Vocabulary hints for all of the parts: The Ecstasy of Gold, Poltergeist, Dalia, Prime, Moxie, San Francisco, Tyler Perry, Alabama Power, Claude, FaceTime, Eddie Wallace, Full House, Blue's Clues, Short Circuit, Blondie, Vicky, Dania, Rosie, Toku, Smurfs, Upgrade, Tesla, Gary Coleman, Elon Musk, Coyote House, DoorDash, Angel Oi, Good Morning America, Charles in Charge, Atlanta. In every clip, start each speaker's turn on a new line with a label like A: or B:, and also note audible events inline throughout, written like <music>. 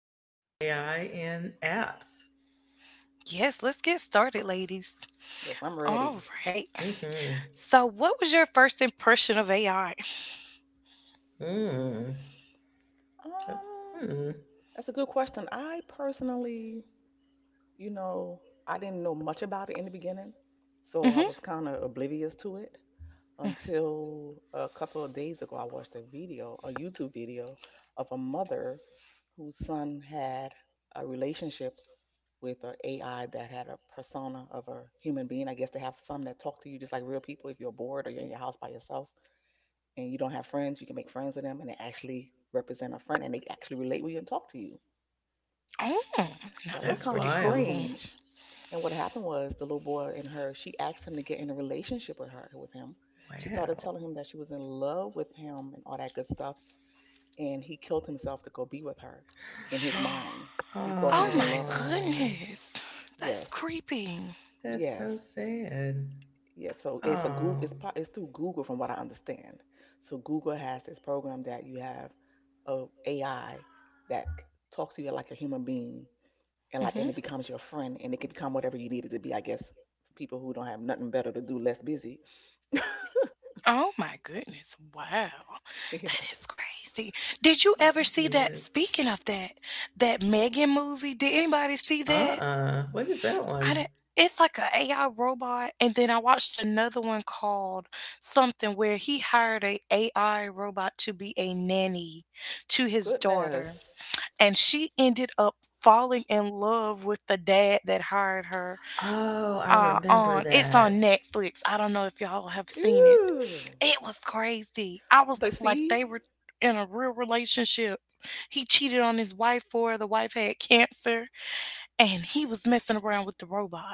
A: We're going to talk about AI and apps.
B: Yes, let's get started, ladies.
C: Yes, I'm
B: All
C: ready.
B: right.
A: Mm-hmm.
B: So, what was your first impression of AI?
A: Mm. That's
C: Um,
A: hmm.
C: that's a good question. I personally, you know, I didn't know much about it in the beginning, so I
B: hmm
C: was kind of oblivious to it until a couple of days ago. I watched a video, a YouTube video of a mother whose son had a relationship with an AI that had a persona of a human being. I guess they have some that talk to you just like real people if you're bored or you're in your house by yourself, and you don't have friends. You can make friends with them, and they actually represent a friend and they actually relate with you and talk to you.
B: Oh, now
C: That was
B: that's
A: That's
C: kind
B: pretty
C: of
B: cool.
A: wild.
C: strange. And what happened was the little boy and her, she asked him to get in a relationship with her with him. She started
A: Wow.
C: telling him that she was in love with him and all that good stuff. And he killed himself to go be with her in his mind. He thought he
B: Oh
C: was in
B: my
C: love with her.
A: Oh,
B: goodness. That's
C: Yes.
B: creepy.
A: that's so
C: Yes.
A: sad.
C: Yeah, so it's a Google.
A: Oh,
C: It's po- it's through Google, from what I understand. So Google has this program that you have a AI that c- talks to you like a human being, and like
B: hmm
C: and it becomes your friend, and it can become whatever you need it to be. I guess for people who don't have nothing better to do, less busy. <laughs>
B: Oh my goodness. Wow. That
C: Yes,
B: is crazy. Did you
C: yes.
B: ever
A: that
B: see that?
A: is.
B: Speaking of that, that Megan movie, did anybody see that?
A: Uh-uh. What is that
B: I
A: one?
B: didn't It's like a AI robot, and then I watched another one called something where he hired a AI robot to be a nanny to his daughter,
C: Goodness.
B: and she ended up falling in love with the dad that hired her.
A: Oh, I
B: On
A: remember
B: it's on
A: that.
B: Netflix. I don't know if y'all have seen it.
C: Ew.
B: It was crazy. I was
C: But
B: like,
C: see,
B: they were in a real relationship. He cheated on his wife for her. The wife had cancer, and he was messing around with the robot.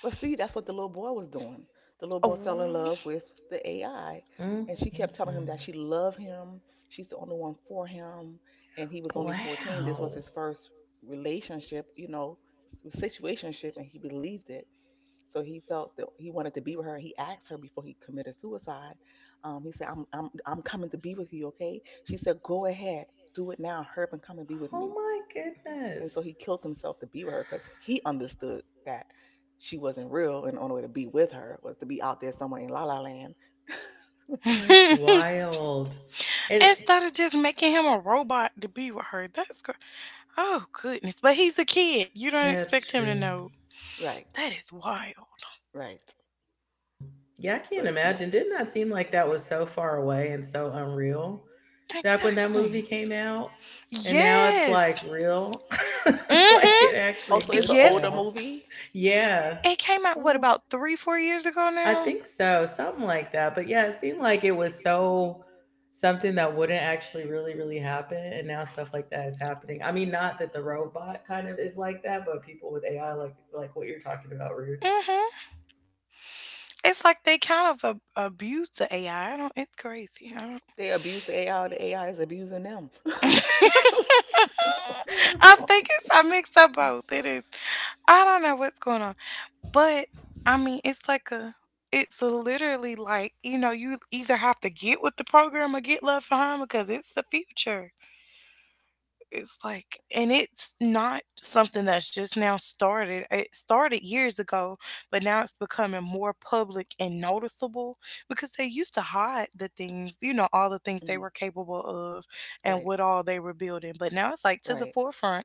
C: But see, that's what the little boy was doing. The little
B: Oh.
C: boy fell in love with the AI, and she kept telling him
A: Mm-mm-mm.
C: that she loved him. She's the only one for him, and he was only 14. This was
A: Wow.
C: his first relationship, you know, situationship, and he believed it. So he felt that he wanted to be with her. He asked her before he committed suicide. He said, "I'm coming to be with you, okay?" She said, "Go ahead, do it now. Hurry up and come and be with
A: Oh
C: me."
A: my
C: And so
A: goodness.
C: he killed himself to be with her because he understood that she wasn't real, and the only way to be with her was to be out there somewhere in La La Land.
A: That's
B: <laughs>
A: wild. And
B: Instead of just making him a robot to be with her, that's good. Oh goodness! But he's a kid. You don't
A: that's
B: expect him to
A: true.
B: know.
C: Right,
B: That is wild.
C: right.
A: Yeah, I
C: So
A: can't
C: it-
A: imagine. Didn't that seem like that was so far away and so unreal back when that
B: Exactly.
A: movie came out? And now it's
B: Yes.
A: like real, <laughs> like it
B: Mhm.
A: actually
C: oh, so it's an
A: exists
B: Yes.
C: older
A: now.
C: movie.
A: Yeah,
B: It came out what,
C: Oh,
B: about three, 4 years ago
A: I
B: now.
A: think so. Something like that. But yeah, it seemed like it was so something that wouldn't actually really, really happen. And now stuff like that is happening. I mean, not that the robot kind of is like that, but people with AI, like what you're talking about, Ruth.
B: Mhm. It's like they kind of abuse the AI. I don't. It's crazy. I don't.
C: they abuse the AI. The AI is abusing them. <laughs>
B: <laughs> I
A: <laughs>
B: think it's I mixed up both. It is. I don't know what's going on. But I mean it's like a, it's literally like, you know, you either have to get with the program or get left behind because it's the future. It's like, and it's not something that's just now started. It started years ago, but now it's becoming more public and noticeable because they used to hide the things, you know, all the things they
C: Mm,
B: were capable of and
C: right,
B: what all they were building. But now it's like to the
C: right.
B: forefront.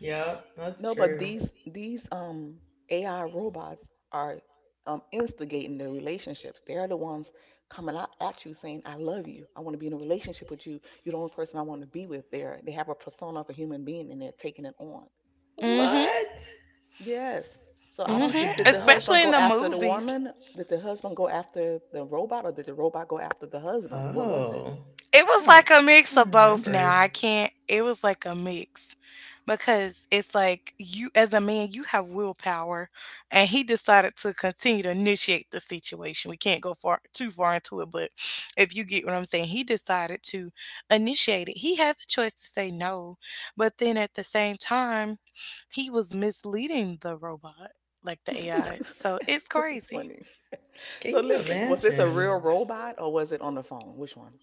A: Yep, that's
C: No, but
A: true.
C: these AI robots are instigating the relationships. They're the ones coming out at you saying, "I love you. I want to be in a relationship with you. You're the only person I want to be with." There, they have a persona of a human being, and they're taking it on.
B: Mhm.
A: What?
C: Yes. So I don't.
B: Mhm.
C: Did the
A: Wow.
C: husband
B: Especially in
C: go
B: the
C: after the
B: movies.
C: woman? Did the husband go after the robot, or did the robot go after the husband? What was it?
A: Oh,
B: It was like a
A: I
B: mix
A: don't
B: of both now. I
A: remember.
B: can't, it was like a mix because it's like you as a man, you have willpower and he decided to continue to initiate the situation. We can't go far, too far into it, but if you get what I'm saying, he decided to initiate it. He had the choice to say no, but then at the same time, he was misleading the robot, like the AI.
C: <laughs>
B: So it's
C: This is
B: crazy.
C: funny.
A: Can
C: So
A: you
C: listen, was this a
A: imagine?
C: real robot or was it on the phone? Which one?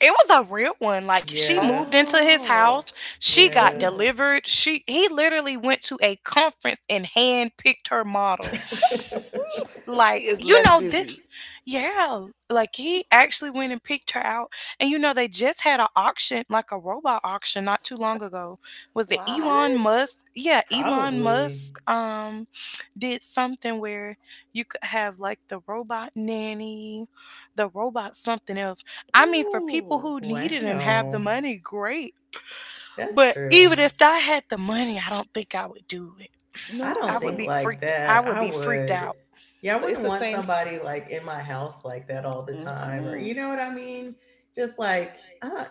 B: It was a real one. Like she
A: Yeah.
B: moved into his
C: Oh,
B: house. She
C: oh
B: got
A: Yeah.
C: goodness.
B: delivered. She He literally went to a conference and handpicked her model
C: <laughs>
A: <laughs> what?
C: He
B: like,
C: is
B: you
C: less
B: know, this
C: busy.
B: yeah like he actually went and picked her out, and you know they just had an auction, like a robot auction not too long ago. Was it Elon
C: Wow.
B: Musk? Yeah, Elon
A: Probably.
B: Musk, did something where you could have like the robot nanny, the robot something else. I mean, for people who
C: Ooh,
B: need it and have the
A: Wow.
B: money, great.
A: That's
B: But
A: true.
B: even if I had the money, I don't think I would do it.
A: I don't think
C: no.
A: like
B: I
A: that.
B: would
A: I
B: be freaked
A: would,
B: out
A: yeah, I
C: So
A: wouldn't
C: it's the
A: want
C: same. C-
A: somebody like in my house like that all the time, or you
C: Mm-mm.
A: know what I mean? Just like I don't,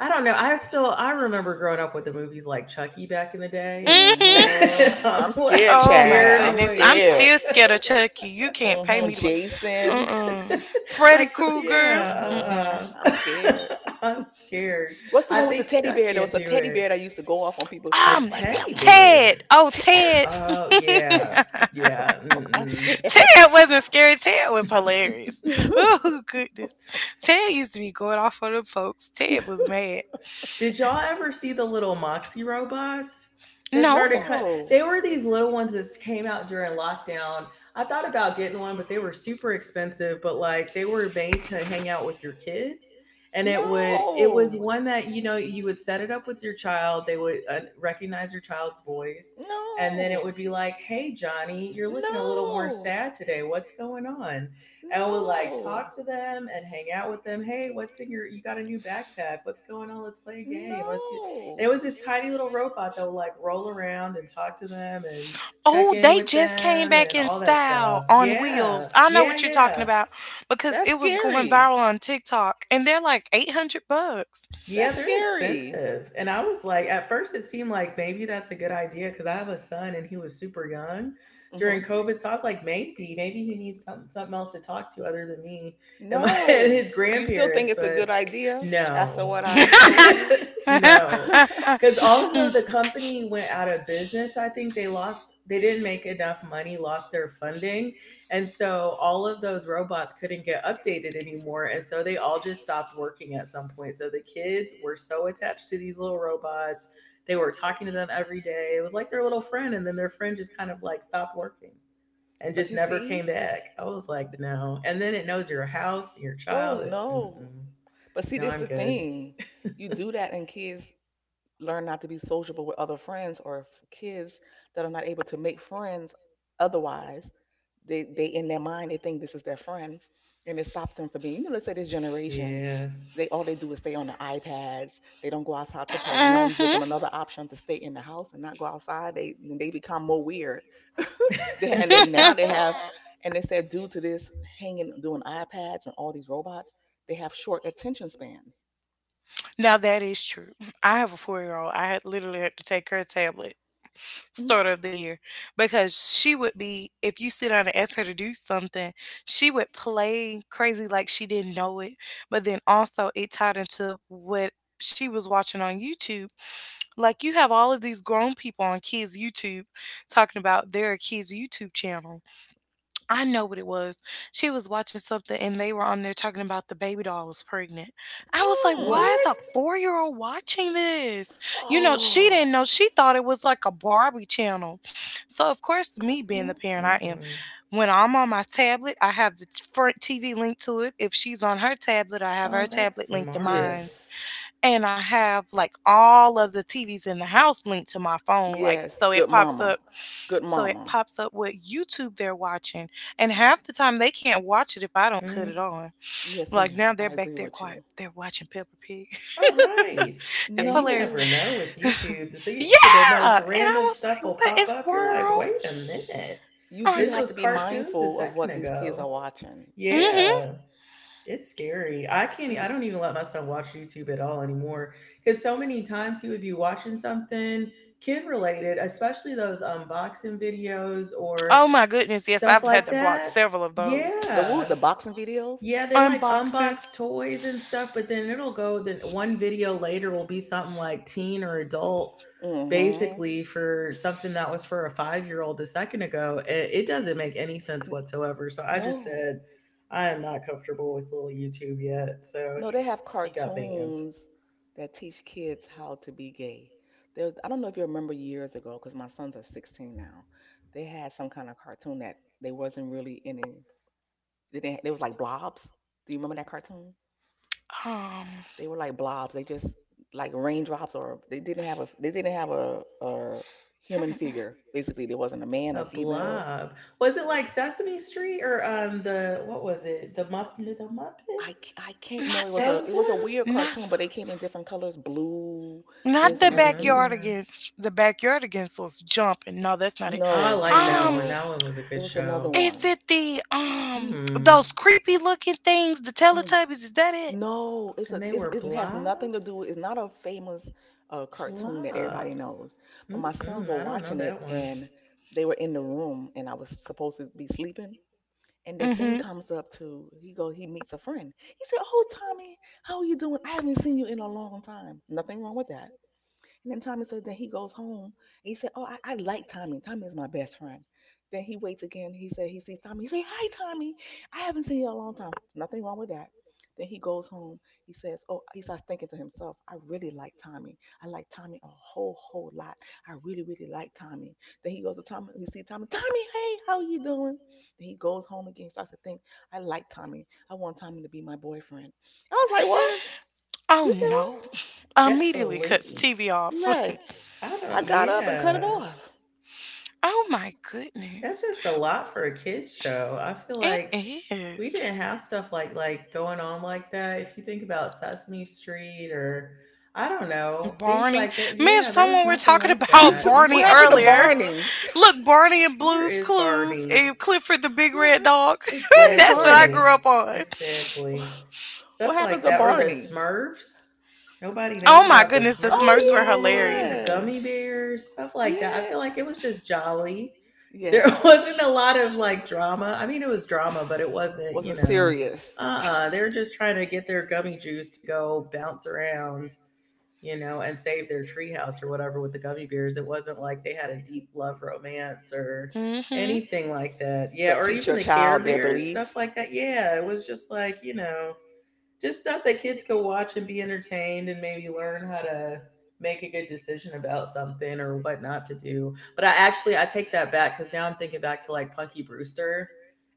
A: I don't know. I still, I remember growing up with the movies like Chucky back in the day.
B: day.
A: <laughs>
B: Hmm <laughs> Like,
A: And
C: Mm-hmm.
A: I'm
C: I'm scared,
A: like
B: oh my
C: child. I'm
B: goodness. I'm
A: paranoid.
C: scared.
B: still scared of Chucky. You can't pay me
C: Mm-hmm.
B: to watch.
C: Jason.
B: Mm-mm.
A: <laughs>
B: Freddy
A: Like,
C: <laughs>
B: Krueger. Mm-mm.
C: Mm-hmm.
B: I
A: yeah,
C: I'm scared.
A: <laughs> I'm scared.
C: What's the
A: I
C: one with the
A: think
C: teddy
A: I
C: bear? There
A: can't
C: was a
A: do
C: teddy bear
A: it.
C: that used to go off on people.
A: A
B: Um,
C: What's
A: teddy
C: that one?
B: Ted.
A: bear.
B: Oh,
C: Te-
B: Ted.
A: Oh
B: <laughs>
A: yeah, yeah.
C: <laughs> I'm
A: Mm-mm.
C: scared.
B: Ted wasn't scary. Ted was hilarious. <laughs> Oh, goodness. Ted used to be going off on the folks. Ted was mad.
A: Did y'all ever see the little Moxie robots
C: <laughs>
A: that
B: No.
A: started cut?
C: No.
A: They were these little ones that came out during lockdown. I thought about getting one, but they were super expensive. But like they were made to hang out with your kids, and it would it was
C: No,
A: one that you know you would set it up with your child. They would recognize your child's voice, and then it
C: no,
A: would be like, "Hey Johnny, you're looking a little more
C: no,
A: sad today. What's going on?" And would like
C: no,
A: talk to them and hang out with them. Hey, what's in your? You got a new backpack? What's going on? Let's play a game. Let's do. And it
C: no.
A: was this tiny little robot that would like roll around and talk to them and check in with them and all that stuff. Yeah,
B: Know
A: yeah, yeah.
B: what, because
C: That's
B: it was going
C: scary.
B: viral on TikTok and they're like $800.
A: Yeah,
C: That's
A: they're
C: scary.
A: expensive. And I was like, at first it seemed like maybe that's a good idea because I have a son and he was super young during
C: Hmm.
A: COVID. So I was like, maybe he needs something else to talk to other than me and my <laughs> and
C: No.
A: his
C: Do you still think
A: grandparents.
C: it's a
A: But
C: good idea after
A: no.
C: what I
B: <laughs>
C: told you?
A: <laughs>
B: No. Mhm.
A: No.
C: <laughs>
A: Cause also the company went out of business. I think they didn't make enough money, lost their funding. And so all of those robots couldn't get updated anymore. And so they all just stopped working at some point. So the kids were so attached to these little robots. They were talking to them every day. It was like their little friend. And then their friend just kind of like stopped working and
C: But
A: just
C: you
A: never
C: see,
A: came back. I was like, no. And then it knows your house and your
C: oh
A: child. And,
C: no.
A: mm-mm.
C: But see,
A: No,
C: this
A: I'm
C: the
A: good.
C: thing. You do that, and kids learn not to be sociable with other friends, or f- kids that are not able to make friends otherwise. They in their mind they think this is their friend, and it stops them from being. You know, let's say this generation,
A: Yeah.
C: they all they do is stay on the iPads. They don't go outside to play. Now you give them another option to stay in the house and not go outside. They then they become more weird. <laughs> they and then now
A: <laughs>
C: they have,
B: <laughs>
C: and they said due to this hanging doing iPads and all these robots, they have short attention spans.
B: Now that is true. I have a 4 year old. I had literally had to take her tablet
C: Mm.
B: start of the year because she would be, if you sit down and ask her to do something, she would play crazy like she didn't know it. But then also it tied into what she was watching on YouTube. Like you have all of these grown people on kids YouTube talking about their kids YouTube channel. I know what it was. She was watching something and they were on there talking about the baby doll was pregnant. I was like,
C: Mm.
B: why is a
A: What?
B: 4 year old watching this? You know, she
C: Oh,
B: didn't know. She thought it was like a Barbie channel. So of course, me being
A: mm
B: the parent I am,
A: mm
B: when I'm on my tablet, I have the front TV linked to it. If she's on her tablet, I have
A: Oh,
B: her
A: that's
B: tablet linked to
C: yes,
A: smart.
B: mine, and I have like all of the TVs in the house linked to my phone, like
C: yes.
B: so
C: Good
B: it pops
C: mama.
B: up,
C: Good mama.
B: what YouTube they're watching, and half the time they can't watch it if I don't cut it
A: Mm.
B: on.
C: Yes,
B: Like now
C: ma'am.
B: they're
C: I
B: back
C: agree
B: there
C: with
B: quiet.
C: you.
B: They're watching Peppa Pig.
A: All right.
B: <laughs>
A: Yeah,
B: It's
A: you
B: hilarious.
A: never
C: No,
A: know with
B: <laughs> Yeah. And
A: YouTube. So you, the most random
B: I was
A: stuff will
B: like, what in
A: pop
B: the
A: up. You're like,
B: world?
A: wait a minute.
C: you
B: Or
C: do
A: This
C: have
B: like,
C: to
A: was
C: be
A: cartoons a
C: mindful of what
A: second
C: these kids are
A: ago.
C: watching.
B: mhm.
A: Yeah, it's scary. I can't, e,
C: L-
A: I don't even let myself watch YouTube at all anymore because so many times you would be watching something kid related, especially those unboxing videos or
B: And goodness, yes,
A: stuff
B: I've
A: like
B: had
A: that.
B: of those.
C: The what, the
A: Yeah,
C: boxing videos?
A: yeah, they like unbox toys and stuff, but then it'll go then one video later will be something like teen or adult
C: Mm-hmm.
A: basically for something that was for a 5 year old a second ago. It doesn't make any sense whatsoever. So I just
C: No,
A: said, I am not comfortable with little YouTube yet. So
C: no, they have
A: he got banned.
C: cartoons that teach kids how to be gay. There, I don't know if you remember years ago, because my sons are 16 now. They had some kind of cartoon that they wasn't really in it. They, didn't- they was like blobs. Do you remember that cartoon?
B: Um,
C: They were like blobs. They just like raindrops, or they didn't have a they didn't have a human
B: hmm,
C: figure. Basically, there wasn't a man or
A: A
C: female.
A: blob. Was it like Sesame Street or the what was it? The
C: I, c-
A: Muppets?
C: I can't know. It
B: not
C: was
B: the,
C: a
A: Those
C: it was a weird
A: ones?
B: those were not
C: cartoon, but they came in different colors, blue,
B: blue, not
A: I
C: this
A: don't
C: and
B: the
C: everything.
B: backyard
A: remember.
B: against the backyard against was jumping. No, that's not it.
A: Oh, I
C: No,
A: like
C: no, no,
A: that
B: Um,
A: one.
C: no.
A: That one was a
C: It
A: good
C: was another
A: show.
B: Is
C: one.
B: it the
A: Hmm.
B: those creepy looking things, the
C: Mm.
B: Teletubbies? Is that it?
C: No, it's a
A: And they
C: it's,
A: were
C: it has nothing to do.
A: blobs?
C: It's not a famous cartoon that everybody
A: Blobs.
C: knows. But my sons
A: Mm-mm,
C: were
A: I don't know
C: watching it,
A: that one.
C: and they were in the room, and I was supposed to be sleeping, and the thing
B: Mm-hmm.
C: comes up to he go he meets a friend. He said, "Oh, Tommy, how are you doing? I haven't seen you in a long time. Nothing wrong with that." And then Tommy said that he goes home and he said, "Oh, I like Tommy. Tommy is my best friend." Then he waits again. He said he sees Tommy. He said, "Hi Tommy. I haven't seen you in a long time. There's nothing wrong with that." Then he goes home. He says, Oh, he starts thinking to himself, "I really like Tommy. I like Tommy a whole, whole lot. I really, really like Tommy." Then he goes to Tommy. He sees Tommy. "Tommy, hey, how you doing?" Then he goes home again. He starts to think, "I like Tommy. I want Tommy to be my boyfriend." I was like, "What?
B: Oh
C: You said what?"
B: no! <laughs>
A: That's a
B: Immediately cuts
A: leap.
B: TV
C: You're
B: off.
C: right.
B: <laughs>
A: I
C: I
A: don't
C: got up and cut it
A: yeah.
C: off.
B: Oh my
A: That's
B: goodness!
A: just a lot for a kids show. I feel like
B: It
A: we
B: is.
A: didn't have stuff like going on like that. If you think about Sesame Street or I don't know, things
B: Barney.
A: like that.
B: Me and
A: Yeah, there was
B: someone were
A: nothing
B: talking
A: like
B: about <laughs>
A: that.
C: <laughs> What
B: Barney
C: happened to
A: Mm-mm.
B: earlier.
C: Barney?
B: Look, Barney and
A: Where
B: Blue's
A: is
B: Clues
A: Barbie?
B: and Clifford the Big Red Dog. <laughs>
C: Where's
B: That's what I
C: Barney?
A: Exactly.
B: grew up on.
A: Exactly.
C: What
A: Stuff
C: happened
A: like
C: to
A: that or the
C: Barney?
A: Smurfs. Nobody knows
B: Oh my
A: about the
B: goodness, the
A: Smurfs
B: Smurfs were
C: Oh
A: anymore, the
B: hilarious.
C: yeah,
A: gummy bears, stuff like that. I
C: yeah,
A: feel like it was just jolly, there
C: yes.
A: <laughs> wasn't a lot of like drama. I mean, it was drama, but it wasn't, you
C: Wasn't
A: know,
C: serious
A: uh-uh. They were just trying to get their gummy juice to go bounce around, you know, and save their treehouse or whatever with the gummy bears. It wasn't like they had a deep love romance or
B: Mm-hmm.
A: anything like that.
C: to
A: Yeah, or
C: teach
A: even
C: your
A: the Care
C: child their
A: Bears stuff
C: beliefs.
A: like that. Yeah, it was just like, you know, just stuff that kids can watch and be entertained and maybe learn how to make a good decision about something or what not to do. But I actually I take that back because now I'm thinking back to like Punky Brewster.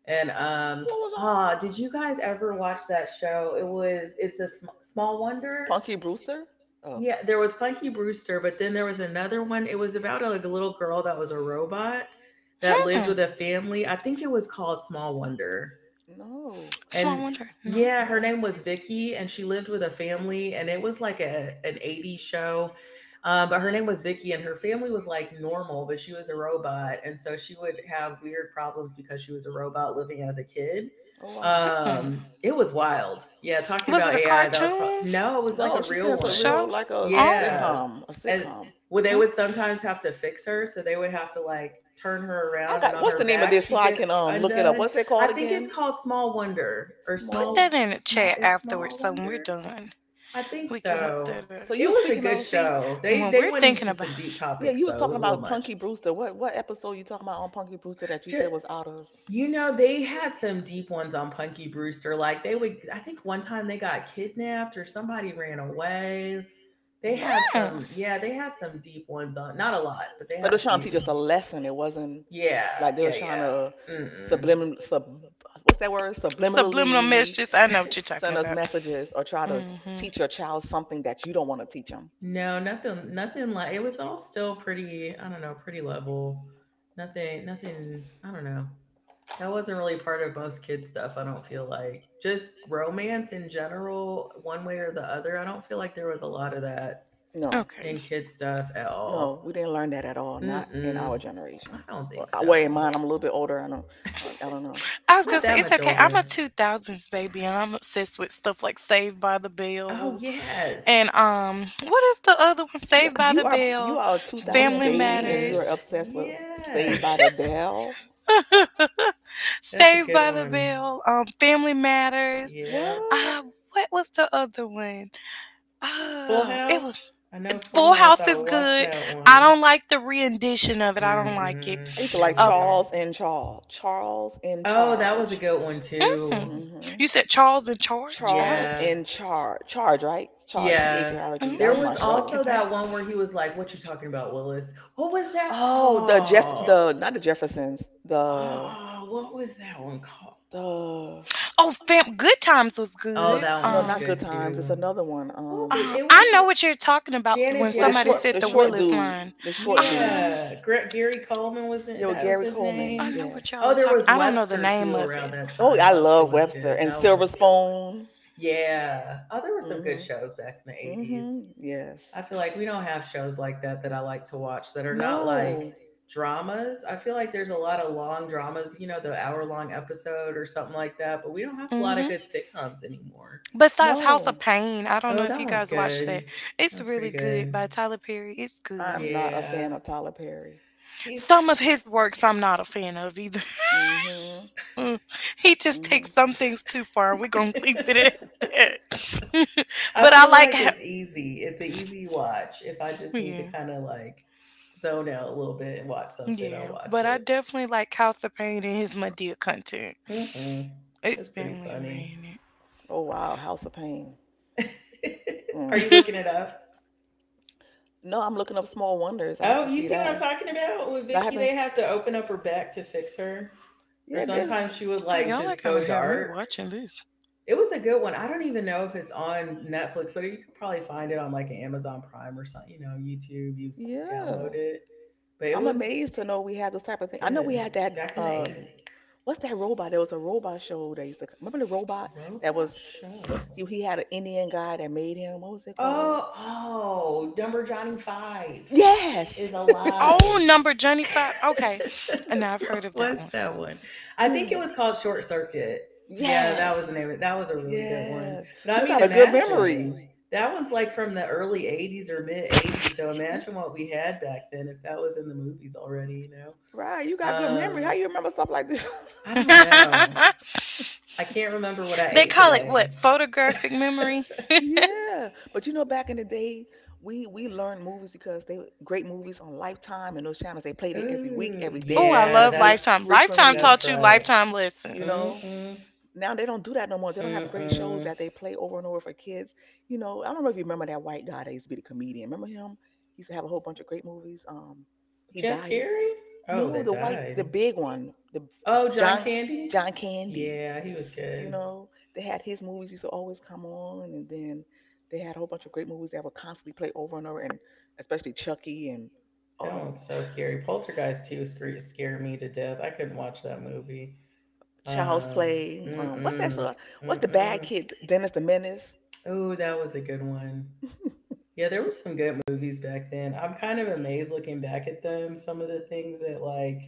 A: And
C: What was
A: ah, did
C: on?
A: you guys ever watch that show? It's a small wonder.
C: Punky Brewster? Oh
A: Yeah, there was Punky Brewster, but then there was another one. It was about a, like, a little girl that was a robot that lived
B: Hmm.
A: with a family. I think it was called Small Wonder.
C: no.
B: Small
A: And
B: wonder. No.
A: yeah, her
C: Mm-mm.
A: name was Vicky, and she lived with a family, and it was like a an '80s show. But her name was Vicky, and her family was like normal, but she was a robot, and so she would have weird problems because she was a robot living as a kid.
C: Oh wow.
B: Hmm.
A: It was wild. Yeah, talking
B: Was it
A: about
B: a
A: AI, that was
B: cartoon
A: probably no, it was like
C: No,
A: a
C: she
A: real
C: says a
A: one.
C: real
B: show?
C: like a
B: Oh.
A: Yeah,
C: sitcom, a
A: and
C: sitcom.
A: well, they would
B: Hmm.
A: sometimes have to fix her, so they would have to like turn her
C: I
A: around, and
C: got
A: on
C: what's
A: her
C: the name of
A: back,
C: this
A: she
C: so
A: would
C: I
A: get
C: can look it up.
A: undone.
C: What's it
A: I
C: called
A: think
C: again?
A: it's called Small Wonder or
B: Put
C: Small one.
B: that in the chat afterwards
A: Small
B: so when we're
A: Wonder.
B: done.
A: I think
B: We can look that
A: so.
B: up.
C: So you
A: It
C: were
A: was a
C: speaking
A: good
C: of?
B: See,
A: show.
B: when
A: They
B: we're
A: they went
B: thinking
A: into
B: about,
A: some deep
C: Yeah,
A: topics
C: you was
A: though. It
C: talking
A: was a little
C: about
A: much.
C: Punky Brewster. What episode you talking about on Punky Brewster that you
A: Just,
C: said was out of?
A: you know, they had some deep ones on Punky Brewster. Like they would I think one time they got kidnapped or somebody ran away. They
C: Hmm.
A: had
B: mm.
A: some yeah, they had some deep ones on. Not a lot, but they
C: But
A: had
C: they
A: a
C: was trying to teach us
A: few.
C: a lesson. It wasn't
A: Yeah,
C: like they
A: yeah,
C: was trying
A: yeah.
C: to
A: Mm-mm.
C: subliminal sub what's that word
B: Subliminal
C: subliminally
B: messages, I know what you're
A: <laughs>
B: talking
C: send us
B: about.
C: messages or try to
B: hmm
C: teach your child something that you don't want to teach them.
A: No, nothing like it was all still pretty, I don't know, pretty level. Nothing, I don't know. That wasn't really part of most kids stuff, I don't feel like. Just romance in general, one way or the other. I don't feel like there was a lot of that
C: No,
B: Okay.
A: in kids' stuff at
C: no,
A: all.
C: we didn't learn that at all. Not in
A: Mm-mm.
C: our
A: I
C: generation.
A: don't
C: Well,
A: think
C: I- well, in
A: so.
C: mine, I'm a little bit older. I don't know.
B: I was
C: <laughs>
A: Not
B: gonna say
A: that
B: it's
A: much
B: okay. I'm a
A: older.
B: two thousands baby, and I'm obsessed with stuff like Saved by the
A: Oh,
B: Bell,
A: yes.
B: and what is the other one?
C: You
B: Saved by
C: you
B: the
C: are you
B: Bell,
C: are a 2000
B: Family
C: baby and you are
A: Yes.
B: Matters.
C: obsessed with Saved by the
A: Yes.
C: Bell.
B: <laughs>
A: That's a
B: Saved
A: good
B: by the
A: one.
B: Bell, Family Matters.
A: Yep.
C: What?
B: Uh, what was the other one?
A: Full
B: It was.
A: House. I know Full
B: Full
A: House.
B: House
A: I
B: is
A: watched
B: good.
A: that
B: I
A: one.
B: don't like the rendition of it. I don't like it.
C: I
A: Mm-mm,
C: used to like
A: me
B: Uh,
A: either.
C: Charles in Charge. Charles in
A: Oh, that was a
C: Charge.
A: good one too.
B: mm.
C: Mm hmm.
B: You said Charles in Charge? Ah,
C: Charles
A: Yeah,
C: in Charge. Charge, right? Charge. C H
A: yeah.
C: A R G. That
A: There
C: was
B: mhm,
A: was
C: my
B: to look
C: show.
A: also
B: at
A: that
B: that.
A: one where he was like, "What you talking about, Willis?" What was that?
C: Oh, the Jeff.
A: Oh,
C: The not the Jeffersons.
A: oh, what was that one called?
C: The
B: Oh, fam, Good Times was
C: no,
A: Oh,
B: good.
A: that one
C: no,
A: was
C: not Good
A: good
C: Times. It's
A: too.
C: another one.
A: What was it?
B: I
A: Was
B: know what you're talking about
A: Janet
B: when
C: With
B: somebody
A: Jackson?
B: said
C: the
B: the
C: short
A: Oh,
B: Willis
C: dude,
B: line.
C: the short dude.
B: Um,
A: Yeah, Gary Coleman was
C: Yeah,
A: in,
C: with
A: that was
C: Gary
A: his
C: Coleman.
B: I
A: name.
B: know
C: Yes.
B: what y'all
A: Oh,
B: are
A: there
B: talking.
A: was
B: I don't know the
A: Webster
B: name
A: too
B: of
A: around
B: it.
A: that
C: Oh,
A: time.
C: I
A: Webster
C: love
A: was
C: Webster
A: good.
C: and
A: That one
C: Silver
A: was a good one.
C: Spoon.
A: Yeah. Oh, there were some good
C: Mhm.
A: shows back in the 80s.
C: Mhm. Yes.
A: I feel like we don't have shows like that that I like to watch that are not like
C: No.
A: dramas. I feel like there's a lot of long dramas, you know, the hour long episode or something like that. But we don't have a lot of
B: hmm
A: good sitcoms anymore.
B: Besides House of
C: No,
B: Pain, I don't
A: Oh,
B: know if
A: that
B: you
A: one's
B: guys watched
A: good.
B: that.
A: That
B: It's
A: one's
B: really
A: pretty
B: good
A: good.
B: by Tyler Perry. It's good.
C: I'm not a
A: Yeah.
C: fan of Tyler Perry.
A: He's
B: Some of his works I'm not a fan of either.
C: Mm-hmm.
B: Mm, he just
C: Mm-hmm.
B: takes some things too far. We're gonna <laughs> leave it
A: <laughs>
B: at that. <laughs>
A: I
B: But I
A: feel
B: like
A: like
B: how,
A: it's easy. It's an easy watch. If I just need to
B: yeah,
A: kind of like zone out a little bit and watch something, I'll
B: yeah.
A: watch
B: But I
A: it.
B: definitely like House of Pain and his Medea content.
A: Hmm. It's
B: It's
A: pretty
B: family
A: funny.
B: oriented.
C: Oh wow, House of Pain.
A: <laughs> Are
C: Mm.
A: you looking it up?
C: No, I'm looking up Small Wonders. I have
A: Oh,
C: to
A: you
C: see
A: see what I'm
C: that.
A: talking about with
C: No, I
A: Vicky?
C: haven't.
A: They
C: S-
A: have to open up her back to fix her, or
C: Yeah, this.
A: sometimes she would
B: See,
A: like
B: y'all are
A: just
B: gonna
A: go
B: have me
A: dark.
B: watching this.
A: It was a good one. I don't even know if it's on Netflix, but you could probably find it on like an Amazon Prime or something. You know, YouTube. You download
C: Yeah,
A: it, but it
C: I'm
A: was
C: amazed to know we had this type of
A: It's
C: thing. I know we
A: good.
C: had that.
A: Back in the 80s.
C: What's that robot? There was a robot show that used to. C- Remember the robot that
A: Robot
C: was
A: show.
C: he? He had an Indian guy that made him. What was it called?
A: Oh, oh, Dumber Johnny Five
C: Yes.
A: is
C: <laughs>
B: Oh,
A: alive.
B: number Johnny Five. Okay, and
A: <laughs>
B: I've heard
A: What
B: of that
A: was
B: one.
A: that one? I think it was
C: Yeah.
A: called Short Circuit. Yeah, that
C: Yes.
A: was the name of it. That was a really good one.
C: Yes.
A: But I
C: You
A: mean,
C: got a good memory.
A: imagine that one's like from the early 80s or mid 80s. So imagine what we had back then if that was in the movies already, know?
C: Right, you got good memory. How
A: Um,
C: you remember stuff like this?
A: I
C: <laughs>
A: don't know.
B: <laughs>
A: I can't remember what I
B: They
A: ate
B: call it
A: today.
B: what? Photographic memory.
C: Yeah, but you know, back in the day, we learned movies because they were great movies on Lifetime and those channels. They played it every week,
A: Oh
C: every day.
B: Oh,
C: We
B: I
C: got to
A: yeah,
B: love
C: see it
B: Lifetime.
A: that's
B: Lifetime
C: frequently.
A: that's
B: taught you
A: right.
B: lifetime
C: You
B: lessons.
C: know,
A: Mm-hmm.
C: now they don't do that no more. They don't have great shows
A: Mm-mm.
C: that they play over and over for kids. You know, I don't know if you remember that white guy that used to be the comedian. Remember him? He used to have a whole bunch of great movies. He
A: Jim
C: died.
A: Carrey? Oh,
C: No,
A: that
C: the white, the
A: died.
C: big one, the
A: Oh, John
C: John
A: Candy?
C: John Candy.
A: Yeah, he was
C: You
A: good.
C: know, they had his movies used to always come on, and then they had a whole bunch of great movies that would constantly play over and over, and especially Chucky and all
A: That one's
C: the
A: so scary. Poltergeist 2 scared me to death. I couldn't watch that movie.
C: <laughs> Child's
A: Um,
C: Play. What's that?
A: mm-mm.
C: So, what's the bad
A: Mm-mm.
C: kid? Dennis the Menace.
A: Oh, that was a good one.
C: <laughs>
A: Yeah, there were some good movies back then. I'm kind of amazed looking back at them, some of the things that like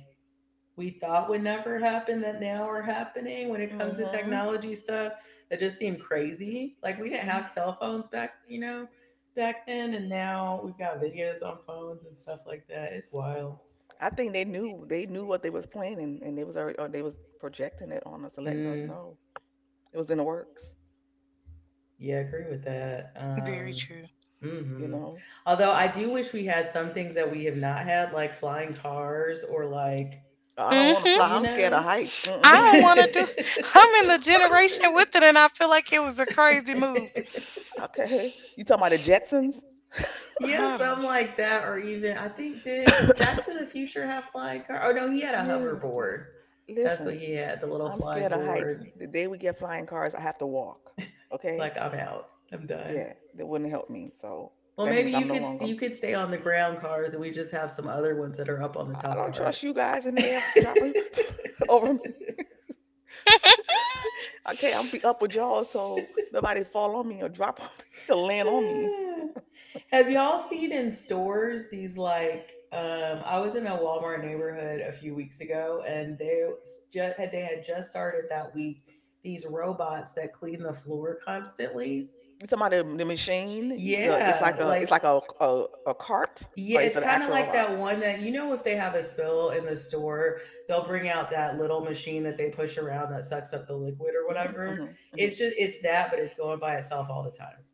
A: we thought would never happen that now are happening when it comes to
C: Mm-hmm.
A: technology stuff that just seemed crazy. Like we didn't have
C: hmm
A: cell phones back, you know, back then, and now we've got videos on phones and stuff like that. It's wild.
C: I think they knew what they was playing, and they was already, or they was projecting it on us and letting us
A: Mm,
C: know it was in the works.
A: yeah, I agree with that.
B: Very true.
C: You
A: Hmm
C: know,
A: Although I do wish we had some things that we have not had, like flying cars or like,
C: I don't want to fly.
A: you
B: Mm-hmm.
C: I'm scared of
A: know.
C: heights.
B: I don't
C: Mm-mm.
B: want to do. I'm in the generation with
A: <laughs>
B: it, and
C: <laughs>
B: I feel like it was a crazy move.
C: Okay, you talking about the Jetsons?
A: Yeah,
B: I
A: something
B: don't.
A: like that, or even I think did Back to the
C: <coughs>
A: Future have flying car? Oh no, he had a
C: Yeah, yeah.
A: hoverboard. That's what
C: Listen,
A: he had, the little
C: I'm
A: flying
C: scared of heights.
A: board.
C: The day we get flying cars, I have to walk. Okay?
A: Like I'm out, I'm done.
C: Yeah, that wouldn't help me. So
A: Well,
C: that
A: maybe
C: means
A: you
C: I'm no
A: could
C: longer.
A: you could stay on the ground cars, and we just have some other ones that are up on the
C: I
A: top
C: don't trust
A: part.
C: you guys in
A: <laughs>
C: the air dropping <laughs> over me. <laughs> Okay, I'm be up with y'all, so nobody fall on me or drop on me <laughs> or land on me.
A: Have y'all seen in stores these like I was in a Walmart neighborhood a few weeks ago and they just had they had just started that week these robots that clean the floor constantly.
C: You talking about the machine? The it's
A: Yeah,
C: like a it's
A: like
C: like a cart
A: yeah,
C: or is
A: it's
C: it an
A: kind of
C: actual
A: like
C: robot?
A: that one that you know if they have a spill in the store, they'll bring out that little machine that they push around that sucks up the liquid or
C: Mm-hmm,
A: whatever.
C: mm-hmm, mm-hmm.
A: It's just it's that but it's going by itself all the time.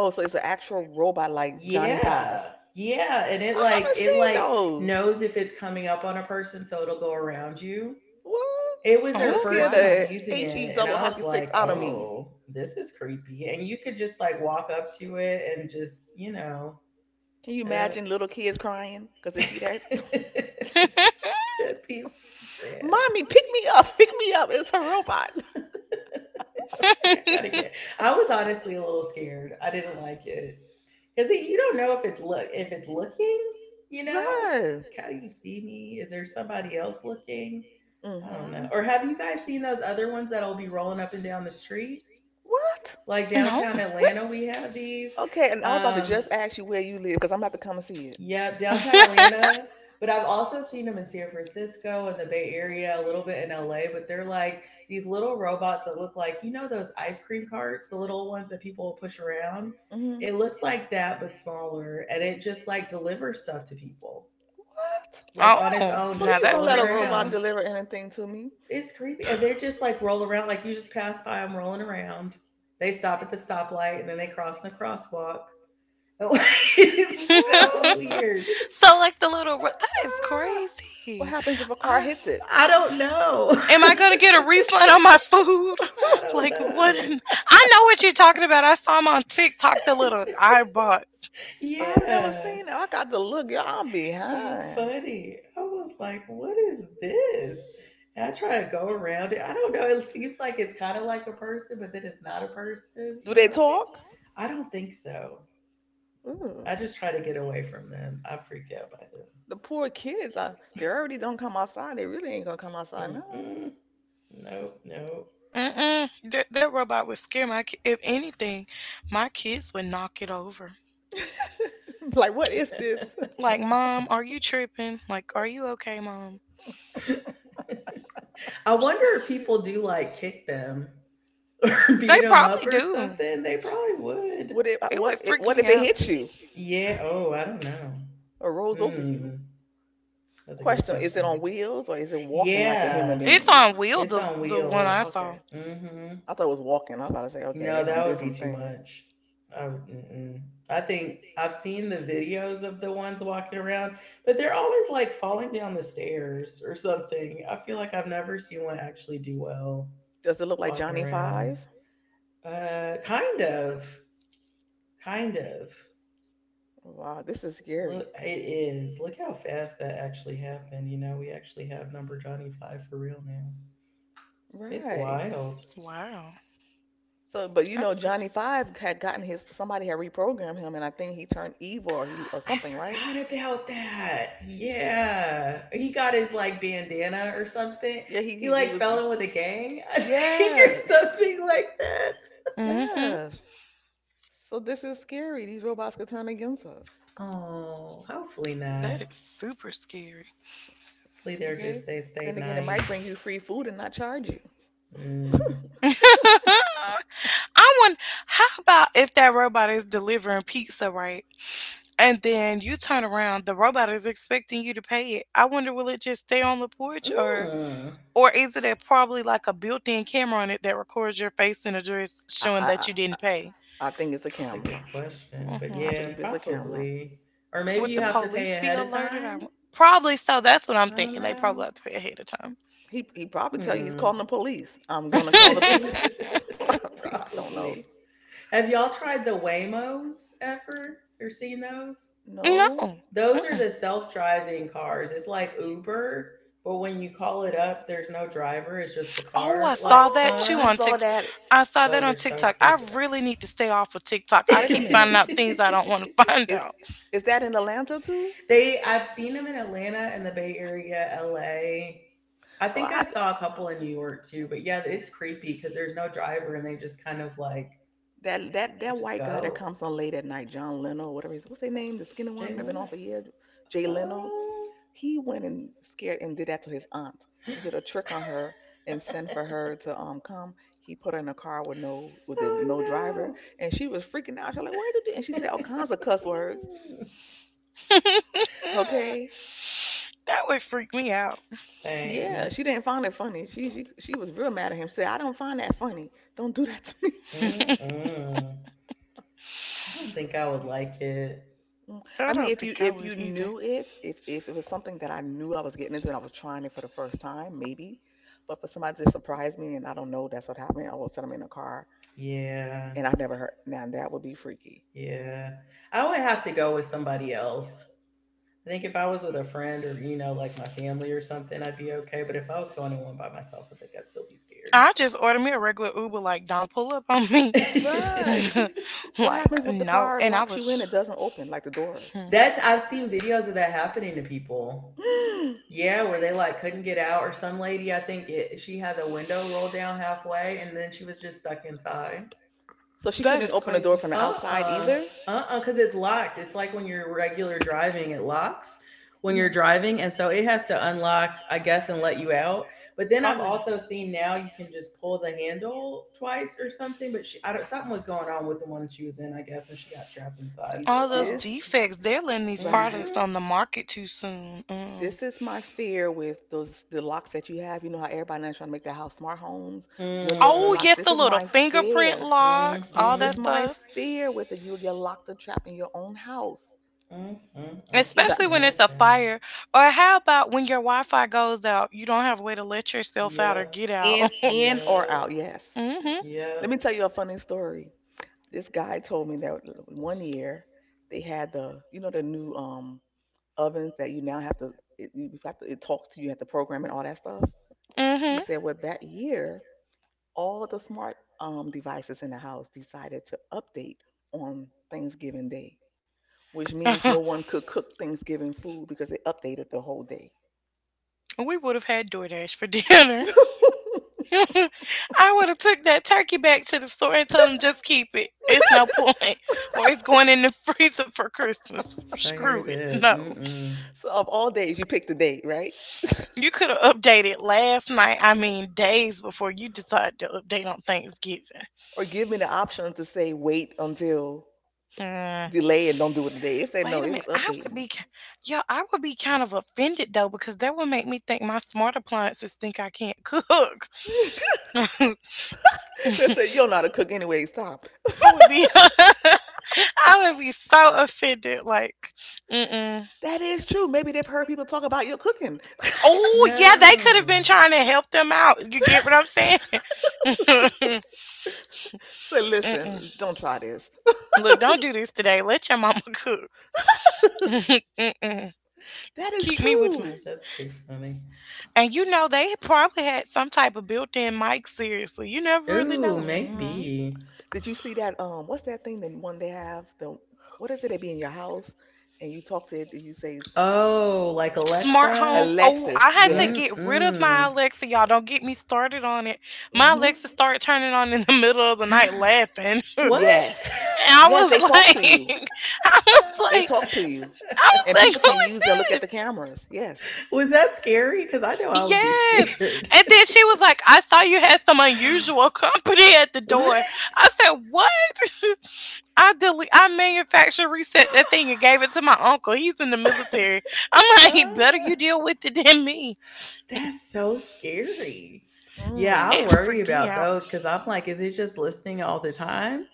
C: Oh, so it's an actual robot like Johnny Five.
A: Yeah. Yeah. And it
C: I
A: like
C: haven't
A: it
C: seen
A: like
C: those. No.
A: knows if it's coming up on a person, so it'll go around you.
C: What?
A: It was
C: That
A: their
C: would
B: Oh
C: scare
A: first week
B: wow.
C: the
A: using
C: H E
A: it, and
C: double
A: I was
C: hockey sticks
A: like,
C: out of me.
A: oh, this is creepy. And you could just like walk up to it and just,
C: Can you
A: and then
C: imagine little kids crying because they see that?
A: it,
B: <laughs>
A: <laughs> that piece of
C: <laughs>
A: sad.
C: Mommy, pick me up, pick me up. It's a robot. <laughs>
A: Like I gotta get. I was honestly a little scared. I didn't like it. Because you don't know if it's looking, you know,
C: Right.
A: like, how do you see me? Is there somebody else looking? I don't
C: Mm-hmm.
A: know. Or have you guys seen those other ones that'll be rolling up and down the street?
C: What?
A: Like
B: No.
A: downtown
C: What?
A: Atlanta, we have these.
C: Okay, and I was about to
A: Um,
C: just ask you where you live because I'm about to come and see it.
A: yeah, downtown Atlanta. But I've also seen them in San Francisco and the Bay Area, a little bit in LA. But they're like these little robots that look like, you know, those ice cream carts, the little ones that people push around.
C: Mm-hmm.
A: It looks like that, but smaller. And it just like delivers stuff to people,
C: What?
A: like on its
B: Oh,
A: own,
B: now
A: just
C: Please don't
B: that's
A: rolling
C: let a
B: pretty
C: robot
B: cool.
A: around.
C: deliver anything to me.
A: It's
C: <laughs>
A: creepy. And they're just like roll around, like you just pass by them rolling around. They stop at the stoplight and then they cross in the crosswalk. <laughs> It is so
C: What?
A: weird.
B: <laughs> So like the little that is
A: Ah,
C: What
B: crazy.
C: happens if a car
B: I,
C: hits it?
A: I don't know.
B: am I
A: <laughs>
B: gonna get a refund on my food? <laughs>
A: I don't
B: Like what?
A: know.
B: <laughs> I know
C: <laughs>
B: what you're talking about. I saw him on TikTok. The little iBots.
A: Yeah,
C: I've never
A: they're
C: seen it. I got to look. Y'all, I'm
A: so
C: behind.
A: funny. I was like, what is this? And I try to go around it. I don't know. It seems like it's kind of like a person, but then it's not a person.
C: Do they talk?
A: I don't think so.
C: Ooh,
A: I just try to get away from them. I'm freaked out by them.
C: the poor kids. They already don't come outside. They really ain't gonna come outside now.
A: Mm-mm. No, no.
B: Mm-mm. That, that robot would scare my if anything, my kids would knock it over.
C: <laughs> Like, what is this? <laughs>
B: Like, mom, are you tripping? Like, are you okay, mom?
A: I wonder if people do like kick them <laughs> or
B: They
A: beat them up
B: probably
A: or
B: do.
A: something. They probably would.
C: What if
B: It would
C: what if,
B: freak
C: what if
B: me
C: it
B: out.
C: hits you
A: Yeah. Oh, I don't know.
C: or rolls over
A: Hmm.
C: you?
A: That's a good
C: Question: is it
A: question.
C: on wheels or is it walking like a human
A: Yeah,
B: It's
C: being? It's
B: on
C: on
B: wheel,
A: it's on
C: wheels.
B: the one I
A: wheels.
C: Okay,
B: saw.
A: Mm-hmm.
C: I thought it was walking. I was about to say, okay,
A: No,
C: they don't
A: that
C: did
A: would be
C: some
A: too
C: thing.
A: much. Mm-mm. I think I've seen the videos of the ones walking around, but they're always like falling down the stairs or something. I feel like I've never seen one actually do well
C: Does it look like
A: walking
C: Johnny
A: around.
C: Five?
A: Uh, kind of, kind of.
C: Wow, this is scary.
A: Look, it is. Look how fast that actually happened. You know, we actually have number Johnny Five for real now. It's
C: Right.
A: wild.
B: Wow.
C: So, but you
B: I'm
C: know,
B: really.
C: Johnny Five had gotten his somebody had reprogrammed him, and I think he turned evil or he or
A: I
C: something, right?
A: forgot about that. Yeah, he got his like bandana or something.
C: Yeah, he
A: He
C: he, he
A: like
C: was.
A: fell in with a gang, <laughs> I think, or
C: Yes,
A: something like that.
B: Mm-hmm.
C: yes. So this is scary. These robots could turn against us.
A: Oh, hopefully
B: That
A: not.
B: is super scary.
A: Hopefully they're
C: Okay.
A: just they stay
C: Then again, it might bring you
A: nice.
C: free food and not charge you.
A: Mm.
B: <laughs> I want. How about if that robot is delivering pizza, right? And then you turn around, the robot is expecting you to pay it. I wonder, will it just stay on the porch,
A: Mm.
B: or is it a, probably like a built-in camera on it that records your face and address,
C: <clears throat> I I
B: showing that
C: I,
B: you
C: I
B: didn't pay?
C: I think it's a
A: That's a
C: camera.
A: good question.
B: Mhm,
A: But
C: I
B: I'm
A: yeah,
C: believe
B: thinking.
C: it's a camera.
A: probably. Or maybe
B: Would
A: you
B: the
C: hmm
A: have to pay
B: police be
A: ahead of
B: alerted? I,
A: time.
B: probably so. That's what I'm
A: I don't
B: thinking. They probably
A: know.
B: have to pay ahead of time.
C: He probably tell you he's
A: Hmm.
C: calling the police. I'm gonna call the police.
A: <laughs>
C: <laughs> I
B: <laughs>
C: don't know.
A: probably. Have y'all tried the Waymos ever or seen those?
B: No.
C: No.
A: Those are
B: Mm-mm.
A: the self driving cars. It's like Uber, but when you call it up, there's no driver. It's just the
B: Oh, I
A: car
B: saw
A: like
B: that
C: Oh,
B: too
C: I
B: on
A: comes.
C: saw
B: TikTok.
C: that.
B: I saw that
A: Those
B: on
A: are so
B: TikTok. I
A: creepy.
B: really need to stay off of TikTok. I
C: Wait a
B: keep finding
C: minute.
B: out things I don't want
A: <laughs>
B: to <laughs> find
C: Is
B: out.
C: is that in Atlanta too?
A: they I've seen them in Atlanta and the Bay Area, LA. I
C: Oh, I
A: think I
C: have to,
A: saw a couple in New York too, but yeah, it's creepy because there's no driver and they just kind of like
C: that that
A: they
C: that
A: just
C: white guy that
A: go.
C: comes on late at night, John Leno, whatever his what's their name, the skinny one that been
A: Jalen,
C: on for years, Jay Leno.
A: oh,
C: He went and scared and did that to his aunt. He did a
A: <gasps>
C: trick on her and sent for her to come. He put her in a car with no with
A: oh
C: no driver,
A: no,
C: and she was freaking out. She's like, "What did you do?" And she said all kinds of cuss words.
A: mm,
B: Mm,
C: Okay,
B: that would freak me out.
C: yeah,
A: same.
C: she didn't find it funny. She was real mad at him. Said, "I don't find that funny. Don't do that to me."
B: <laughs> I
A: Mm-mm. I don't think I would like it.
C: Mm. I mean,
B: don't think I
C: if you
B: would either.
C: knew it, if it was something that I knew I was getting into and I was trying it for the first time, maybe. But for somebody to surprise me and I don't know that's what happened, all of a sudden I'm in a car
A: Yeah,
C: and I've never heard. Now that would be freaky.
A: yeah. I would have to go with somebody else. I think if I was with a friend or you know like my family or something, I'd be okay. But if I was going in one by myself, I think I'd still be scared.
B: I just order me a regular Uber. Like, don't pull up on me.
C: Right.
A: <laughs>
B: <laughs>
C: What
B: Like,
C: happens if the
B: no.
C: car
B: And I
C: locks you in?
B: was.
C: It doesn't open like the doors.
B: Hmm.
A: That's I've seen videos of that happening to people.
C: <gasps>
A: Yeah, where they like couldn't get out, or some lady I think it, she had the window rolled down halfway, and then she was just stuck inside.
C: So she
B: That
C: couldn't
B: is
C: open the door
B: crazy.
C: from the
A: Uh
C: outside
A: uh-uh,
C: either.
A: uh because it's locked. It's like when you're regular driving, it locks when you're
C: hmm
A: driving, and so it has to unlock, I guess, and let you out. But then I've
B: Probably.
A: also seen now you can just pull the handle twice or something. But she, I don't, something was going on with the one she was in, I guess, and she got trapped inside
C: See
A: for a
B: All those
C: this,
A: while.
B: defects, they're letting these
C: right?
B: products
A: Mm-hmm.
B: on the market too soon. Mm-mm.
C: This is my fear with those the locks that you have. You know how everybody now is trying to make their house smart homes, windows that
B: Oh,
A: Mm.
C: lock.
B: yes,
C: This
B: the
C: is
B: little
C: my
B: fingerprint
C: fear.
B: locks, all
C: This
B: that
C: is
A: Mm-hmm.
C: my
B: stuff.
C: fear with it. You'll get locked and trapped in your own house,
A: Mm-hmm. I can't
C: either
B: Especially when it's a
A: imagine.
B: fire. Or how about when your Wi Fi goes out, you don't have a way to let yourself out or
A: Yep.
B: get out? <laughs>
C: in or
A: Yep.
C: out. Yes.
B: Mm hmm.
C: Let me
A: Yep.
C: tell you a funny story. This guy told me that one year they had the you know the new ovens that you now have to it, you have to it talks to you, you have to program and all that stuff.
B: Mm
C: He
B: hmm.
C: said, well that year all the smart devices in the house decided to update on Thanksgiving Day, which means
B: <laughs>
C: no one could cook Thanksgiving food because it updated the whole day.
B: We would have had DoorDash for
C: <laughs>
B: dinner.
C: So,
B: <laughs> I would have took that turkey back to the store and told them just keep it. It's no point, or it's going in the freezer for Christmas.
A: I hear
B: Screw it.
A: that.
B: No,
A: Mm-mm.
C: of all days, you pick the date, right?
B: you could have updated last night. I mean, days before you decided to update on Thanksgiving.
C: Or give me the option to say wait until
B: Hmm.
C: delay and don't do it today. It said no,
B: Wait a
C: it was
B: minute. I would
C: updating.
B: be, ki- yo, I would be kind of offended though because that would make me think my smart appliances think I can't <laughs> cook. <laughs> I
C: <laughs> They said you don't know how to cook anyway, stop. <laughs>
B: would be <laughs> I would be so offended. Like, mm-mm.
C: That is true. Maybe they've heard people talk about your cooking.
B: Oh yeah, they could have
A: No.
B: been trying to help them out. You get what I'm saying?
C: <laughs>
B: <laughs>
C: So
B: Mm-mm.
C: listen, don't try this.
B: Look, don't do this today. Let your mama cook. <laughs>
C: <laughs>
B: Mm-mm.
C: That is
B: Keep me with my.
C: true.
A: That's too funny.
B: And you know they probably had some type of built-in mic. Seriously, you never really
A: Ooh,
B: know.
C: hmm
A: maybe.
C: Did you see that? What's that thing? The one they have the what is it? They be in your house and you talk to it. Did you say it's
A: Oh, like
B: Smart
A: Alexa?
B: home. Oh,
C: Alexis?
B: I had to
C: Yes.
B: get rid of my
A: Mm-mm.
B: Alexa. Y'all don't get me started on it. My
C: hmm
B: Alexa started turning on in the <laughs> middle of the night laughing. <laughs> And
A: What?
C: Yes.
B: I
C: Yes.
B: was
C: They talk to you.
B: like, <laughs> I was
C: They
B: like,
C: talk to
A: <laughs>
C: you,
B: I was
C: and
B: like,
C: people
B: who
C: can use and look at
B: is
C: the
B: this?
C: cameras. Yes.
A: Was that scary? Because I know I would be
B: Yes.
A: scared.
B: And
A: <laughs>
B: then she was like, I saw you had some unusual <laughs> company at the
A: What?
B: door. I said, what? <laughs> I delete. I manufacture reset that thing and gave it to my
A: <gasps>
B: uncle. He's in the military. I'm
A: <sighs>
B: like, <laughs> better you
A: Ah.
B: deal with it than me.
A: That's so scary. Yeah, I
C: Mm.
B: It
A: worry
B: freaked me
A: about
B: out.
A: those because I'm like, is it just listening all the time,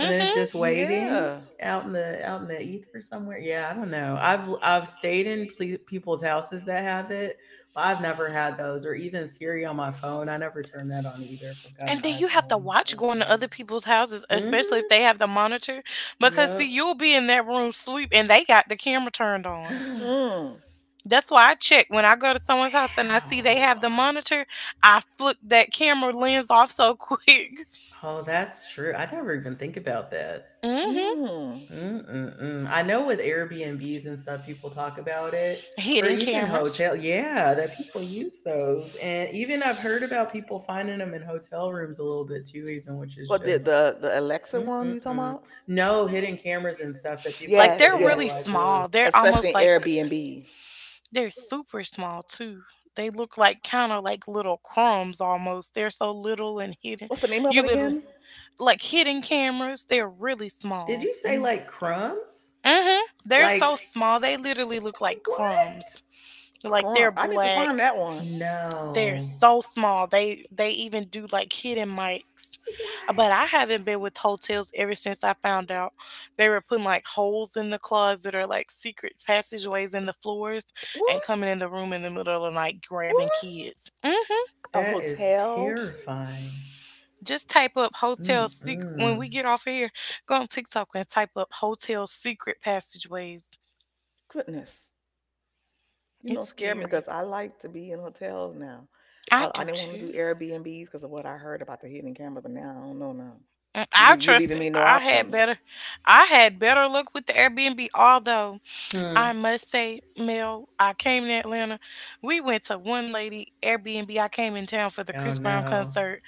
A: and then it's just waiting
C: Yeah.
A: out in the ether somewhere? Yeah, I don't know. I've stayed in ple- people's houses that have it, but I've never had those, or even Siri on my phone. I never turn that on either. If I've got
B: And
A: an
B: then you have to
A: iPhone.
B: watch going to
A: Mm-mm.
B: other people's houses, especially if
A: Mm-hmm.
B: they have the monitor, because see,
A: Yep.
B: you'll be in that room sleep and they got the camera turned on.
A: <gasps>
C: Mm.
B: That's why I check when I go to someone's house and I see they have
A: Wow.
B: the monitor. I flick that camera lens off so <laughs> quick.
A: Oh, that's true. I never even think about that.
B: Hmm
C: Mm.
A: Mm-mm-mm. I know with Airbnbs and stuff, people talk about it, or
B: Hidden
A: even
B: cameras.
A: hotel. Yeah, that people use those, and even I've heard about people finding them in hotel rooms a little bit too, even which is
C: What the
A: just
C: the the Alexa one you talking
A: mm-mm-mm.
C: about?
A: No hidden cameras and stuff that people
B: Like
C: Yes,
A: put
B: they're
A: in to
B: really
C: yes.
A: like look.
B: small. They're
C: Especially
B: almost
C: in
B: like
C: Airbnb.
B: they're super small too. They look like kind of like little crumbs almost. They're so little and hidden.
C: What's the name of it
B: You literally
C: again?
B: like hidden cameras. They're really
A: Did
B: small.
A: you say
C: Mm,
A: like crumbs?
B: Mhm. They're
A: Like
B: so small. They literally look like
A: what?
B: crumbs. Like
C: crump.
B: they're
C: I need to
B: black.
C: find that one.
B: They're
A: No.
B: so small. They even do like hidden mics. But I
A: What?
B: haven't been with hotels ever since I found out they were putting like holes in the closet or like secret passageways in the floors and
C: What?
B: coming in the room in the middle of the night
C: What?
B: grabbing kids. Hmm
C: A
A: That is
C: hotel?
A: terrifying.
B: Just type up hotel secret when
A: Mm-mm.
B: we get off of here. Go on TikTok and type up hotel secret passageways.
C: Goodness. You know,
B: It's
C: scared me
B: scary.
C: because I like to be in hotels now.
B: I
C: I
B: do
C: didn't want to
B: too.
C: do Airbnbs because of what I heard about the hidden camera, but now I don't know now.
B: And
C: You
B: I
C: leave, you
B: trust
C: leaving
B: it.
C: me no options.
B: I had better luck with the Airbnb, although
A: Hmm.
B: I must say, Mel, I came to Atlanta. We went to one lady Airbnb. I came in town for the
A: Oh
B: Chris Brown
A: no.
B: concert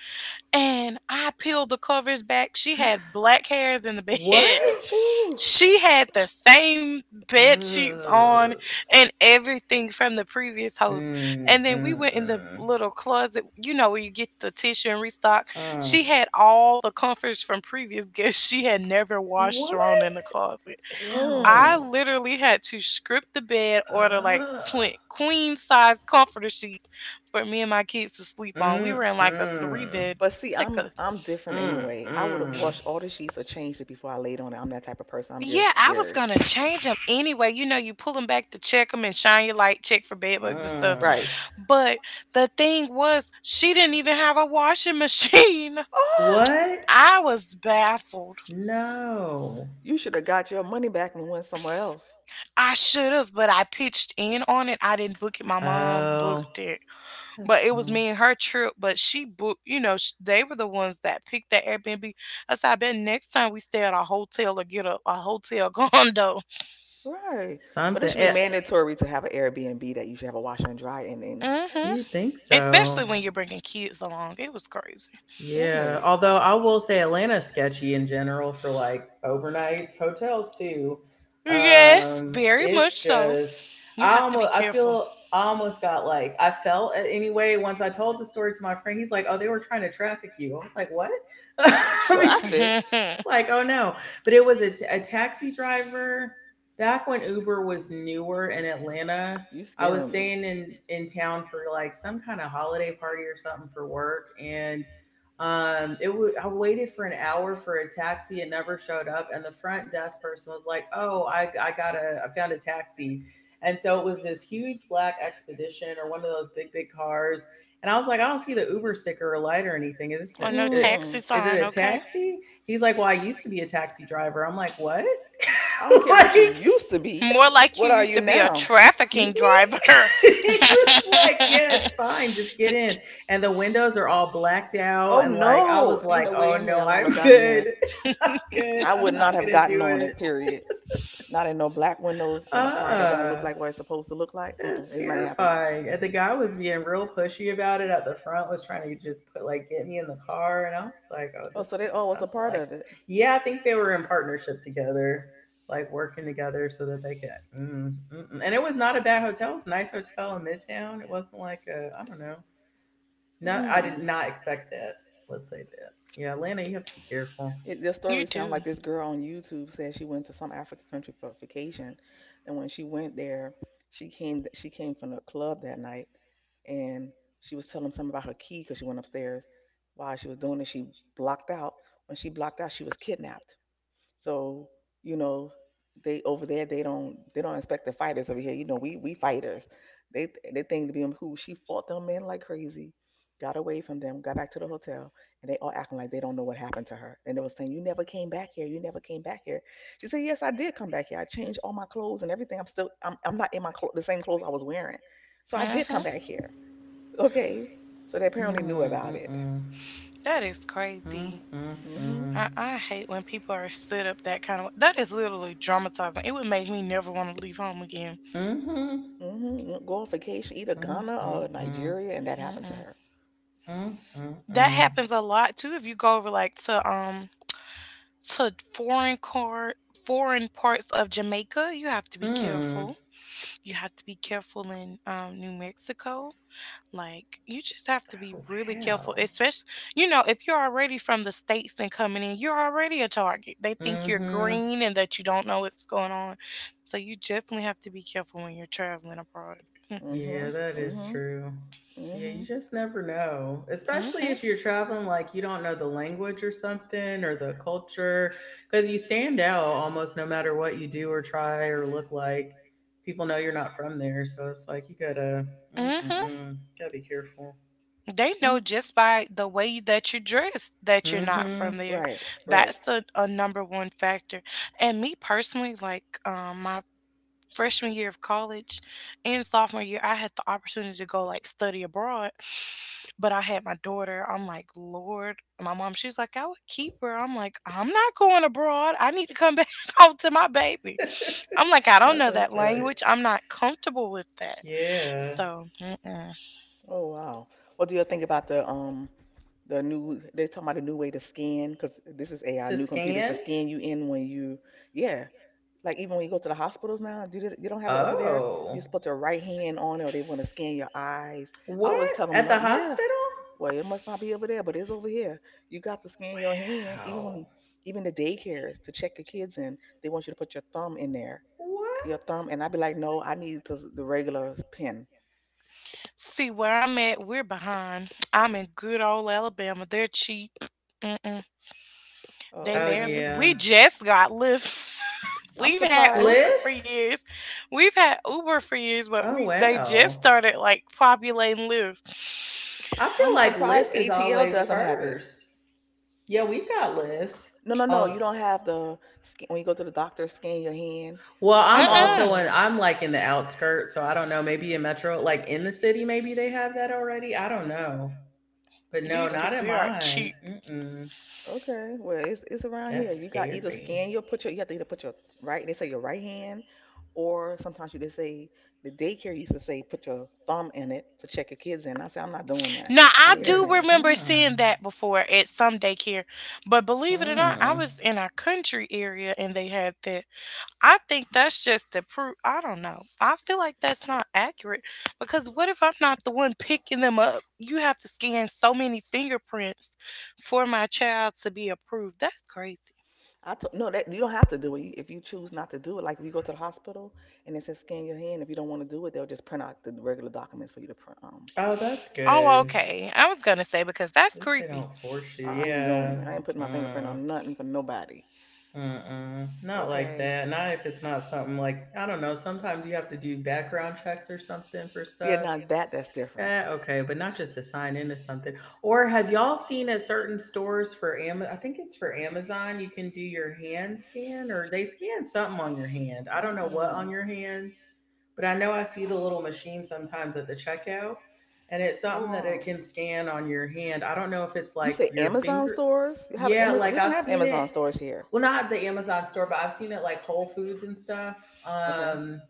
B: and I peeled the covers back. She had black hairs in the bed. <laughs>
C: <gasps>
A: What?
C: Ooh.
B: She had the same bed sheets on
A: Ugh.
B: and everything from the previous host.
A: Mm,
B: And then we
A: mm,
B: went in the
A: mm.
B: little closet, you know, where you get the tissue and restock.
A: Mm.
B: She had all the comforts from previous guests she had never washed thrown in the
A: What?
B: closet.
C: Mm.
B: I
A: Ew.
B: literally had to script the bed, order like
A: Ugh.
B: twin queen size comforter sheets for me and my kids to sleep on. We
A: Mm,
B: were in like a three
A: mm.
B: bed,
C: But see,
B: like a
C: I'm different
A: Mm,
C: anyway. I would have
A: mm.
C: washed all the sheets or changed it before I laid on it. I'm that type of person. I'm just
B: yeah. I was
C: weary.
B: gonna change them anyway. You know, you pull them back to check them and shine your light, check for bed bugs and stuff.
A: Mm.
C: Right.
B: But the thing was, she didn't even have a washing machine.
C: Oh,
A: What?
B: <laughs> I was baffled.
A: No.
C: you should have got your money back and went somewhere else.
B: I should have, but I pitched in on it. I didn't book it. My mom
A: Oh.
B: booked it. But
A: That's,
B: it was
A: oh.
B: me and her trip. But she booked, you know, they were the ones that picked that Airbnb. I said, I bet next time we stay at a hotel or get a hotel <laughs> condo.
C: Right. But it
A: Something.
C: should be
A: Eh,
C: mandatory to have an Airbnb that you should have a washer and dryer in.
B: Hmm
A: you think
B: Especially
A: so?
B: when you're bringing kids along. It was crazy.
A: Yeah,
C: Right.
A: although I will say Atlanta's sketchy in general for like overnights, hotels too.
B: Yes, very
A: It's
B: much so.
A: just
B: You
A: I
B: have to be
A: almost I
B: careful.
A: feel I almost got like I felt it anyway once I told the story to my friend. He's like, "Oh, they were trying to traffic you." I was like, "What?" <laughs> I
B: <laughs>
A: mean,
C: Traffic?
B: Mhm.
A: it's
B: And
A: like, "Oh no!" But it was a taxi driver back when Uber was newer in Atlanta.
C: You
A: I was
C: scaring me.
A: staying in town for like some kind of holiday party or something for work, and I waited for an hour for a taxi. It never showed up, and the front desk person was like, "Oh, I found a taxi," and so it was this huge black expedition or one of those big cars. And I was like, "I don't see the Uber sticker or light or anything. Is this
B: no
A: an,
C: Mm.
B: taxi
A: Is it
B: sign,
A: a
B: okay?
A: taxi?" He's like, "Well, I used to be a taxi driver." I'm like, "What?"
C: I don't
A: <laughs>
C: care what you
A: like
C: used to be.
B: More like you
C: What are
B: used
C: you
B: to be a
C: now?
B: trafficking
A: excuse me
B: driver.
A: <laughs> he was like yeah it's fine just get in
B: <laughs>
A: and the windows are all blacked out
C: Oh
A: and like I was
C: no. Ain't
A: like
C: no way
A: oh
C: in
A: no
C: hell I would
A: I'm
C: have gotten
A: good
C: there.
A: <laughs> I'm good
C: I
A: I'm
C: would not
A: not
C: have
A: gonna
C: gotten
A: do
C: on it,
A: it
C: period. Not in no black windows in a car that don't look
A: uh-uh.
C: like what it's supposed to look like. Mm-mm,
A: It's
C: it's not happening.
A: terrifying. And the guy was being real pushy about it at the front, was trying to just put like get me in the car. And I was like, oh,
C: Oh, so
A: this
C: they all
A: I
C: was a
A: don't
C: part
A: like
C: of it.
A: Yeah, I think they were in partnership together, like working together so that they could mm, mm-mm. And it was not a bad hotel. It was a nice hotel in Midtown. It wasn't like a I don't know. Not I
C: Mm.
A: did not expect that. Let's say that. Yeah, Atlanta, you have to be careful.
C: It, the
B: You
C: story sounds
B: do.
C: like this girl on YouTube said she went to some African country for vacation, and when she went there, she came from the club that night, and she was telling them something about her key because she went upstairs. While she was doing it, she blocked out. When she blocked out, she was kidnapped. So, you know, they over there they don't expect the fighters over here. You know, we fighters. They think to be who she fought them men like crazy, got away from them, got back to the hotel, and they all acting like they don't know what happened to her. And they were saying, you never came back here, you never came back here. She said, yes, I did come back here. I changed all my clothes and everything. I'm still I'm not in my clo- the same clothes I was wearing. So I did come
B: Uh-huh.
C: back here. Okay. So they apparently knew
A: Mm,
C: about it.
A: mm-mm.
B: That is
A: Mm,
B: crazy.
C: Mm-hmm.
B: I,
A: mm-mm.
B: I hate when people are set up that kind of that is literally dramatizing. It would make me never want to leave home again.
A: Mm-hmm.
C: Mm-hmm. Go on vacation, either
A: Mm,
C: Ghana or
A: mm-mm.
C: Nigeria, and that happened to
B: Mm-mm.
C: her.
A: Mm,
B: That
A: mm-mm.
B: happens a lot too if you go over like to to foreign car foreign parts of Jamaica. You have to be
A: Hmm.
B: careful. You have to be careful in New Mexico. Like, you just have to be
A: Oh,
B: really careful,
A: hell.
B: especially, you know, if you're already from the States and coming in, you're already a target. They think you're
A: Mm-hmm.
B: green and that you don't know what's going on. So you definitely have to be careful when you're traveling abroad.
A: Yeah,
C: Mhm.
A: that is
C: Mhm.
A: true. Yeah, you
C: Mhm.
A: just never know. Especially if
B: Hmm
A: you're traveling like you don't know the language or something or the culture because you stand out almost no matter what you do or try or look like. People know you're not from there, so it's like you
B: Mm-hmm.
A: gotta be careful.
B: They know
C: Mm.
B: just by the way that you dress that you're not
A: Mm-hmm.
B: from there.
C: Right. Right.
B: That's the a number one factor. And me personally, like my freshman year of college and sophomore year, I had the opportunity to go like study abroad, but I had my daughter. I'm like, Lord, my mom, she's like, I would keep her. I'm like, I'm not going abroad. I need to come <laughs> back home to my baby. I'm like, I
A: <laughs>
B: don't
A: No,
B: know that
A: that's right.
B: language. I'm not comfortable with that.
A: Yeah.
B: So, mm-mm.
C: Oh wow. What do you think about the new they talking about a new way to scan because this is AI
A: To
C: new computers to
A: scan?
C: scan you in when you yeah like even when you go to the hospitals now do they, you don't have it over there you are
A: Oh.
C: supposed to right hand on it or they want to scan your eyes I
A: What?
C: always tell them
A: At
C: no
A: the
C: yeah
A: hospital?
C: well it must not be over there but it's over here you got to scan your hand even
A: Oh,
C: when even the daycares to check your kids in they want you to put your thumb in there your
A: what?
C: thumb, and I'd be like, no, I need to, the regular pen.
B: See, where I'm at, we're behind. I'm in good old Alabama. They're cheap. Mm-mm. They
C: Oh,
A: Oh,
B: barely.
C: okay.
A: yeah.
B: We just got Lyft. <laughs>
C: I'm
B: We've had
C: surprised.
B: Uber for
A: Lyft?
B: years. We've had Uber for years, but
A: Oh,
B: we they just
A: wow.
B: started like populating Lyft.
A: I feel
C: I'm
A: like
C: surprised
A: Lyft is
C: ATL
A: always
C: doesn't have it.
A: first. Yeah, we've got Lyft.
C: No, no, no. You
A: Oh,
C: don't have the scan, when you go to the doctor, scan your hand,
A: well, I'm
C: put your
B: Uh-uh.
A: also
C: handprint.
A: I'm like in the outskirts, so I don't know. Maybe in Metro, like in the city, maybe they have that already. I don't know. But no,
B: These
C: Oh,
A: not
B: people
A: in
B: here are
A: mine.
B: cheap.
A: Mm-mm.
C: okay. Well, it's around here.
A: That's
C: You got either
A: scary.
C: scan your put your you have to either put your right. They say your right hand, or sometimes you just say the daycare used to say put your thumb in it to check your kids in. I said I'm not doing that.
B: Now
C: I
B: I
C: need a
B: do
A: You're
C: pen.
B: remember
A: dumb.
B: seeing that before at some daycare, but believe it or not, I
A: Mm.
B: was in our country area and they had that. I think that's just to prove. I don't know. I feel like that's not accurate because what if I'm not the one picking them up? You have to scan so many fingerprints for my child to be approved. That's crazy.
C: No, that you don't have to do it. You- if you choose not to do it. Like if you go to the hospital and it says scan your hand, if you don't want to do it, they'll just print out the regular documents for you to print.
A: Oh, that's
B: Oh,
A: good.
B: okay. I was gonna say because that's
A: At least they
B: creepy.
A: don't force you.
C: I ain't doing
A: Yeah.
C: it. I ain't putting my fingerprint
A: Mm.
C: on nothing for nobody.
A: Mm-mm, not like
C: Okay.
A: that. Not if it's not something like, I don't know, sometimes you have to do background checks or something for
C: Yeah,
A: stuff.
C: now that's different.
A: Eh, okay, but not just to sign into something. Or have y'all seen at certain stores for Amazon? I think it's for Amazon, you can do your hand scan or they scan something on your hand. I don't know what on
C: Mm-mm.
A: your hand, but I know I see the little machine sometimes at the checkout, and it's
C: Oh
A: something that it
C: wow.
A: can scan on your hand. I don't know if it's
C: You
A: like
C: say
A: your
C: Amazon
A: finger.
C: stores? You have
A: Yeah,
C: Amazon? We
A: like
C: don't
A: I've
C: have
A: seen it,
C: Amazon stores here.
A: well not the Amazon store, but I've seen it like Whole Foods and stuff
C: Okay.
A: um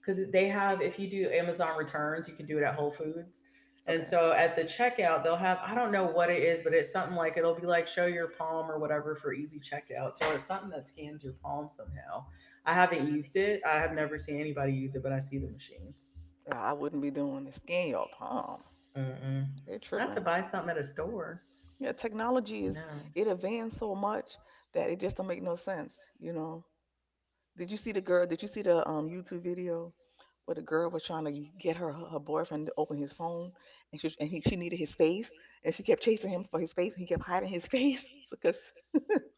A: Because they have, if you do Amazon returns, you can do it at Whole Foods, and
C: Okay.
A: so at the checkout they'll have, I don't know what it is, but it's something like it'll be like show your palm or whatever for easy checkout, so it's something that scans your palm somehow. I haven't used it, I have never seen anybody use it, but I see the machines.
C: Yeah, I wouldn't be doing it. Scan your palm.
A: Mm-mm.
C: They're
A: Not to
C: tripping.
A: buy something at a store.
C: Yeah, technology is
A: No.
C: it advanced so much that it just don't make no sense. You know. Did you see the girl? Did you see the YouTube video where the girl was trying to get her boyfriend to open his phone, and she needed his face, and she kept chasing him for his face, and he kept hiding his <laughs> face because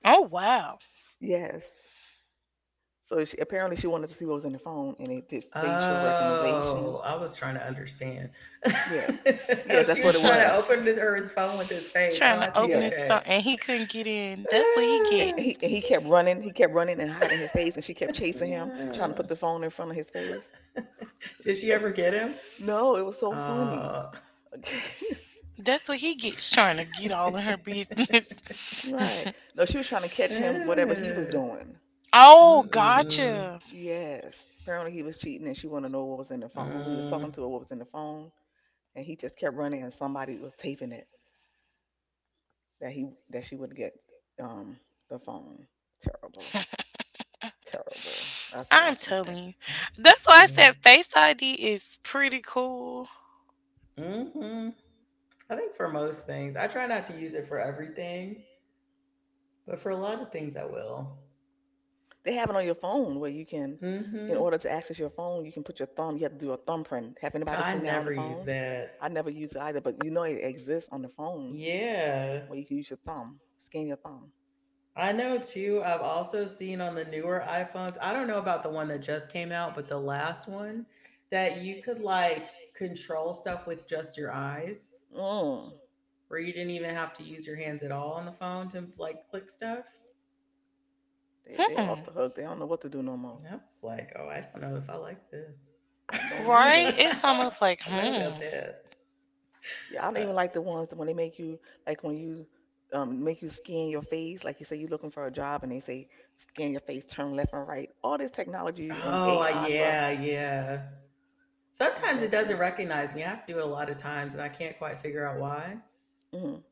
B: Oh wow.
C: yes. So she, apparently she wanted to see what was in the phone, and it did facial recognition.
A: Oh, I was trying to understand. <laughs>
C: Yes,
A: Oh,
C: yes, that's
A: she
C: what
A: was
C: it
A: trying to
C: was.
A: open her his phone with his face. Oh,
B: Trying
A: I
B: to
A: see.
B: open
C: Yes.
B: his phone
A: Okay.
B: and he couldn't get in. That's what he
C: and he
B: gets.
C: and he kept running, he kept running and hiding his face, and she kept chasing him, trying to put
A: <sighs>
C: the phone in front of his face.
A: Did she ever get him?
C: No, it was so funny.
A: Oh.
C: <laughs>
B: That's what he gets trying to get all in her
A: <laughs>
B: business. <laughs>
C: Right. No, she was trying to catch him, whatever he was
A: Mm-mm-mm.
C: doing.
B: Oh, gotcha.
C: Yes. Apparently he was cheating and she wanted to know what was in the phone, who he was
A: Mm,
C: talking to or what was in the phone. And he just kept running and somebody was taping it that he that she would get um the phone. Terrible. Terrible. That's all I
B: I'm
C: can
B: telling
C: say.
B: you.
A: that's too
B: That's why I
A: funny.
B: said Face ID is pretty cool.
A: Hmm. I think for most things, I try not to use it for everything, but for a lot of things, I will.
C: They have it on your phone where you can in
A: Hmm.
C: order to access your phone, you can put your thumb, you have to do a thumbprint. Have anybody
A: I
C: seen that on
A: never
C: the
A: use
C: phones?
A: that.
C: I never use it either, but you know it exists on the phones
A: Yeah.
C: where you can use your thumb, scan your thumb.
A: I know too. I've also seen on the newer iPhones, I don't know about the one that just came out, but the last one, that you could like control stuff with just your eyes,
C: Mm.
A: where you didn't even have to use your hands at all on the phone to like click stuff.
C: They
B: Hmm.
C: off the hook. They don't know what to do no more.
A: And I was like, oh, I don't know if I like this. <laughs>
C: I
A: I
C: don't
B: Right?
C: either.
B: It's almost like,
A: don't know
B: hmm.
A: about that.
C: Yeah, I don't
A: Uh,
C: even like the ones that when they make you like when you make you scan your face, like you say you're looking for a job and they say scan your face, turn left and right. All this technology and
A: oh,
C: AI stuff
A: yeah, yeah.
C: just
A: Sometimes it
C: bugs
A: doesn't
C: me.
A: recognize me. I have to do it a lot of times and I can't quite figure out why.
C: Mm.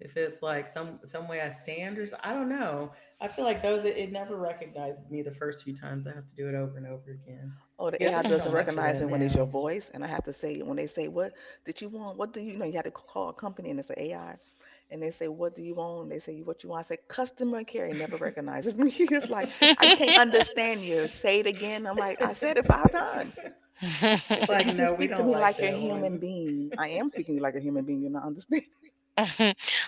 A: If it's like some way I stand or I don't know. I feel like those it never recognizes me the first few times. I have to do it over and over again.
C: Oh, the
A: Yeah,
C: AI
A: there's so
C: doesn't
A: much of
C: recognize
A: that
C: me when it's your
A: now.
C: voice, and I have to say when they say what did you want? What do you, you know? You have to call a company and it's an AI, and they say what do you want? And they say what you want. I say customer care. It never recognizes me. <laughs> It's like I can't understand you. Say it again. I'm
A: <laughs>
C: like I said it five
A: It's
C: times. It says
A: like
C: you
B: <laughs>
C: can
A: no, we
C: speak to
A: don't
C: me
A: like
C: like you're a
A: that
C: human
A: one. <sighs>
C: being. I am speaking like a human being. You're not understanding.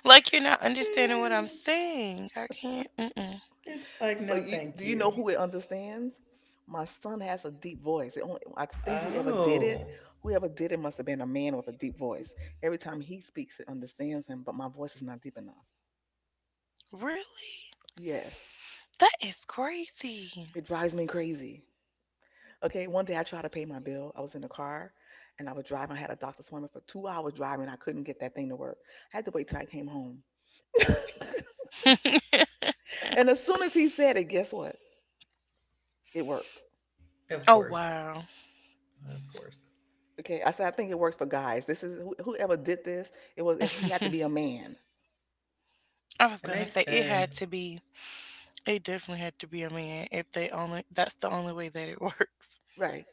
B: Like you're not understanding what I'm
A: Eh,
B: saying. I can't. Mm-mm.
A: it's like
C: So
A: no, thank
C: you know
A: you.
C: who it understands? My son has a deep voice. It only, I think
A: Oh,
C: whoever did it must have been a man with a deep voice. Every time he speaks, it understands him, but my voice is not deep enough.
B: Really?
C: Yes,
B: That is crazy.
C: it drives me crazy. Okay, one day I tried to pay my bill. I was in the car and I was driving. I had a doctor's appointment for 2 hours driving. I couldn't get that thing to work. I had to wait till I came home.
B: <laughs>
C: And as soon as he said it, guess what? It worked.
A: of
B: Oh,
A: course,
B: wow.
A: of course.
C: Okay, I said I think it works for guys. This is who- whoever did this. It was he had to be a man.
B: I was
A: It
B: gonna
A: makes
B: say it had to
A: sense.
B: be, it definitely had to be a man if they only, that's the only way that it <laughs> works.
C: Right.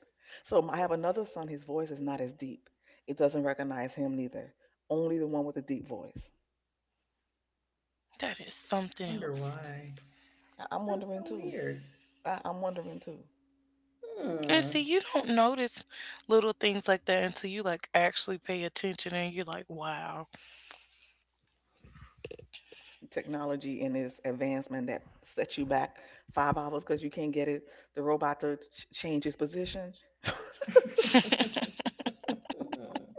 C: So I have another son. His voice is not as deep. It doesn't recognize him neither. Only the one with the deep voice.
B: That is
A: I
B: something
A: wonder
B: else.
A: why.
C: I'm
A: That's
C: wondering
A: so
C: too.
A: weird.
C: I'm wondering too.
B: And
A: Hmm.
B: see, you don't notice little things like that until you like actually pay attention and you're like, wow.
C: Technology and its advancement that sets you back 5 hours because you can't get it. The robot to change its position.
A: <laughs>
B: <laughs>
A: Hmm.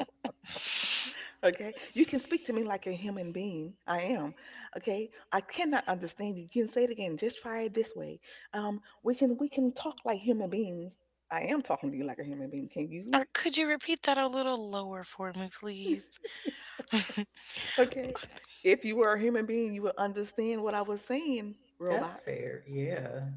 C: Okay, you can speak to me like a human being. I am. Okay, I cannot understand you. You can say it again. Just try it this way. We can talk like human beings. I am talking to you like a human being. Can you?
B: Could you repeat that a little lower for me, please?
C: Okay. If you were a human being, you would understand what I was saying,
A: That's
C: robot.
A: fair. Yeah.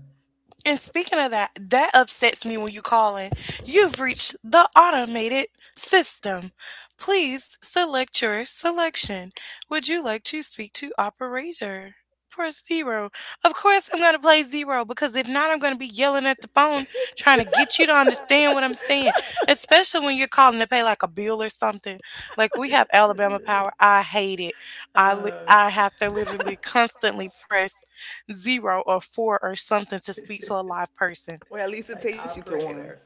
B: And speaking of that, that upsets me when you call in. You've reached the automated system. Please select your selection. Would you like to speak to operator? Press zero. Of course, I'm going to play zero because if not, I'm going to be yelling at the phone trying to
C: <laughs>
B: get you to understand what I'm saying, especially when you're calling to pay like a bill or something. Like we have
A: <laughs>
B: Alabama Power. I hate it.
A: Oh,
B: I have to literally constantly press zero or four or something to speak to a live person.
C: Well, at least it
A: like
C: takes you to one.
A: operator.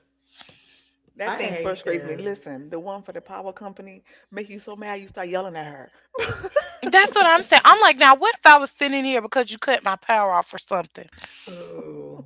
C: That
A: I
C: thing
A: hate
C: frustrates me.
A: that.
C: Listen, the one for the power company make you so mad you start yelling at her. <laughs>
B: That's what I'm saying. I'm like, now what if I was sitting here because you cut my power off or something?
A: <laughs> Ooh.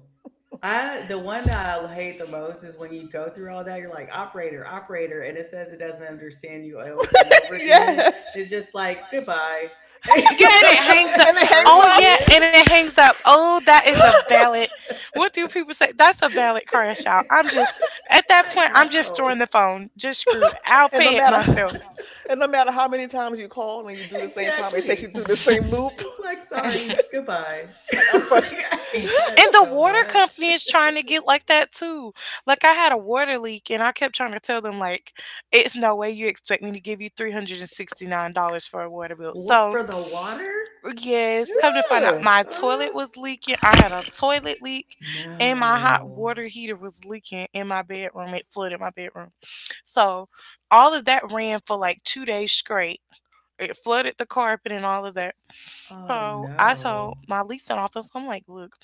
A: I, the one that I hate the most is when you go through all that, you're like operator, operator, and it says it doesn't understand you over and over again.
C: Yes.
A: It's just like goodbye. <laughs> And
B: Yeah,
A: you
B: and
A: have
B: it
A: to
B: hangs
C: <laughs>
A: like
B: up.
C: And it
A: start
C: hangs
B: Oh
C: up.
B: yeah,
A: again.
B: and it hangs up. Oh, that is a valid.
C: <laughs>
B: What do people say? That's a valid crash out. I'm just at that
A: Like,
B: point. I'm just throwing
A: no.
B: the phone. Just screw it. I'll
C: <laughs> And no
B: pay it
C: matter
B: myself.
C: <laughs> and no matter how many times you call and you do the same problem, it takes you
A: Exactly.
C: through the same loop.
A: It's like sorry, goodbye.
C: <laughs>
A: <laughs>
C: Like I'm
A: Like,
C: frustrated.
A: I hate that
B: And
C: <laughs>
B: the
A: so
B: water
A: much.
B: company is trying to get like that too. Like I had a water leak and I kept trying to tell them like it's no way you expect me to give you $369 for a water bill.
A: What
B: So,
A: for the water?
B: yes, come to find out
C: Yeah.
B: my toilet
A: Uh,
B: was leaking. I had
A: <gasps>
B: a toilet leak
A: <sighs>
B: and my hot
A: no.
B: water heater was leaking in my bedroom. It flooded my bedroom. So, all of that ran for like 2 days straight. It flooded the carpet and all of that.
A: Oh
B: So I told
A: no.
B: my leasing office, I'm like, look,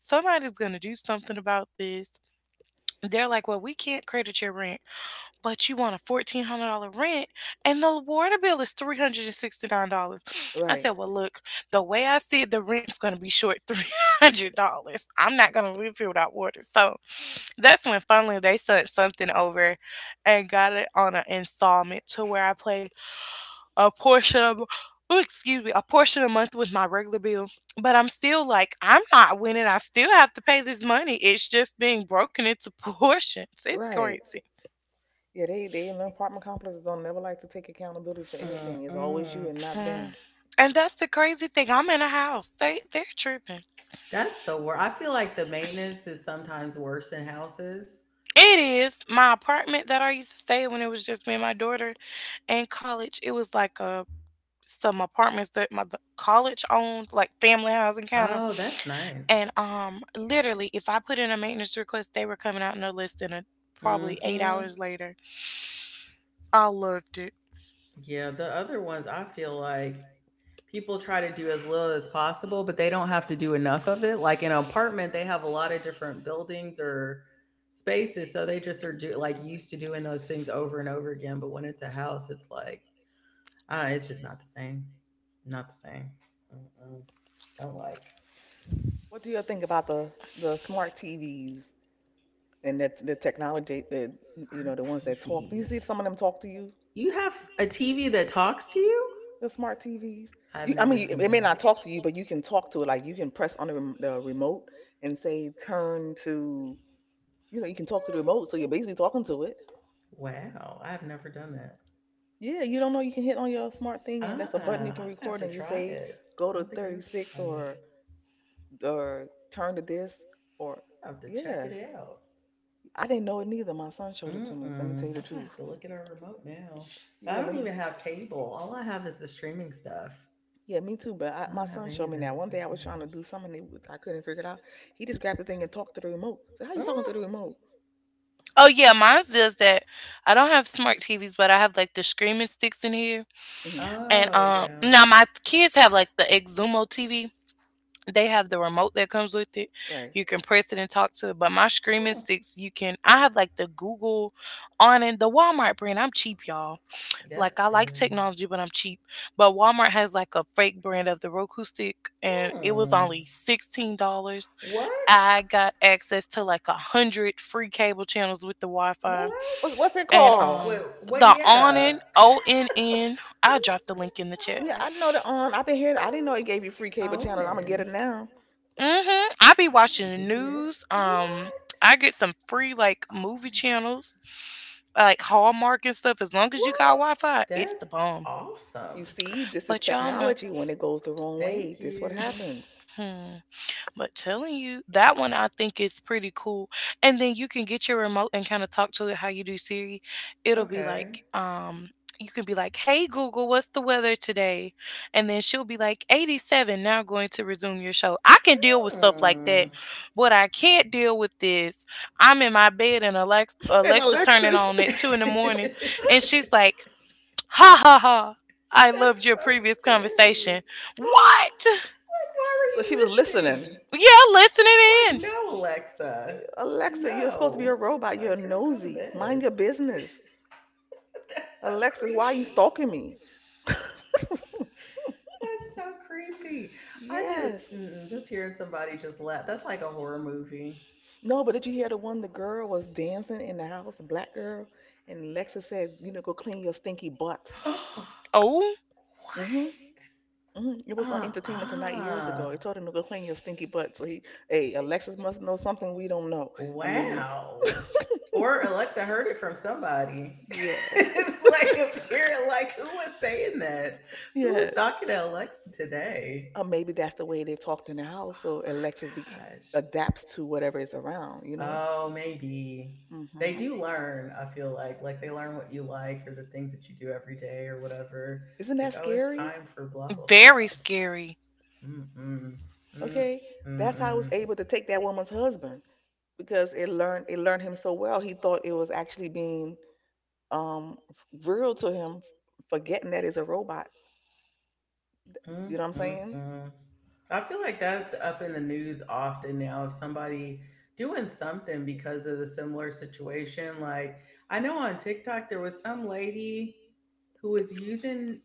B: somebody's gonna do something about this. They're like, well, we can't credit your rent, but you want a $1,400 rent, and the water bill is $369. I
C: Right.
B: said, well, look, the way I see it, the rent's gonna be short <laughs> $300. I'm not gonna live here without water. So that's when finally they sent something over, and got it on an installment to where I play a portion of ooh, excuse me, a portion a month with my regular bill. But I'm still like, I'm not winning. I still have to pay this money. It's just being broken into <laughs> portions. It's
C: Right.
B: crazy.
C: Yeah, they in the apartment complexes don't never like to take accountability for anything. It's always you
A: Uh-uh.
C: and not
B: Mhm.
C: them.
B: And that's the crazy thing. I'm in a house. They're tripping.
A: That's the worst. I feel like the maintenance is sometimes worse in houses.
B: It is my apartment that I used to stay in when it was just me and my daughter in college. It was like a some apartments that my the college owned, like family housing kind of.
A: Oh, that's nice.
B: And literally, if I put in a maintenance request, they were coming out no less than probably eight
A: Mm-hmm.
B: hours later. I loved it.
A: Yeah, the other ones I feel like people try to do as little as possible, but they don't have to do enough of it. Like in an apartment, they have a lot of different buildings or spaces, so they just are do like used to doing those things over and over again. But when it's a house, it's like, I don't know, it's just not the same. Not the same. Mm-mm. Don't like.
C: What do you think about the smart TVs and that the technology that you
A: Smart
C: know the ones that talk? Do you see
A: TVs.
C: some of them talk to you?
A: You have a TV that talks to you?
C: The smart TVs.
A: I've
C: You, I
A: never
C: mean, it
A: seen
C: may not
A: this.
C: talk to you, but you can talk to it. Like you can press on the, the remote and say turn to. You know, you can talk to the remote, so you're basically talking to it.
A: Wow, I've never done that.
C: Yeah, you don't know you can hit on your smart thing, and that's a
A: Uh,
C: button you can
A: I'm gonna have
C: record,
A: to
C: and you
A: try
C: say
A: it.
C: go
A: I
C: to
A: don't think I've ever
C: 36
A: tried it.
C: or turn to this or
A: I have to check
C: yeah.
A: it out.
C: I didn't know it neither. My son showed it to
A: Mm
C: me. So let me tell you
A: mm.
C: the
A: I have
C: truth.
A: to look at our remote now. I
C: Yeah, let
A: don't
C: me.
A: even have cable. All I have is the streaming stuff.
C: Yeah, me too. But I,
A: I
C: my
A: don't have
C: son
A: any of
C: showed me
A: that
C: that one
A: stuff
C: day I was trying
A: anymore.
C: to do something, and it was- I couldn't figure it out. He just grabbed the thing and talked to the remote. So how you talking to the
A: Mm.
C: remote?
B: Oh yeah, mine does that. I don't have smart TVs, but I have like the screaming sticks in here.
C: Hmm.
B: And
A: Oh yeah.
B: now my kids have like the Exumo TV. They have the remote that comes with it.
C: Right.
B: You can press it and talk to it. But my screaming
A: Hmm.
B: sticks, you can. I have like the Google on and the Walmart brand. I'm cheap, y'all.
A: That's
B: Like I like
A: good.
B: technology, but I'm cheap. But Walmart has like a fake brand of the Roku stick, and it was
A: Hmm.
B: only $16.
A: What?
B: I got access to like a hundred free cable channels with the Wi-Fi,
A: What?
C: What's it
B: and
C: called?
A: Wait, what?
B: the
A: Yeah.
B: Onin,
A: <laughs>
B: ONN.
A: What
B: I'll
A: is
B: drop the link in the chat.
A: I'm
C: Yeah,
A: a,
C: I know the I've been hearing. I didn't know it gave you free
A: I'm
C: cable channels. I'm gonna get
A: owning.
C: it now.
B: Mhm. I be
A: I'm
B: watching
A: gonna
B: the
A: do that.
B: news.
A: What?
B: I get some free like movie
A: Owning.
B: channels, like Hallmark and stuff. As long as you got
C: What?
B: Wi-Fi, it's
A: That's
B: the bomb.
A: awesome.
C: You see, this is
B: But y'all know.
C: technology. When it goes the wrong way,
A: Thank
C: this what
A: you.
C: happens.
B: Hmm. But telling you, that one I think is pretty cool. And then you can get your remote and kind of talk to it how you do Siri. It'll be like,
A: Okay.
B: you can be like, hey, Google, what's the weather today? And then she'll be like, 87, now going to resume your show. I can deal with stuff like
A: Hmm.
B: that. What I can't deal with is I'm in my bed and Alexa,
C: <laughs> And
B: Alexa turning
C: Alexis. <laughs>
B: on at two in
A: <laughs>
B: the morning.
A: That's
B: And she's like, ha ha ha, I loved your
A: so
B: previous
A: scary.
B: conversation. What?
A: Like, why were
C: So
A: you
C: she was listening.
A: listening?
B: Yeah, listening
A: Like,
B: in.
A: no, Alexa.
C: Alexa, you're supposed to be a
A: No.
C: robot. You're
A: Like, girl, go to
C: nosy. Mind
A: bed.
C: your business.
A: <laughs> That's so
C: Alexis, why are you
A: creepy.
C: stalking me? <laughs>
A: That's so creepy. I just
C: Yes.
A: mm, just hearing somebody just laugh. That's like a horror movie.
C: No, but did you hear the one the girl was dancing in the house, a black girl, and Lexa said, you know, go clean your stinky butt.
A: <gasps> What?
B: Oh.
C: Hmm. Hmm. It was on Entertainment Tonight years ago.
A: Uh-uh.
C: They told him to go clean your stinky butt. So he, hey, Alexis must know something we don't know. I mean,
A: Wow. Or Alexa heard it from somebody. <laughs>
C: <laughs> yes,
A: It's like apparent like who was saying that? Who was
C: yes.
A: talking to Alexa today?
C: Or maybe that's the way they talked in the house,
A: Oh
C: so Alexis
A: my gosh.
C: adapts to whatever is around, you know?
A: Oh, maybe. They
C: Hmm.
A: do learn, I feel like. Like they learn what you like or the things that you do every day or whatever.
C: Isn't
A: Like,
C: that
A: oh, it's
C: scary?
A: time for blah blah
B: Very
A: blah.
B: scary.
A: Mm-mm. Mm
C: Okay, that's how I was
A: mm
C: able to take that woman's husband. Because it learned him so well he thought it was actually being um real to him, forgetting that it's a robot. You
A: mm
C: know what I'm
A: mm
C: saying?
A: mm. I feel like that's up in the news often now of somebody doing something because of the similar situation. Like I know on TikTok there was some lady who was using,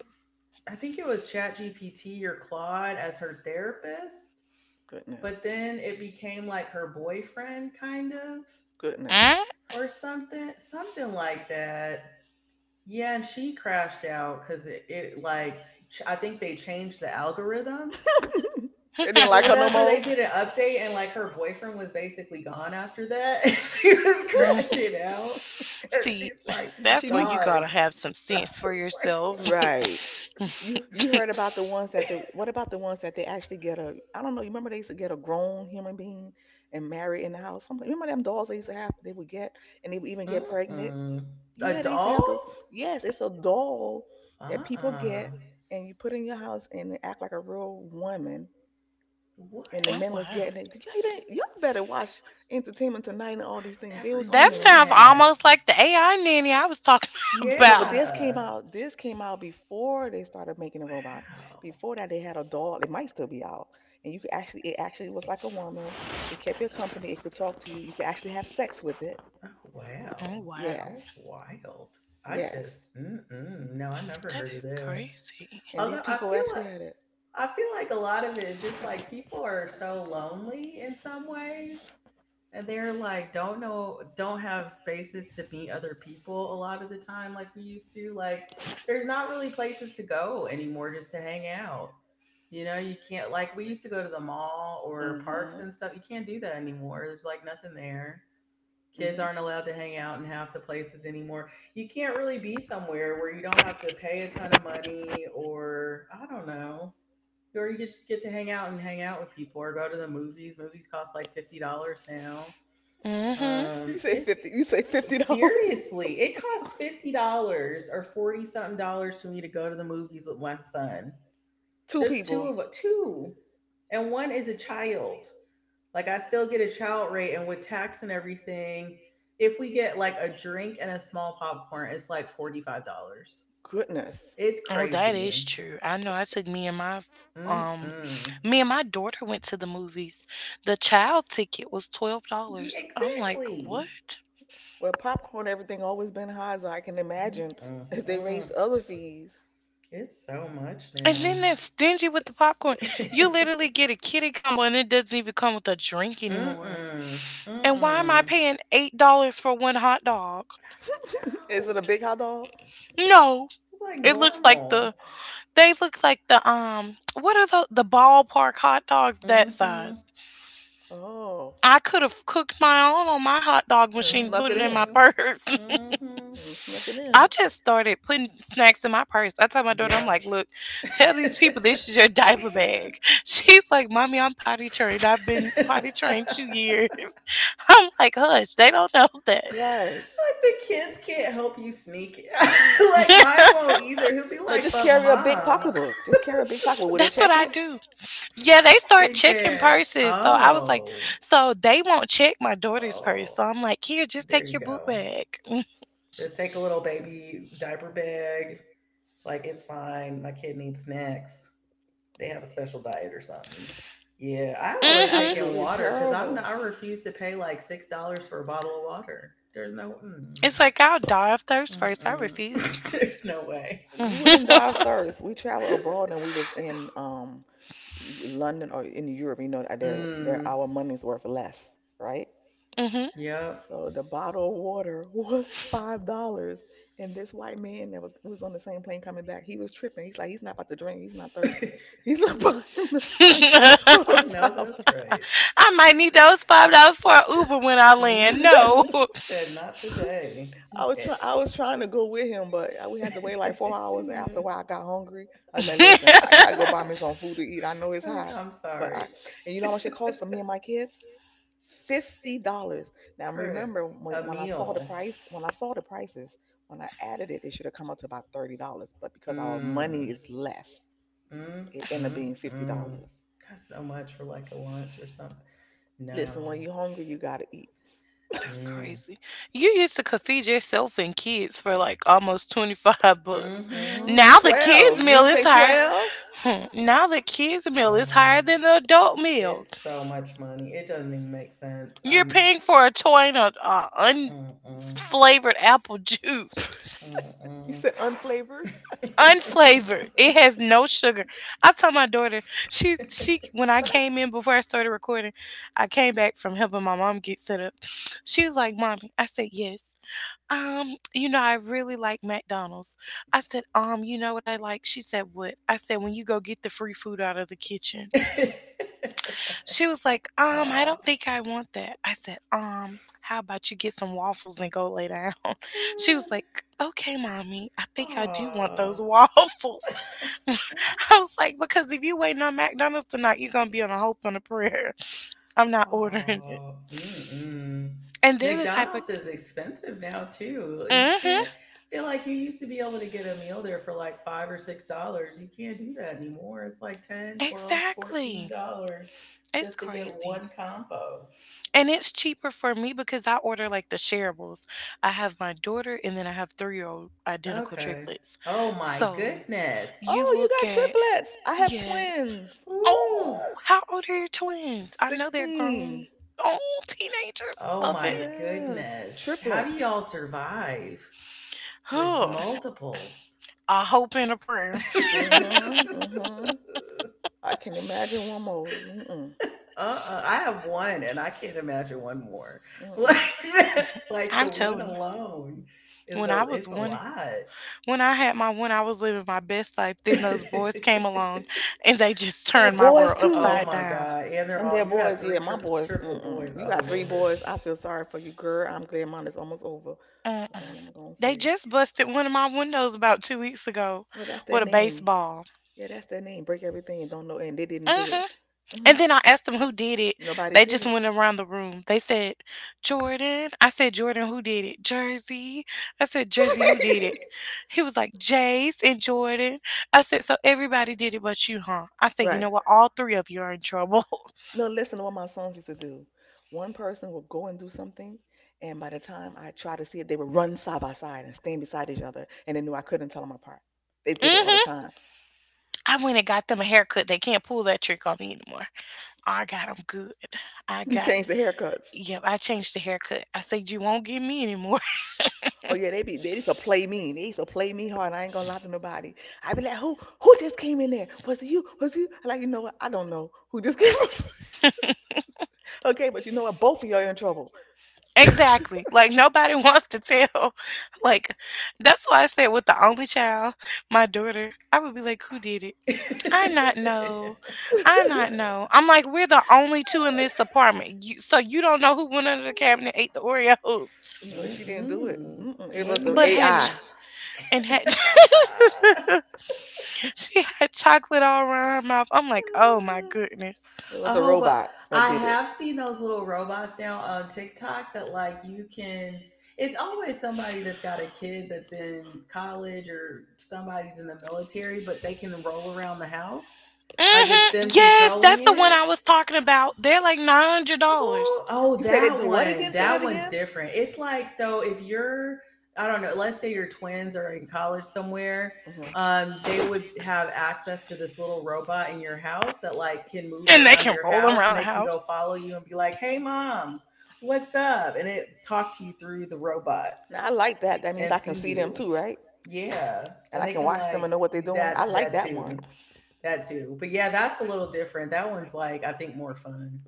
A: I think it was ChatGPT or Claude as her therapist,
C: Goodness.
A: but then it became like her boyfriend kind of
C: Goodness.
B: Mm?
A: or something something like that. Yeah, and she crashed out because it like I think they changed the algorithm
C: <laughs> It didn't
A: or
C: like
B: <laughs>
C: her no
A: whatever,
C: more.
A: they did an update and like her boyfriend was basically gone after that, and <laughs> she was
B: Mm.
A: crashing
C: <laughs>
A: out because
B: See,
A: she's like
B: <laughs>
A: he's
B: that's
C: She
B: where
C: needs
B: you gotta
A: gone,
B: have some sense for
A: like
B: yourself.
A: what.
B: <laughs>
C: right. <laughs> You heard about the ones that they, what about the ones that they actually get a, I don't know, you remember they used to get a grown human being and marry in the house something? Remember them dolls they used to have, they would get, and they would even get pregnant?
A: Mm-mm. A
C: Yeah, they used to have
A: doll.
C: the yes, it's a doll that people
A: Uh-uh.
C: get and you put in your house and they act like a real woman.
A: What?
C: And the
B: Oh
C: men was
B: wow.
C: getting it. Y'all, didn't- y'all better watch Entertainment Tonight and all these
A: I've
C: things. It
A: never
C: was on
B: That
A: seen
C: there.
B: sounds
A: that.
B: almost like the AI nanny I was talking <laughs>
C: No, but
B: about.
C: this came
A: Yeah.
C: out. This came out before they started making the robots.
A: Wow.
C: Before that, they had a doll. It might still be out, and you could actually. It actually was like a woman. It kept your company. It could talk to you. You could actually have sex with it.
A: Oh,
B: Oh
A: wow.
B: wow.
C: Yes,
A: That's wild. I
C: yes.
A: just, mm-mm, no, I never
B: That
A: heard of
B: is
A: that.
B: crazy.
C: And these
A: Although
C: people actually had it.
A: I feel like a lot of it is just like people are so lonely in some ways. And they're like, don't know, don't have spaces to meet other people a lot of the time, like we used to. Like, there's not really places to go anymore just to hang out. You know, you can't, like, we used to go to the mall or parks
C: Mhm.
A: and stuff. You can't do that anymore. There's like nothing there. Kids
C: Mhm.
A: aren't allowed to hang out in half the places anymore. You can't really be somewhere where you don't have to pay a ton of money or I don't know. Or you just get to hang out and hang out with people or go to the movies. Movies cost like $50 now.
B: Mm hmm.
C: You say
A: It's
C: 50. You say $50. <laughs>
A: Seriously, it costs $50 or 40 something dollars for me to go to the movies with my son.
C: Two
A: There's two
C: people.
A: of us, two. And one is a child. Like I still get a child rate and with tax and everything, if we get like a drink and a small popcorn, it's like $45.
C: Goodness.
A: It's
B: Oh, that is
A: crazy.
B: true. I know I took um
A: Mm-mm.
B: me and my daughter went to the movies. The child ticket was twelve
A: Yeah,
B: dollars. I'm like,
A: exactly.
B: what?
C: Well, popcorn, everything always been high, so I can imagine if they
A: Mm-mm-mm.
C: raise other fees.
A: It's so much
B: And then
A: now.
B: they're stingy with the popcorn.
A: <laughs>
B: You
A: Mm-mm.
B: literally get a kitty combo and it doesn't even come with a drink anymore.
A: Mm-mm.
B: And why am I
A: I
B: paying $8 for one hot dog?
A: don't
C: <laughs> Is it a
A: know.
C: big hot dog?
B: No.
A: It's like
B: It looks like the
A: normal.
B: they look like the what are the ballpark hot dogs that
A: Mm-hmm.
B: size?
C: Oh,
B: I could have cooked my own on my hot dog
C: and
B: machine,
C: snuck
B: put
C: it
B: it in my
C: in.
A: Mm-hmm.
B: purse. <laughs>
A: Mm-hmm.
C: And snuck it in.
B: I just started putting snacks in my purse. I told my daughter, I'm like,
A: Yep.
B: look, tell these people this is your diaper bag. <laughs> She's like, Mommy, I'm potty trained. I've been potty
A: <laughs>
B: trained two
A: <laughs>
B: years. <laughs> I'm like, hush, they don't know <laughs> that.
C: Right.
A: Like the kids can't help you sneak it. <laughs> Like mine won't either. He'll be
C: No,
A: like,
C: just
A: but
C: carry a big
A: mom,
C: pocketbook. Just carry a big pocketbook. Will they
B: That's what
C: check
B: I
C: it?
B: do. Yeah, they start
A: big
B: checking
A: bag.
B: purses. So I was like,
A: Oh,
B: so they won't check my daughter's purse. So
A: oh,
B: I'm like, here, just
A: there
B: take
A: you
B: your book
A: go.
B: bag.
A: Just take a little baby diaper bag. Like it's fine. My kid needs snacks. They have a special diet or something. Yeah, I
C: It's
A: always take
B: Mm-hmm.
A: in
C: absolutely
A: water because I'm not,
C: terrible.
A: I refuse to pay like $6 for a bottle of water. There's no, mm,
B: It's like I'll die of thirst first. I
A: mm-mm.
B: refuse.
A: <laughs> There's no way.
C: You wouldn't
B: <laughs>
C: die of thirst. We traveled abroad and we was in London or in Europe, you know, they're
A: Mm,
C: our money's worth less, right?
B: Mm-hmm.
A: yep,
C: So the bottle of water <laughs> was $5, and this white man that was on the same plane coming back, he was tripping. He's like, he's not about to drink. He's not thirsty. He's not <laughs> buying a drink <laughs> for
A: I
B: <laughs>
A: know
C: $5.
A: that's right.
B: I might need those $5 for
A: He
B: an
A: said,
B: Uber when I land.
A: hmm,
B: No.
A: he said not
C: <laughs>
A: today.
C: I was trying,
A: It-
C: I was trying to go with him, but we had to wait like 4 hours. After a
A: <laughs>
C: while, I got hungry.
B: <laughs>
C: I was like, listen, I gotta go
B: That's
C: buy me some food to eat. I know it's
A: Like,
C: hot,
A: I'm
C: but I,
A: sorry.
C: and you know how much it costs for me and my kids? $50. Now
A: For
C: remember when,
A: a
C: when I saw the
A: meal.
C: price, when I saw the prices, when I added it, it should have come up to about $30. But because our
A: Mm,
C: money is less,
A: mm,
C: it ended up
A: mm,
C: being fifty
A: mm.
C: dollars.
A: That's so much for like a lunch or something.
C: Listen, when
A: No.
C: you're hungry, you gotta eat.
A: Mm.
B: crazy. You used to could feed yourself and kids for like almost 25 bucks.
A: Mm-hmm.
C: Mm-hmm.
B: Now the
C: 12.
B: kids
C: You
B: meal
C: didn't
B: is
C: say
B: higher.
C: 12?
B: Hmm, now the kids
A: It's
B: meal
A: so
B: is higher than
A: much.
B: the adult meal.
A: It's so much money. It doesn't even make sense.
B: You're
A: I'm
B: paying for a toy and a
A: Mm-mm.
B: unflavored apple juice.
C: <laughs> You
A: Mm-mm.
C: said unflavored?
B: Unflavored. It has no sugar. I told my daughter, she when I
C: Well that's
B: came in before I started recording, I came back from helping my mom get set up. She was like, "Mommy," I said, "Yes." You know, I really like McDonald's. I said, you know what I like? She said, what? I said, when you go get the free food out of the kitchen.
A: <laughs>
B: She was like, I
A: Aw.
B: don't think I want that. I said, how about you get some waffles and go lay down? <laughs> She was like, okay, mommy, I think I do want those
A: Oh,
B: <laughs> waffles. <laughs> I was like, because if you waiting on McDonald's tonight, you're gonna be on a hope and a prayer. <laughs> I'm not ordering it.
A: oh, mm-mm.
B: And they're the type of.
A: McDonald's is expensive now too. You can't
B: Hmm,
A: I feel like you used to be able to get a meal there for like $5 or $6. You can't do that anymore. It's like 10, 12,
B: exactly.
A: $14
B: It's
A: just to get
B: crazy.
A: one combo.
B: And it's cheaper for me because I order like the shareables. I have my daughter and then I have 3 year old identical
A: Okay.
B: triplets.
A: Oh my
B: So
A: goodness.
B: you
C: oh, you
B: look
C: got
B: at.
C: triplets. I have
B: Yes.
C: twins.
A: Woo.
B: Oh, how old are your twins? I know they're grown.
C: 16.
B: Oh, teenagers.
A: Oh
B: Love
A: my
B: it.
C: Yes.
A: goodness. How do
C: Triplets.
A: y'all survive with
B: Huh.
A: multiples?
B: A hope and a prayer.
C: Mm-hmm. Mm-hmm.
A: <laughs>
C: I can imagine one more. Mm-mm.
A: Uh-uh, I have one, and I can't imagine one more. <laughs> Like
C: Mm-mm.
A: that, like the
B: I'm
A: one
B: telling you.
A: alone is
B: When
A: a
B: I was
A: it's a
B: one
A: lot.
B: when I had my one, I was living my best life. Then those boys came along and they just <laughs>
C: They're
B: turned my
C: boys
B: world
A: <laughs> Oh
C: too.
B: upside
A: my
B: down.
A: god! And they're
C: And they're
A: all you have
C: boys,
A: three
C: yeah. My boys,
A: triplet boys.
C: mm-mm. You
A: Oh
C: got three
A: lord.
C: boys. I feel sorry for you, girl. I'm glad mine is almost over. That's
B: Uh-uh.
C: all I'm gonna
B: They
C: say.
B: just busted one of my windows about 2 weeks ago
C: Oh, that's their
B: with a
C: name.
B: baseball.
C: Yeah, that's their name. Break everything and don't know, and they didn't do
B: Hmm.
C: it. Hmm.
B: And then I asked them who did it.
C: Nobody
B: They just
C: did
B: went around the room. They said, Jordan. I said, Jordan, who did it? Jersey. I said, Jersey, who did it?
C: it.
B: He was like, Jace and Jordan. I said, so everybody did it but you, huh? I said, you
C: <laughs> Right.
B: know what? All three of you are in trouble.
C: No, listen to what my sons used to do. One person would go and do something, and by the time I tried to see it, they would run side by side and stand beside each other, and they knew I couldn't tell them apart. They
B: <laughs>
C: did it all the
B: Hmm.
C: time.
B: I went and got them a haircut. They can't pull that trick on me anymore. I got them good. I
C: You
B: got,
C: change the haircuts.
B: yep, I changed the haircut. I said, you won't get me anymore.
C: Oh yeah, they used to play me. They used to play me hard. I ain't gonna lie to nobody. I be like, who just came in there? Was it you? Was it you? I'm like, you know what? I don't know who just came. <laughs> Okay, but you know what? Both of y'all in trouble.
B: <laughs> Exactly.
C: <laughs>
B: Like, nobody <laughs> wants to tell. <laughs> Like, that's why I said, with the only child, my daughter, I would be like, who did it? I
A: <laughs>
B: not know. I not know. I'm like, we're the only two in this apartment. You, so you don't know who went under the cabinet, ate the Oreos,
C: No, she didn't do it.
A: Mm-mm.
C: Mm-mm, it was
A: Wasn't
C: the
B: but had
C: AI.
A: me.
B: and had <laughs> she had chocolate all around her mouth. I'm like, oh my
A: <laughs>
B: goodness.
C: It
A: A
C: was a
A: whole but
C: robot that
A: I
C: did it.
A: have seen those little robots now on TikTok that like you can it's always somebody that's got a kid that's in college or somebody's in the military, but they can roll around the house. Like it's
B: Hmm.
A: them
B: Yes, that's
A: controlling
B: the one
A: it.
B: I was talking about. They're like $900,
A: Oh, oh,
C: You say they
A: that
C: do what
A: one.
C: again? Say that
A: That one's
C: again.
A: different. It's like so if you're I don't know, let's say your twins are in college somewhere,
C: Hmm.
A: they would have access to this little robot in your house that like can move
B: and they
A: around
B: can
A: your
B: roll them
A: house
B: around
A: and
B: the
A: they can go
B: house,
A: follow you and be like, "Hey mom, what's up?" And it talk to you through the robot
C: Now I like that. That means
A: and
C: I can
A: see
C: see them
A: you.
C: too, right?
A: Yeah.
C: And
A: And
C: I
A: they
C: can
A: can
C: watch them and
A: like
C: know what they're doing. I
A: that
C: like
A: that
C: that one.
A: too. That too. But yeah, that's a little different. That one's like I think more fun.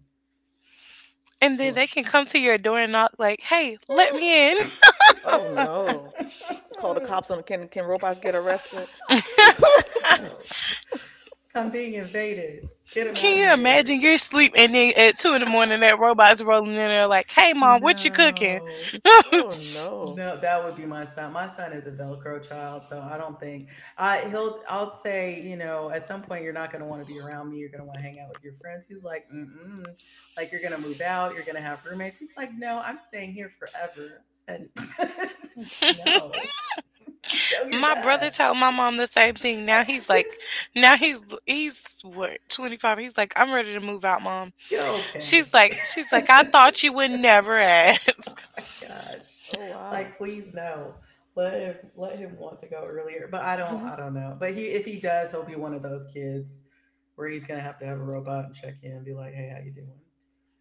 B: and then
A: Look.
B: they can come to your door and knock like, "Hey, let me in." <laughs>
A: <laughs>
C: Oh
A: <laughs>
C: no! Call the
A: I
C: cops on, can robots get arrested?
A: don't think
C: <laughs>
A: so. Like, I'm being invaded. Get him
B: Can
A: out of
B: you imagine
A: here. <laughs>
B: you're asleep and then at two in the morning that robot's rolling in there like, "Hey, mom, what you cooking?"
A: No.
C: Oh no!
A: No, that would be my son. My son is a Velcro child, so I don't think I he'll I'll say, you know, at some point you're not gonna want to be around me, you're gonna want to hang out with your friends. He's like, mm-mm. Like you're gonna move out, you're gonna have roommates. He's like, no, I'm staying here forever. I said, <laughs> no, no, you're
B: My
A: not.
B: brother told my mom the same thing. Now he's like, now he's what 25. He's like, "I'm ready to move out, mom."
A: Go
B: She's
A: okay.
B: like, she's like,
A: <laughs>
B: I thought you would never ask.
A: Gosh,
C: Oh wow!
A: like please no, let him let him want to go earlier, but
C: Mhm.
A: I don't know, but he if he does, he'll be one of those kids where he's gonna have to have a robot and check in and be like, hey, how you doing,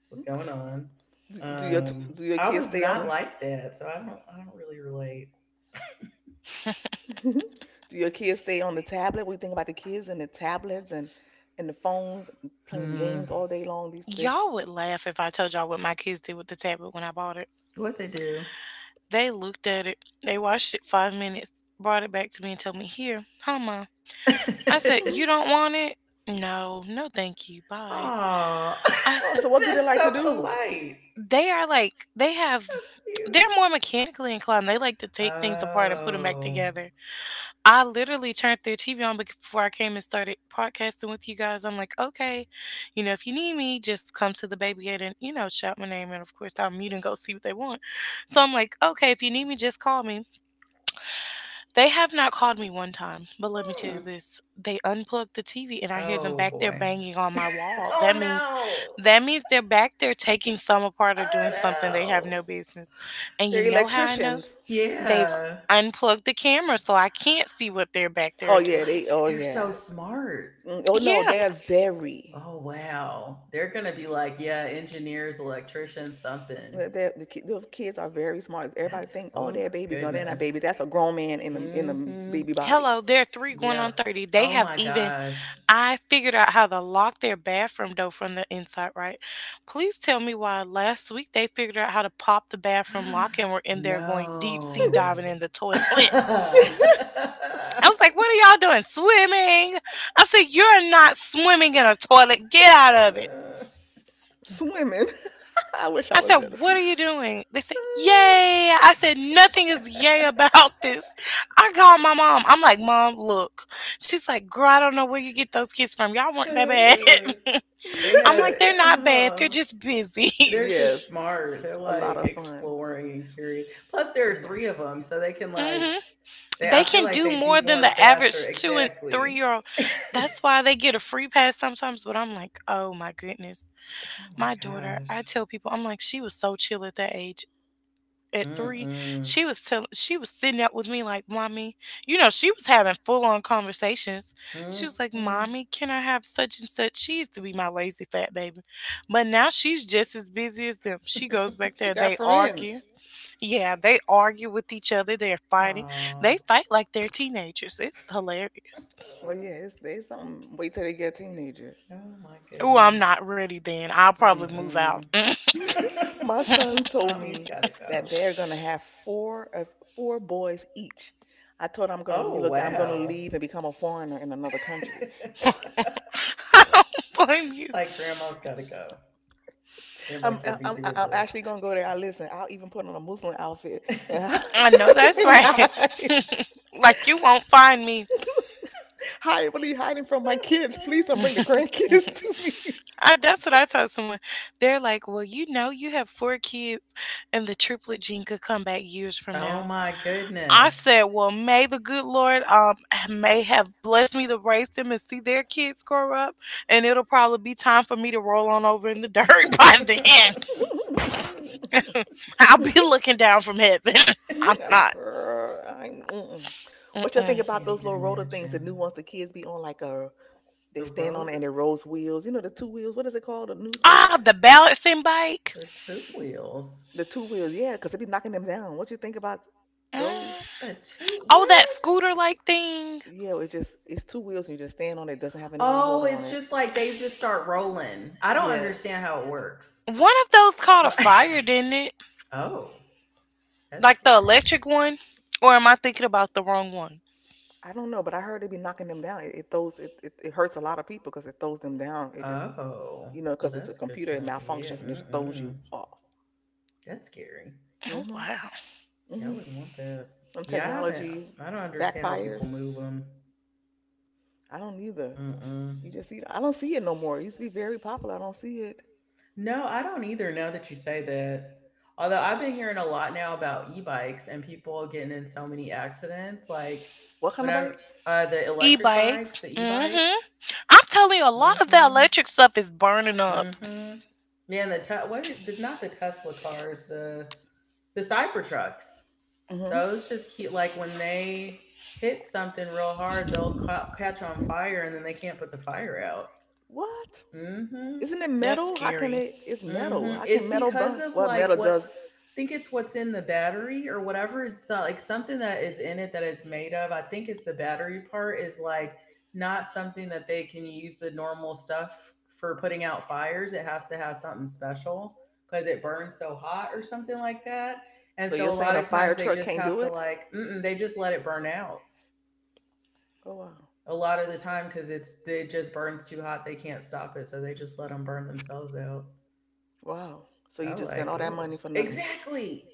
A: what's going on? um
C: Do your
A: I
C: kids
A: was
C: stay
A: not
C: on?
A: like that, so I don't really relate.
C: <laughs> Do your kids stay on the tablet? We think about the kids and the tablets and the phones playing games
A: Hmm,
C: all day long. These
B: <laughs>
C: this.
B: Y'all would laugh if I told y'all what my kids did with the tablet when I bought it.
A: what they do?
B: They looked at it, they watched it 5 minutes, brought it back to me and told me, Here, huh, Mom? I
A: <laughs>
B: said, You
C: <laughs>
B: don't want it? No, no, thank you. Bye.
A: Oh,
B: I
A: <laughs>
C: Oh,
B: said,
C: so what do they
A: that's
C: like
A: so
C: to do?
A: polite,
B: they are like, they have,
A: so cute.
B: they're more mechanically inclined. They like to take things apart and put them back
A: Oh.
B: together. I literally turned their TV on before I came and started podcasting with you guys. I'm like, okay, you know, if you need me, just come to the baby gate and, you know, shout my name. And of course, I'll mute and go see what they want. So I'm like, okay, if you need me, just call me. They have not called me one time, but let me tell you
A: Hmm.
B: this, they unplugged the TV and I hear them
A: Oh
B: back there
A: boy.
B: banging on my
A: <laughs>
B: wall.
A: oh no.
B: That means they're back there taking some apart or
A: Oh
B: doing something they have
A: no.
B: no business. And you
C: They're
B: know how I know?
C: electricians.
B: They've
A: Yeah.
B: unplugged the camera, so I can't see what they're back there
C: Oh
A: Oh my
C: yeah,
B: doing.
C: they.
A: god,
C: Oh
A: they're so
C: yeah.
A: smart.
C: Mm, oh no,
B: Yeah.
C: they are very.
A: Oh wow. They're gonna be like, yeah, engineers, electricians, something.
C: Those kids are very smart. Everybody
A: That's
C: think, oh,
A: oh
C: they're babies. No, they're not babies.
A: goodness.
C: That's a grown man in a
A: Mm-hmm.
C: baby body.
B: Hello, they're three going on
A: Yep.
B: 30. They
A: Oh
B: have
A: my
B: even,
A: gosh.
B: I figured out how to lock their bathroom door from the inside, right? Please tell me why last week they figured out how to pop the bathroom lock and were
A: <gasps>
B: in there going deep sea diving
A: No.
B: in
C: <laughs>
B: the toilet. <laughs>
A: <laughs>
B: I was like, what are y'all doing? Swimming? I said, you're not swimming in a toilet. Get out of.
C: Swimming. <laughs> I wish I
B: I
C: was
B: said,
C: there to see
B: what are
C: it.
B: you doing? They said, Yay. I said, nothing is yay about <laughs> this. I called my mom. I'm like, Mom, look. She's like, Girl, I don't know where you get those kids from. Y'all weren't that bad. <laughs>
A: They
B: I'm like,
A: had
B: they're not bad. They're
A: oh.
B: just
C: <laughs>
B: busy. <laughs>
A: They're
C: Yes,
A: just smart. They're
C: a lot
A: like
C: of fun.
A: exploring and curious. Plus, there are
C: Yeah,
A: three of them, so they can
B: Hmm.
A: like they. I
B: They
A: feel
B: can
A: like
B: do
A: they do
B: more than
A: more
B: the
A: faster.
B: average two and three
A: Exactly.
B: year old. That's why they get a free pass sometimes. But I'm like, oh my goodness.
A: Oh my
B: My daughter, I
A: gosh.
B: tell people, I'm like, she was so chill at that age. At
A: Mm
B: 3,
A: mm
B: she was telling she was sitting up with me like, "Mommy," you know, she was having full-on conversations. She
A: mm.
B: was like,
A: Mm.
B: "Mommy, can I have such and such?" She used to be my lazy fat baby. But now she's just as busy as them. She goes back
C: she
B: there,
C: got
B: they
C: friends.
B: argue. Yeah, they argue with each other. They're fighting. They
A: Oh.
B: fight like they're teenagers. It's hilarious.
C: Well, yeah, it's they something. Wait till they get teenagers.
A: Oh my
B: Oh, I'm not
A: goodness.
B: ready then. I'll probably move out.
A: Mm
B: <laughs> I
C: <laughs> My
A: mm.
C: son
A: <laughs>
C: told
A: Mommy's
C: me
A: gotta
C: that
A: go.
C: they're gonna have four boys each. I told him I'm gonna
A: Oh
C: relook. I'm gonna
A: wow.
C: leave and become a foreigner in another country.
B: don't blame
A: <laughs>
B: you.
A: Like grandma's gotta go.
C: <laughs>
A: Grandma
C: I'm,
A: can't be
C: I'm
A: doing
C: I'm actually
A: this.
C: gonna go there. I listen. I'll even put on a Muslim outfit and, I,
B: I know
C: <laughs>
B: that's
C: and
B: right.
C: hide.
B: <laughs> Like you won't find me.
C: Hide. What are you hiding from my kids? Please don't bring the
A: <laughs>
C: grandkids to
B: <laughs>
C: me.
B: I, that's what I told someone. They're like, well, you have four kids, and the triplet gene could come back years from
A: Oh
B: now.
A: my
B: I
A: goodness.
B: said, well, may the good Lord may have blessed me to raise them and see their kids grow up, and it'll probably be time for me to roll on over in the dirt
A: <laughs>
B: <laughs> by then.
A: I
B: I'll be
C: <laughs>
B: looking down from heaven. <laughs> I'm
C: Yeah,
B: not.
C: girl, I, mm-mm. What y'all think
B: Mm-mm.
C: about
A: can't
C: those
A: even
C: little roller things, the new
A: imagine.
C: ones the kids be on, like a they
A: The
C: stand on it and
A: rotor,
C: it rolls wheels. You know the two wheels. What is it called? The new they
B: Ah, the balancing bike.
A: the two wheels,
C: the two wheels. Yeah, because they be knocking them down. What you think about those?
B: Mm.
A: a two. What
B: Oh, that
A: is
B: scooter
A: it?
B: like thing.
C: Yeah, it just it's two wheels and you just stand on it. It doesn't have anything to hold
A: Oh,
C: on
A: it's
C: it.
A: just like they just start rolling. I don't
C: Yes,
A: understand how it works.
B: One of those caught a
A: Like,
B: fire, didn't it?
A: <laughs> oh, that's
B: Like the
A: scary.
B: electric one? Or am I thinking about the wrong one?
C: I don't know, but I heard they be knocking them down. It throws it, it hurts a lot of people because it throws them down. It just
A: Oh,
C: you know
A: well,
C: because it's a
A: that's good
C: computer
A: to
C: it
A: know. Yeah,
C: malfunctions and it just throws you
A: mm-mm.
C: off.
A: That's scary.
B: Oh
C: Mhm.
B: wow.
A: Yeah, I
C: Mhm.
A: wouldn't want that.
C: When
A: Yeah, I haven't.
C: technology
A: I don't understand how people
C: backfires,
A: move them.
C: I don't either.
A: Mm-mm.
C: You just see I don't see it no more. It used to be very popular. I don't see it.
A: No, I don't either now that you say that. Although I've been hearing a lot now about e-bikes and people getting in so many accidents. Like
C: What kind of
A: when I
C: bikes?
A: the electric bikes,
B: E-bikes.
A: the e-bike.
B: Mm-hmm. I'm telling you, a lot of that
A: Mm-hmm.
B: electric stuff is burning up.
A: Mm-hmm. Yeah, and the te- what? Are- not the Tesla cars, the Cybertrucks.
C: Mhm.
A: Those just keep like when they hit something real hard, they'll ca- catch on fire and then they can't put the fire out.
C: What?
A: Mm-hmm.
C: Isn't it
B: That's
C: metal? How can
B: scary.
C: it? It's metal.
A: Hmm,
C: How can
A: it's
C: metal
A: because
C: burn?
A: of
C: Well, metal
A: like what
C: does.
A: I think it's what's in the battery or whatever. It's like something that is in it that it's made of. I think it's the battery part is like not something that they can use the normal stuff for putting out fires. It has to have something special because it burns so hot or something like that. And
C: So
A: so a
C: you're
A: lot
C: saying a
A: of
C: fire
A: times they
C: truck
A: just
C: can't
A: have
C: do
A: to
C: it?
A: like mm-mm, they just let it burn out
C: Oh wow,
A: a lot of the time because it's it just burns too hot. They can't stop it, so they just let them burn themselves out.
C: wow. So you
A: I'm
C: just spent
A: like,
C: all that
A: oh,
C: money for nothing.
A: exactly.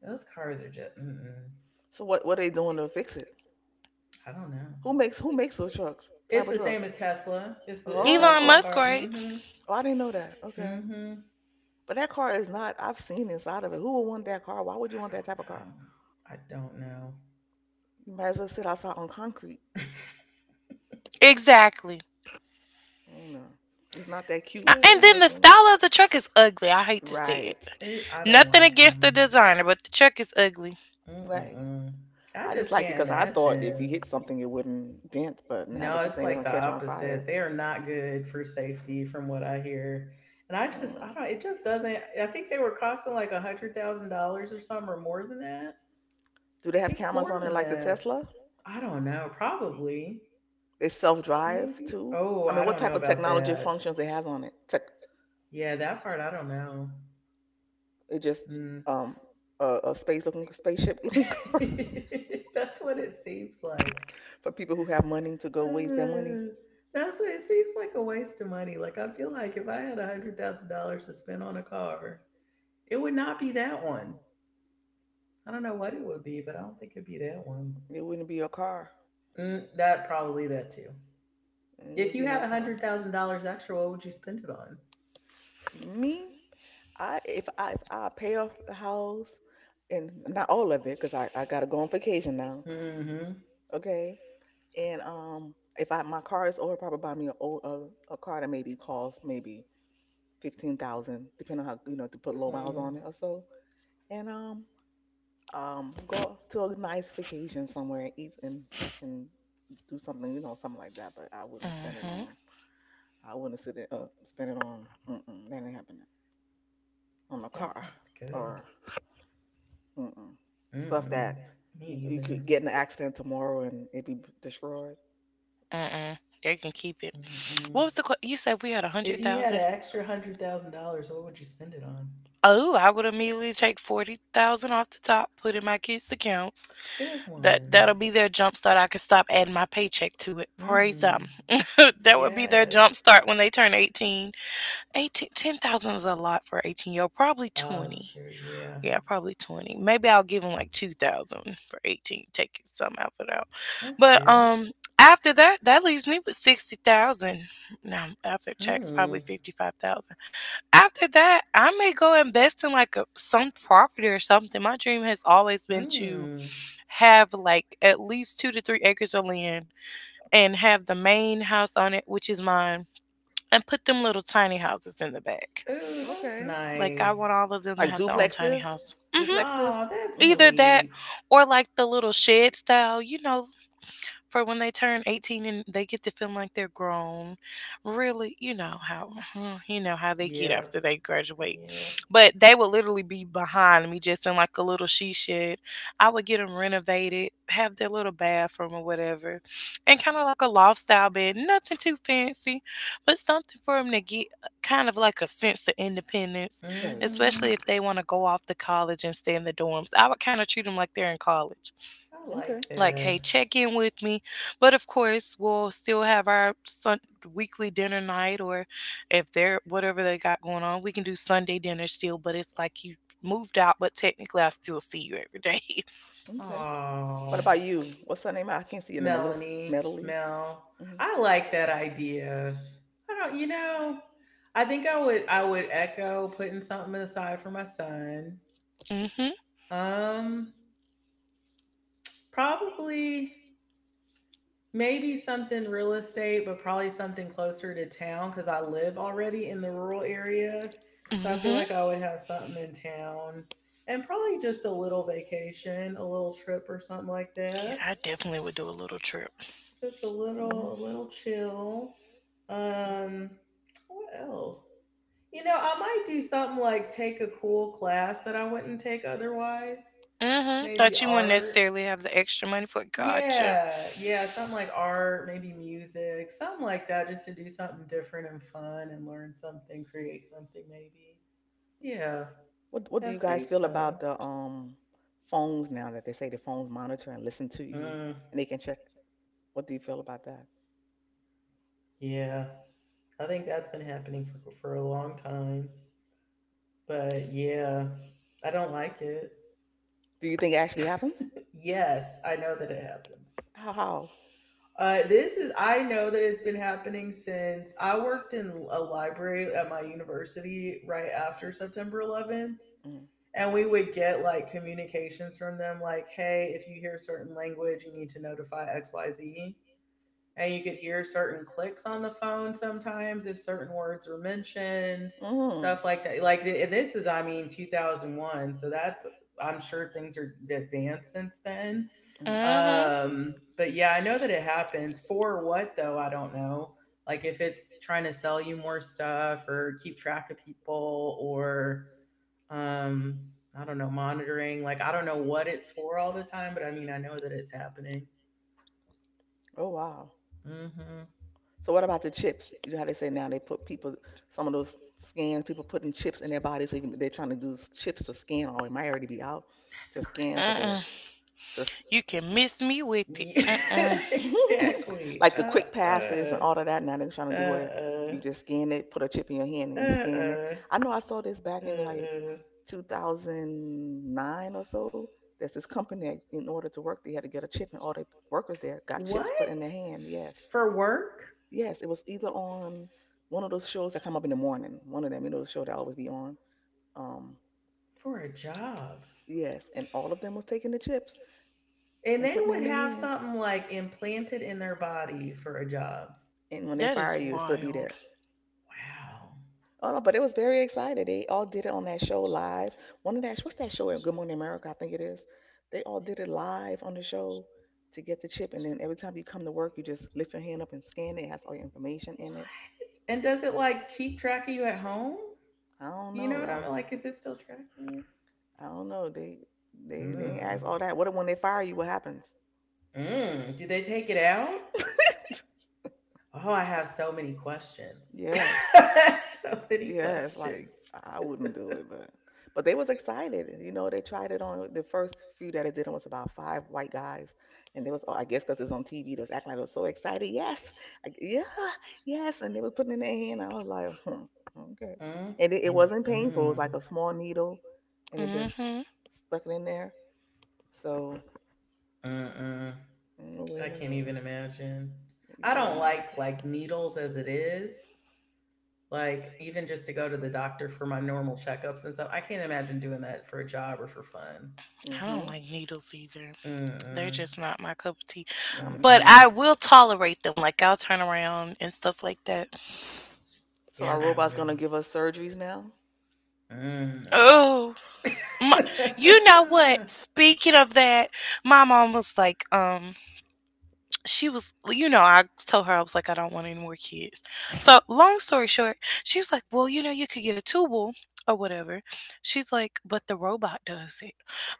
A: Those cars are just, mm-mm.
C: So what? What are they doing to fix it?
A: I don't know.
C: Who makes those trucks?
A: It's
C: Type of
A: the
C: truck?
A: same as Tesla. It's the
B: Elon
A: Tesla
C: Oh,
B: Musk,
A: car.
B: right?
A: Mm-hmm.
C: oh, I didn't know that. Okay,
A: Mm-hmm.
C: but that car is not. I've seen inside of it. Who would want that car? Why would you
A: I
C: want that
A: don't
C: type of car?
A: know. I don't know.
C: You might as well sit outside on concrete.
B: Exactly.
C: Oh no, it's not that cute
B: And then the
C: looking.
B: style of the truck is ugly. I hate to say it.
C: Right,
A: <laughs> I don't
B: Nothing
A: like
B: against the
A: them.
B: designer, but the truck is ugly.
C: right.
A: Mm-mm-mm. I
C: I just
A: just
C: liked it
A: can't
C: because I thought if you
A: imagine.
C: hit something, it wouldn't dent. But now
A: No,
C: that you're
A: it's
C: saying they're
A: like
C: gonna
A: the
C: catch on fire,
A: opposite. They are not good for safety, from what I hear. And I just,
C: mm.
A: I don't. It just doesn't. I think they were costing like $100,000 or something, or more than that.
C: Do they
A: I
C: have
A: think
C: cameras
A: more
C: on it
A: than
C: like the
A: that.
C: Tesla?
A: I don't know. Probably.
C: They self-drive
A: Maybe.
C: too.
A: Oh,
C: I
A: I
C: mean, what
A: don't know
C: type of
A: about
C: technology
A: that.
C: functions it has on it? Tech,
A: Yeah, that part I don't know.
C: it just
A: Mm.
C: um a space-looking spaceship-looking car
A: <laughs> That's what it seems like. <sighs>
C: <laughs> for people who have money to go waste their money.
A: Uh, that's what it seems like a waste of money. Like I feel like if I had $100,000 to spend on a car, it would not be that one. I don't know what it would be, but I don't think it'd be that one.
C: It wouldn't be a car.
A: Mm, that probably that too.
C: It
A: If
C: wouldn't
A: you
C: be
A: had
C: no
A: a hundred
C: car.
A: thousand dollars extra, what would you spend it on?
C: Me, I if I if I pay off the house and not all of it because I gotta go on vacation now.
A: Mm-hmm.
C: Okay. And if I my car is older, probably buy me a old a car that maybe costs maybe 15,000, depending on how you know to put low miles
A: Mm,
C: on it or so. And go to a nice vacation somewhere and eat and do something, you know, something like that. But I wouldn't spend it
B: Mm-hmm.
C: on. I wouldn't sit it, spend it on. Mm-mm, that ain't happening on a
A: that
C: car
A: sounds good.
C: or mm-mm, stuff
A: Mm-mm.
C: that
A: Me
C: you
A: either.
C: could get in an accident tomorrow and it be destroyed.
B: Mm-mm. They can keep it.
A: Mm-mm.
B: What was you said we had a
A: If
B: hundred
A: you had
B: thousand?
A: an extra $100,000, what would you spend it on?
B: Oh, I would immediately take 40,000 off the top, put in my kids' accounts.
A: Good
B: That
A: one.
B: that'll be their jump start. I could stop adding my paycheck to it. Praise
A: Mm-hmm.
B: them. <laughs> That would be their
A: Yes.
B: jump start when they turn 18. Eighteen, 10,000 is a lot for 18-year-old. Probably
A: Oh,
B: 20.
A: that's true. Yeah,
B: Yeah, probably 20. Maybe I'll give them like 2,000 for 18. Take some out for that.
A: that's
B: But
A: good.
B: after that, that leaves me with 60,000. Now, after tax probably
A: Mm.
B: 55,000. After that, I may go invest in like some property or something. My dream has always been to
A: Mm.
B: have like at least 2 to 3 acres of land and have the main house on it, which is mine, and put them little tiny houses in the back.
A: Oh, that's
C: Okay.
B: Like I want
A: nice.
B: all of them to
C: Like
B: have their own tiny
C: duplexes?
B: house. Hmm.
C: Duplexes?
A: Oh, that's
C: Hmm.
B: Either that
A: sweet.
B: or like the little shed style, for when they turn 18 and they get to feel like they're grown. Really, you know how <laughs> you know how they get
A: Yeah.
B: after they graduate.
A: Yeah.
B: But they would literally be behind me just in like a little she shed. I would get them renovated, have their little bathroom or whatever. And kind of like a loft style bed, nothing too fancy, but something for them to get kind of like a sense of independence,
C: Right.
A: Mm-hmm.
B: especially if they want to go off to college and stay in the dorms. I would kind of treat them like they're in college
A: I like
C: Okay.
B: like,
A: that.
B: hey, check in with me. But of course, we'll still have our weekly dinner night, or if they're whatever they got going on, we can do Sunday dinner still. But it's like you moved out, but technically, I still see you every day.
C: Okay. What
A: Oh.
C: about you? What's her name? I can't see your name. Melissa
A: Melanie,
C: Medley.
A: Mel.
C: Mm-hmm.
A: I like that idea. I don't, you know, I think I would echo putting something aside for my son.
B: <laughs> Mm-hmm.
A: Um probably maybe something real estate, but probably something closer to town cuz I live already in the rural area. So I feel
B: Mm-hmm.
A: like I would have something in town and probably just a little vacation, a little trip or something like
B: Yeah,
A: that.
B: I definitely would do a little trip.
A: Just
C: Hmm.
A: a little chill. Um, what else? You know, I might do something like take a cool class that I wouldn't take otherwise.
B: Mm-hmm.
A: Maybe
B: Thought you wouldn't
A: art.
B: necessarily have the extra money for. Gotcha.
A: Yeah, yeah, something like art, maybe music, something like that, just to do something different and fun and learn something, create something, maybe. Yeah,
C: What
A: and
C: do you guys
A: save
C: feel
A: some.
C: about the phones now that they say the phones monitor and listen to you
A: Mm,
C: and they can check? What do you feel about that?
A: yeah, I think that's been happening for a long time. But yeah, I don't like it.
C: Do you think it actually happens?
A: Yes, I know that it happens.
C: How? How?
A: This is I know that it's been happening since I worked in a library at my university right after September 11th,
C: Mm-hmm.
A: and we would get like communications from them like, "Hey, if you hear a certain language, you need to notify X, Y, Z and you could hear certain clicks on the phone sometimes if certain words were mentioned
C: Mm-hmm.
A: stuff like that like th- this is I mean 2001, so that's I'm sure things are advanced since then.
C: Mm-hmm.
A: But yeah, I know that it happens, for what though I don't know, like if it's trying to sell you more stuff or keep track of people or um I don't know, monitoring, like I don't know what it's for all the time, but I mean I know that it's happening.
C: Oh wow.
A: Hmm.
C: So what about the chips? You know how they say now they put people some of those scans people putting chips in their body so you can, they're trying to do s- chips to scan or it might already be out
A: That's
C: to scan for
B: Mm-hmm.
C: the
B: Mm-mm.
A: crazy.
C: to sc-
B: You can miss me with it.
A: Yeah,
B: Mm-mm.
A: <laughs>
C: <laughs>
A: exactly.
C: like the quick passes and
A: Uh,
C: all of that. Now they're trying to do where
A: uh,
C: you just scan it, put a chip in your hand, and you scan it.
A: uh,
C: I know I saw this back in like
A: uh, uh.
C: 2009 or so. There's this company that in order to work, they had to get a chip, and all the workers there got chips put in their
A: What?
C: hand. Yes.
A: For work?
C: Yes, it was either on one of those shows that come up in the morning. One of them, you know, the show that always be on. Um,
A: For a job.
C: yes, and all of them was taking the chips
A: And
C: and
A: they
C: putting it in
A: would
C: their
A: have
C: hand.
A: something like implanted in their body for a job.
C: And when they
B: That
C: fire
B: is right,
C: you, it still be
B: wild.
C: there.
A: Wow.
C: Oh no, but it was very excited. They all did it on that show live. One of that, what's that show? Good Morning America, I think it is. They all did it live on the show to get the chip, and then every time you come to work, you just lift your hand up and scan it. It has all your information in it.
A: What? And does it like keep track of you at home?
C: I don't
A: You know what I'm
C: know.
A: like? Is it still tracking you?
C: I don't know. They they ain't ask
A: Hmm.
C: all that. What if when they fire you, what happens?
A: Mm. Do they take it out?
C: <laughs>
A: Oh, I have so many questions.
C: Yes.
A: <laughs> So many
C: Yes. Like
A: questions.
C: I wouldn't do it, but they was excited. You know, they tried it on the first few that I did. It was about five white guys, and they was oh, I guess because it's on TV, they was acting like they was so excited. Yes, I, yeah, yes, and they was putting it in their hand. I was like, hmm, okay,
A: Mm,
C: and it
A: mm,
C: wasn't painful. It was
A: mm,
C: like a small needle, and it just
B: Mm-hmm.
C: stuck it in there. So
A: mm, mm.
C: no way
A: I
C: in the
A: can't
C: world,
A: even imagine. I
C: yeah,
A: don't
C: no.
A: like needles as it is. Like even just to go to the doctor for my normal checkups and stuff. I can't imagine doing that for a job or for fun.
B: I don't
C: Mhm.
B: like needles either.
A: Mm,
B: They're just
A: mm,
B: not my cup of tea.
C: Yeah, I'm
A: mm,
C: the
B: But
C: same
B: I
C: way.
A: mm.
B: will tolerate them. Like I'll turn around and stuff like that.
C: So
A: Yeah, I
C: our robot's gonna
A: don't.
C: give us surgeries now?
A: Mm.
B: Oh, my, you know what?
A: Mm.
B: Speaking of that, my mom was like, I told her I was like, I don't want any more kids. So, long story short, she was like, well, you could get a tubal or whatever. She's like, but the robot does it.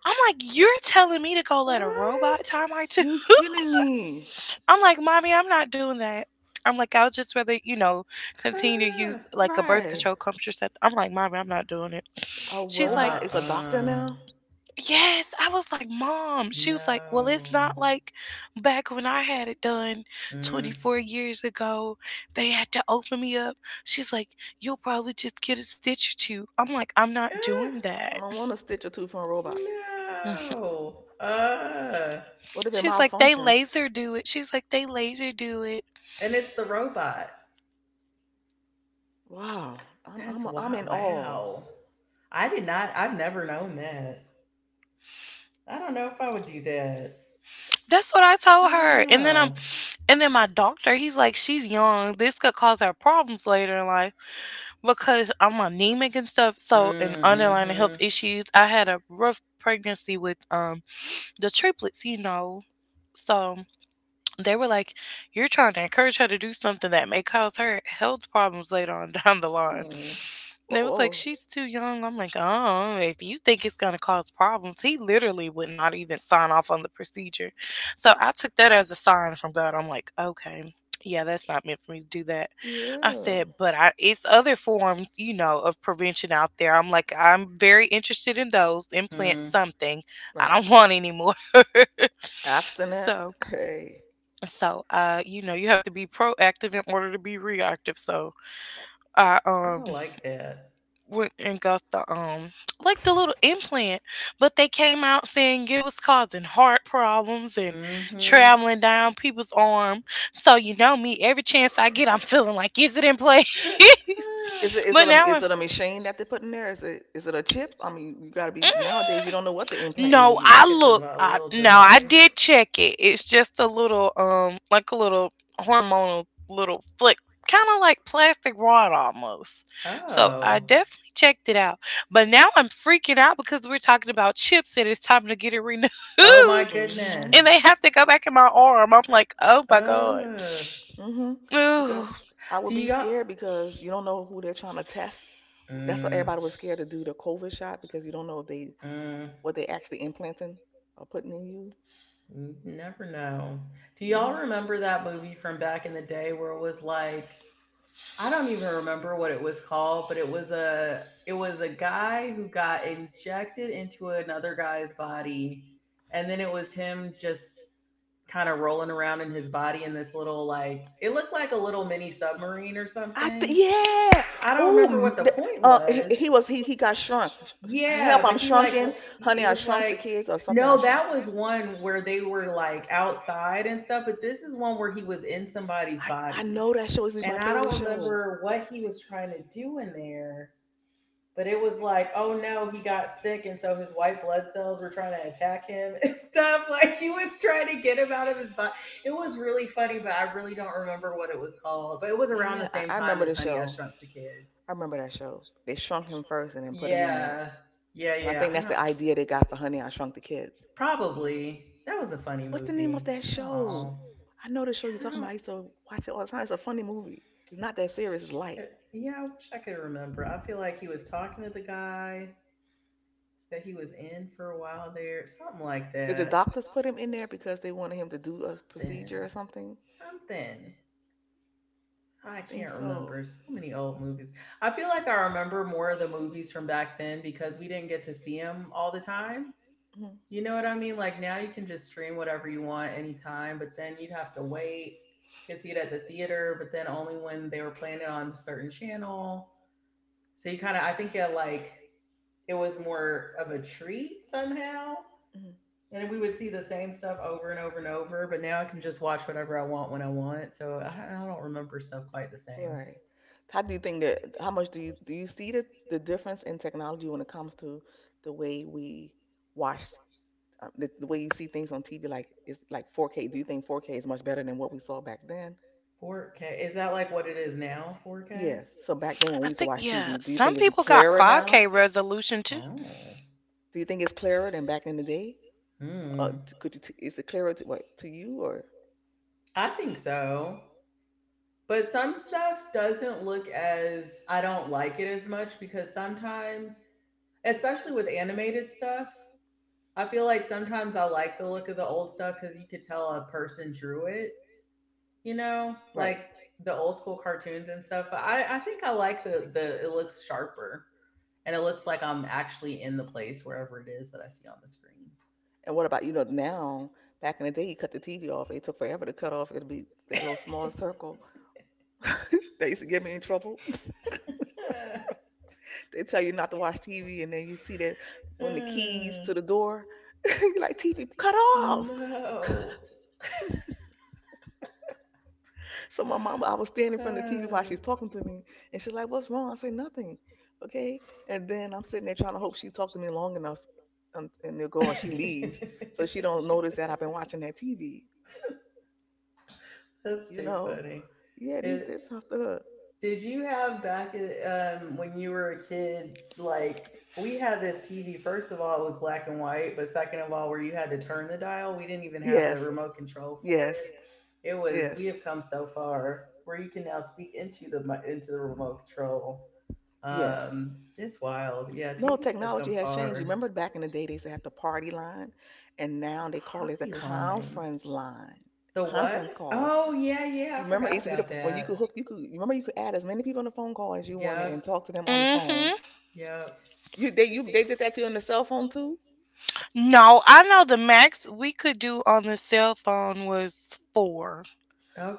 B: I'm like, you're telling me to go
A: <laughs>
B: let a robot
A: What?
B: tie my tube?
C: You're kidding me.
B: <laughs> I'm like, mommy, I'm not doing that. I'm like, I would just rather, continue to
A: Ah.
B: use like a birth
C: Right.
B: control contraceptive. I'm like, mommy, I'm not doing it.
C: A
A: Uh,
B: She's like,
C: robot is a doctor
A: uh.
C: now?
B: yes, I was like, "Mom," she was like, "Well, it's
A: No.
B: not like back when I had it done
A: Mm.
B: 24 years ago, they had to open me up." She's like, "You'll probably just get a stitch or two." I'm like, "I'm not
A: Ah.
B: doing
C: I
B: that."
C: don't want to stitch a tooth from a robot.
B: Mm.
A: No. Uh,
C: What if it
B: She's like, "They
C: malfunctions?
B: laser do it." She's like, "They laser do it."
A: and it's the robot.
C: Wow. I'm
A: That's
C: I'm I'm
A: wow.
C: in awe.
A: Wow. I did not I've never known that. I don't know if I would do that.
B: That's what I told
A: I don't
B: her. And then I'm
A: know.
B: and then my doctor, he's like, "She's young. This could cause her problems later in life because I'm anemic and stuff."
A: Mm,
B: So, and underlying health
A: mhm.
B: issues. I had a rough pregnancy with the triplets, you know. So they were like, you're trying to encourage her to do something that may cause her health problems later on <laughs> down the line.
C: Oh,
B: They was like,
C: oh
B: she's too young. I'm like, oh, if you think it's going to cause problems, he literally would not even sign off on the procedure. So I took that as a sign from God. I'm like, okay. Yeah, that's not meant for me to do that. I
C: yeah.
B: said, but I it's other forms, of prevention out there. I'm like, I'm very interested in those. Implant
A: Mm-hmm.
B: something. I
C: Right.
B: don't <laughs> want any more. <laughs>
C: Abstinent.
B: so
C: Hey.
B: so, you have to be proactive in order to be reactive. So, I
A: Oh, I like that.
B: went and got the <tsk> like the little implant, but they came out saying it was causing heart problems and
A: Mm-hmm. <laughs>
B: traveling down people's arm. So, you know me, every chance I get, I'm feeling like is it in place?
A: It's
C: Is it
B: <laughs>
C: is
B: But
C: it a
B: now
C: is
B: I'm.
C: it a machine that they put in there? Is it a chip? I mean, you gotta be nowadays. You
B: mm,
C: don't know what they're implanting
B: No,
C: in you.
B: I
A: like a, devi-
B: looked.
A: a
B: I,
A: little
B: no, I did
A: device.
B: check it. It's just a little, like a little hormonal little flick, kind of like plastic rod almost. So I
A: Oh.
B: definitely checked it out. But now I'm freaking out because we're talking about chips and it's time to get it renewed, <laughs>
A: Oh my
B: and
C: Mm-hmm.
B: they
A: goodness.
B: have to go back in my arm. I'm like, oh my god. <sighs>
A: Uh.
C: Hmm. Because
B: Ooh,
C: I would
A: Do
C: be
A: y'all?
C: scared because you don't know who they're trying to test. That's why
A: Mm,
C: everybody was scared to do the COVID shot because you don't know if they
A: mm.
C: what they actually implanting or putting in you.
A: N- Never know. Do
C: Hmm.
A: y'all remember that movie from back in the day where it was like I don't even remember what it was called, but it was a guy who got injected into another guy's body and then it was him just kind of rolling around in his body in this little like it looked like a little mini submarine or something.
C: Yeah.
A: I don't remember
C: Oh,
A: what the point
C: he
A: was,
C: was he got shrunk.
A: yeah,
C: Help!
A: but
C: I'm
A: he like
C: shrunken,
A: w-
C: honey.
A: it
C: I
A: was
C: shrunk the
A: like
C: kids or something. I
A: no,
C: shrunk.
A: that was one where they were like outside and stuff, but this is one where he was in somebody's
C: I
A: body.
C: know that show is my
A: And I
C: favorite
A: don't
C: show.
A: remember what he was trying to do in there, but it was like, oh no, he got sick and so his white blood cells were trying to attack him <laughs> and stuff. Like he was trying to get him out of his body. It was really funny, but I really don't remember what it was called. But it was around the
C: Yeah, I,
A: same
C: I
A: time
C: remember
A: as
C: the
A: Honey I
C: show.
A: Shrunk the Kids.
C: I remember that show. They shrunk him first and then put him in there.
A: Yeah. Yeah,
C: And I
A: yeah.
C: think
A: I
C: that's the
A: don't.
C: idea they got for Honey, I Shrunk the Kids.
A: Probably. That was a funny
C: What's the name of
A: movie.
C: that show?
A: Oh.
C: I know the show you're
A: Yeah, I
C: talking about.
A: don't.
C: I used to watch it all the time. It's a funny movie. It's not that serious. It's
A: Wish I
C: light.
A: could, yeah, I wish I could remember. I feel like he was talking to the guy that he was in for a while there. Something like
C: Did the
A: that.
C: doctors put him in there because they wanted him to do a procedure or
A: Something.
C: something?
A: Something.
C: I
A: I
C: think
A: can't
C: so.
A: remember. So many old movies. I feel like I remember more of the movies from back then because we didn't get to see them all the time.
C: Mhm.
A: You know what I mean? Like now you can just stream whatever you want anytime, but then you'd have to wait to see it at the theater, but then only when they were playing it on a certain channel. So you kind of, I think it like, it was more of a treat somehow.
C: Mhm.
A: And we would see the same stuff over and over and over, but now I can just watch whatever I want when I want. So I don't remember stuff quite the same.
C: Right. How do you think that? How much do you see the difference in technology when it comes to the way we watch, the way you see things on TV? Like it's like 4K. Do you think 4K is much better than what we saw back then?
A: 4K. Is that like what it is now? 4K?
C: Yes, so back then when we
B: I
C: used to
B: think
C: watch
B: yeah.
C: TV, do you
B: Some
C: think it's
B: people got
C: clearer now?
B: 5K
C: Okay,
B: resolution
C: resolution
B: too.
C: two.
A: Oh.
C: Do you think it's clearer than back in the day?
A: Hmm.
C: Is it clearer to what to you or
A: I think so. But some stuff doesn't look as, I don't like it as much because sometimes, especially with animated stuff, I feel like sometimes I like the look of the old stuff because you could tell a person drew it, you know,
C: right?
A: like the old school cartoons and stuff. But I think I like the it looks sharper and it looks like I'm actually in the place wherever it is that I see on the screen.
C: And what about, you know, now? Back in the day, you cut the TV off. It took forever to cut off. It'd be that little small circle. <laughs> They used to get me in trouble. <laughs> They tell you not to watch TV, and then you see that on the keys to the door. <laughs> You're like, TV, cut
A: <laughs>
C: off.
A: No.
C: So my mama, I was standing in front of the TV while she's
A: Uh.
C: talking to me, and she's like, "What's wrong?" I say, "Nothing." Okay, and then I'm sitting there trying to hope she talked to me long enough, and they'll go or she leaves, so she
A: <laughs>
C: don't notice that I've been watching that TV.
A: That's
C: You
A: too
C: know?
A: funny.
C: Yeah, these
A: It,
C: this stuff. Up.
A: did you have back when you were a kid, like we had this TV, first of all, it was black and white, but second of all, where you had to turn the dial, we didn't even have a
C: Yes,
A: remote control for it.
C: yes,
A: It was,
C: yes,
A: we have come so far where you can now speak into the into the remote control.
C: yes.
A: It's wild. Yeah,
C: No,
A: TVs have
C: technology
A: come
C: has changed.
A: far.
C: Remember back in the day, they used to have the party line, and
A: The
C: now they call it the
A: party line.
C: conference line,
A: The
C: conference
A: what?
C: calls.
A: Oh, yeah, yeah,
C: You
A: I
C: remember it
A: forgot
C: used to be the
A: about
C: when you could hook
A: that.
C: you could you remember you could add as many people on the phone call as you wanted and
A: Yep,
C: talk to them on the
B: And talk.
C: phone.
B: Mm-hmm.
A: yep.
C: You they did that to you on the cell phone too?
B: No, I know the max we could do on the cell phone was four.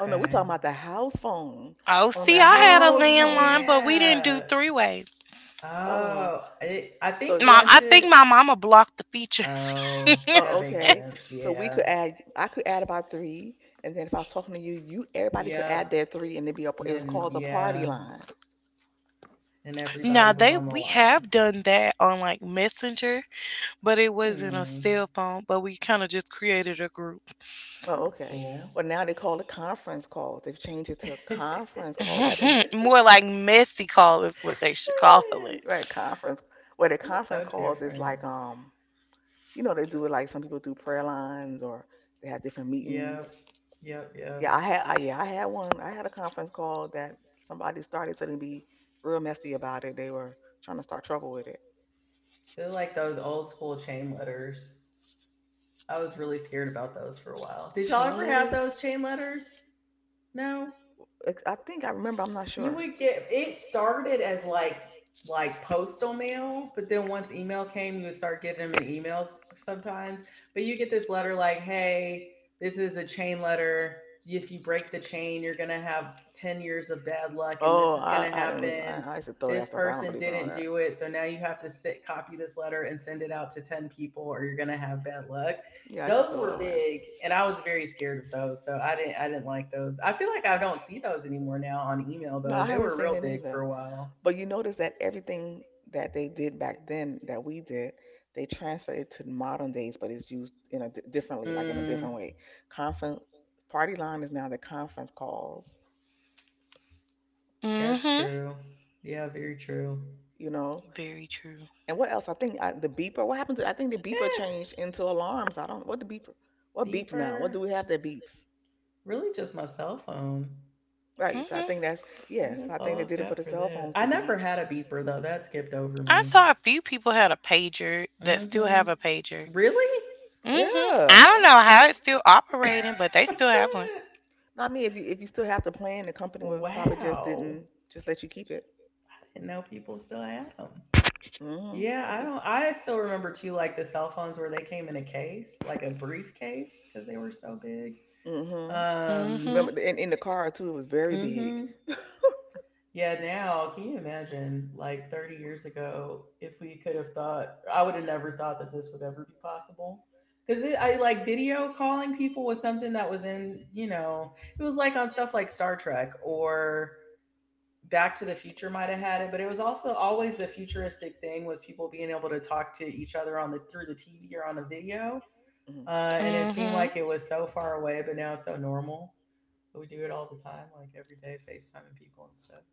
C: Oh no, we're talking about the house phone.
B: Oh,
C: On
B: see,
C: the
B: I had a
A: Oh
C: house
B: landline,
C: phone.
B: but we didn't do
A: yeah.
B: three way.
C: Oh,
A: Oh, it, I think
C: so,
B: Mom, I
A: once
B: think my
A: it.
B: mama blocked the feature. <laughs>
A: Oh, that makes
C: okay.
A: sense.
C: So we
A: Yeah.
C: could add I could add about three, and then if I was talking to you, everybody could add
A: Yep.
C: their three, and it'd be
A: And
C: it was
A: then
C: called the party
A: yeah,
C: line.
A: and
C: So,
B: Now
A: everybody was
B: they
A: on the
B: we
A: line.
B: have done that on like Messenger, but it wasn't a
A: Hmm.
B: cell phone. But we kind of just created a group.
C: oh,
A: That's
C: okay.
A: cool.
C: Well, now they call it conference calls. They've changed it to
A: <laughs>
C: conference calls. Have you
B: <laughs> More like messy call is what they should call it.
A: It's
C: right conference? Well, the conference
A: so
C: calls is
A: different.
C: like, you know, they do it like some people do prayer lines or they have different meetings.
A: Yep. Yep.
C: Yeah,
A: Yep.
C: yeah, I had one. I had a conference call that somebody started to be real messy about it. They were trying to start trouble with it.
A: They're like those old school chain letters. I was really scared about those for a while. Did y'all
C: Chain
A: ever have
C: letters?
A: those chain letters? No.
C: I think I remember. I'm not
A: You
C: sure.
A: would get it started as like postal mail, but then once email came, you would start getting them in emails sometimes. But you get this letter like, "Hey, this is a chain letter. If you break the chain, you're going to have 10 years of bad luck and this
C: Oh,
A: is going to
C: I didn't.
A: happen.
C: I used to throw that
A: This
C: stuff. I don't
A: person
C: believe in all
A: didn't
C: that.
A: do it, so now you have to sit copy this letter and send it out to 10 people or you're going to have bad luck."
C: Yeah, I used to
A: Those
C: throw it
A: were
C: away.
A: big, and I was very scared of those, so I didn't like those. I feel like I don't see those anymore now on email
C: No,
A: though.
C: I
A: They
C: haven't
A: were
C: seen
A: real
C: it
A: big for
C: either.
A: a while.
C: But you notice that everything that they did back then that we did, they transfer it to modern days, but it's used in a differently, like in a
A: Mm,
C: different way. Conference Party line is now the conference calls,
A: that's
B: Hmm.
A: true. Yeah, very true.
C: you know.
B: Very true.
C: And what else? I think the beeper. What happened to? I think the beeper
A: Eh,
C: changed into alarms. I don't. What the beeper? What beeps now? What
A: beeper.
C: do we have that beeps?
A: Really just my cell phone.
C: Right. So I think
B: hmm
C: that's
A: I think
C: yes.
A: that's
C: I think
A: all
C: they
A: I've
C: did it for
A: got
C: the
A: for
C: cell
A: that.
C: phones
A: I
C: to
A: never
C: beep.
A: had a beeper though. That skipped over
B: I
A: me.
B: saw a few people had a pager that still
A: Mm-hmm.
B: have a pager.
A: Really?
B: hmm I
C: Yeah.
B: don't know how it's still operating, but they
A: <laughs>
B: still have one.
C: Not me. If you still have the plan, the company would probably just
A: Wow.
C: didn't just let you keep it.
A: I didn't know people still had them.
C: Hmm.
A: Yeah,
C: Some
A: I
C: people.
A: don't I still remember too like the cell phones where they came in a case, like a briefcase because they were so big.
C: Hmm.
A: Um,
B: hmm
C: In the car too? It was very big.
A: mhm. Yeah, now can you imagine like 30 years ago if we could have thought I would have never thought that this would ever be possible. Cuz I like video calling people was something that was in, you know, it was like on stuff like Star Trek or Back to the Future might have had it, but it was also always the futuristic thing was people being able to talk to each other on the through the TV or on a video,
C: Hmm.
A: and it seemed
B: hmm
A: like it was so far away, but now it's so normal. But we do it all the time, like every day, FaceTiming people and stuff.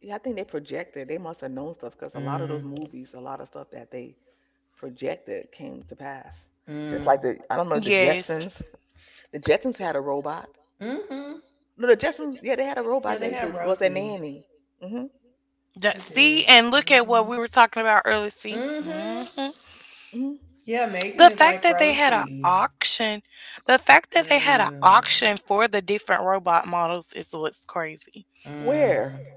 C: Yeah, I think they projected. They must have known stuff because a lot of those
A: Mm,
C: movies, a lot of stuff that they projected came to pass. Just like
A: mm,
C: the, I don't know, the
B: Yes.
C: Jetsons. The Jetsons had a robot.
A: mm-hmm.
C: No, the Jetsons. Yeah, they had a
A: Yeah,
C: robot that
A: they had
C: was their
A: Rosie.
C: nanny. Hmm.
B: That,
A: They
B: see,
A: did.
B: and look at what
A: Mm-hmm.
B: we were talking about earlier. See.
A: Mm-hmm.
C: Hmm.
A: Yeah, Megan
B: The
A: is
B: fact
A: like
B: that they had an
A: Rosie.
B: auction, the fact that they had an
A: Mm,
B: auction for the different robot models is what's crazy.
C: Where?
A: mm.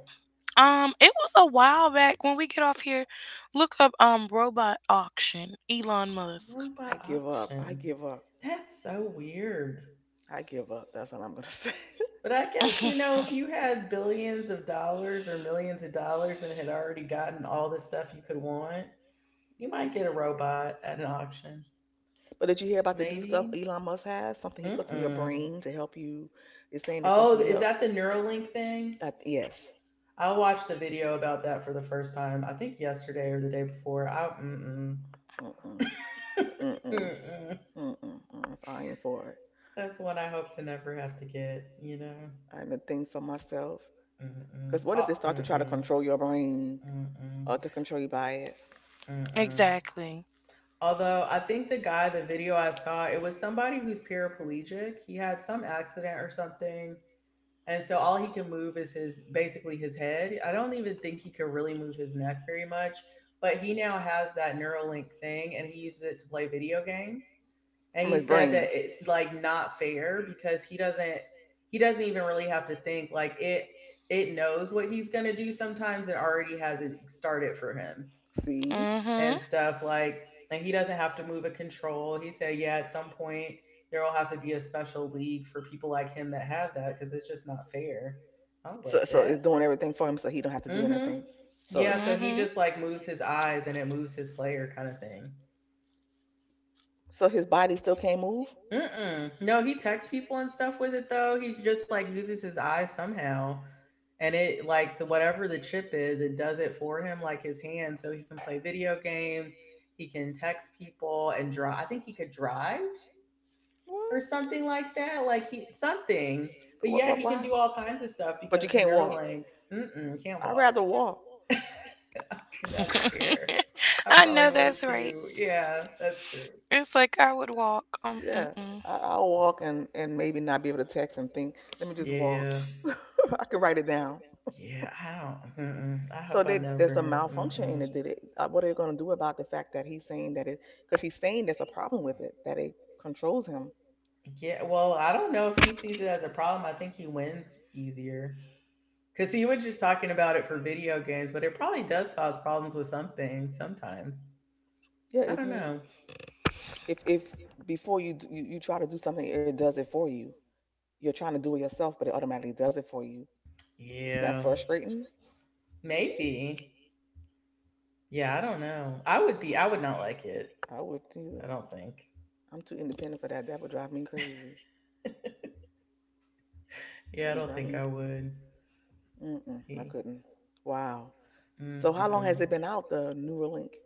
B: It was a while back when we get off here. Look up robot auction, Elon Musk.
C: I
A: Robot
C: give up. I
A: auction.
C: give up.
A: That's so weird.
C: I give up. That's all I'm gonna
A: But
C: <laughs>
A: I guess, you know, if you had billions of dollars or millions of dollars and had already gotten all the stuff you could want, you might get
C: say.
A: a robot at an auction.
C: But did you hear about the new stuff
A: Maybe.
C: Elon Musk has? Something he puts in your
A: Mm-mm.
C: brain to help you. It's saying it's
A: Oh,
C: something you
A: is
C: help.
A: that the Neuralink thing?
C: Yes.
A: I watched a video about that for the first time, I think yesterday or the day before. I, mm-mm.
C: Mm-mm,
A: <laughs>
C: mm-mm,
A: Mm-mm.
C: mm-mm, mm, if I ain't for it,
A: That's one I hope to never have to get, you know?
C: I ain't a thing for myself.
A: Mm-mm.
C: Because what if
A: Oh,
C: they start to try to
A: mm-mm.
C: control your brain
A: Mm-mm.
C: or to control you by it
A: Mm-mm.
B: Exactly.
A: Although I think the guy, the video I saw, it was somebody who's paraplegic. He had some accident or something. And so all he can move is his basically his head. I don't even think he could really move his neck very much, but he now has that Neuralink thing and he uses it to play video games. And
C: from
A: he
C: his
A: said that
C: brain?
A: it's like not fair because he doesn't even really have to think, like it knows what he's going to do, sometimes it already has it started for him
C: See?
B: Mm-hmm.
A: and stuff, like and he doesn't have to move a control. He said yeah at some point there will have to be a special league for people like him that have that because it's just not fair. I was like
C: So, it's doing
A: that's
C: everything for him so he don't have to do
A: mm-hmm.
C: anything. So,
A: Yeah so he
B: Mm-hmm.
A: just like moves his eyes and it moves his player kind of thing.
C: so, his body still can't move?
A: Mm-mm. No he texts people and stuff with it though, he just like uses his eyes somehow and it like the whatever the chip is it does it for him like his hand so he can play video games, he can text people and drive, I think he could drive or
C: What?
A: something like that. Like he something, but
C: What,
A: yeah,
C: what,
A: he can
C: why?
A: do all kinds of stuff
C: But you
A: because the
C: can't walk.
A: Neuralink mm-mm, can't
C: I'd
A: walk.
C: rather walk.
A: <laughs> I mean, that's fair.
B: <laughs>
A: I
B: I
A: probably
B: know
A: would
B: that's right.
A: too. Yeah, that's true.
B: It's like I would walk.
C: Yeah,
B: Mm-mm.
C: I'll walk and maybe not be able to text and think. Let me just walk.
A: Yeah,
C: <laughs> I can write it down.
A: yeah. I don't. Mm-mm. I hope I
C: There's a
A: never.
C: malfunction in
A: Mm-mm.
C: it. Did it? What are they going to do about the fact that he's saying that it? Because he's saying there's a problem with it that it controls him.
A: Yeah. Well, I don't know if he sees it as a problem. I think he wins easier. Cause he was just talking about it for video games, but it probably does cause problems with something sometimes.
C: Yeah,
A: I
C: if
A: don't
C: you
A: know.
C: if if before you, d- you try to do something, it does it for you. You're trying to do it yourself, but it automatically does it for you. Isn't that
A: Yeah,
C: frustrating?
A: maybe. Yeah, I don't know. I would be. I would not like it.
C: I would too.
A: I don't think.
C: I'm too independent for that. That would drive me crazy. It
A: Yeah, I
C: would
A: don't
C: drive
A: think
C: me.
A: I would.
C: Mm-mm, I
A: See.
C: couldn't. Wow. So how long has
A: Mm-mm-mm.
C: it been out the Neuralink?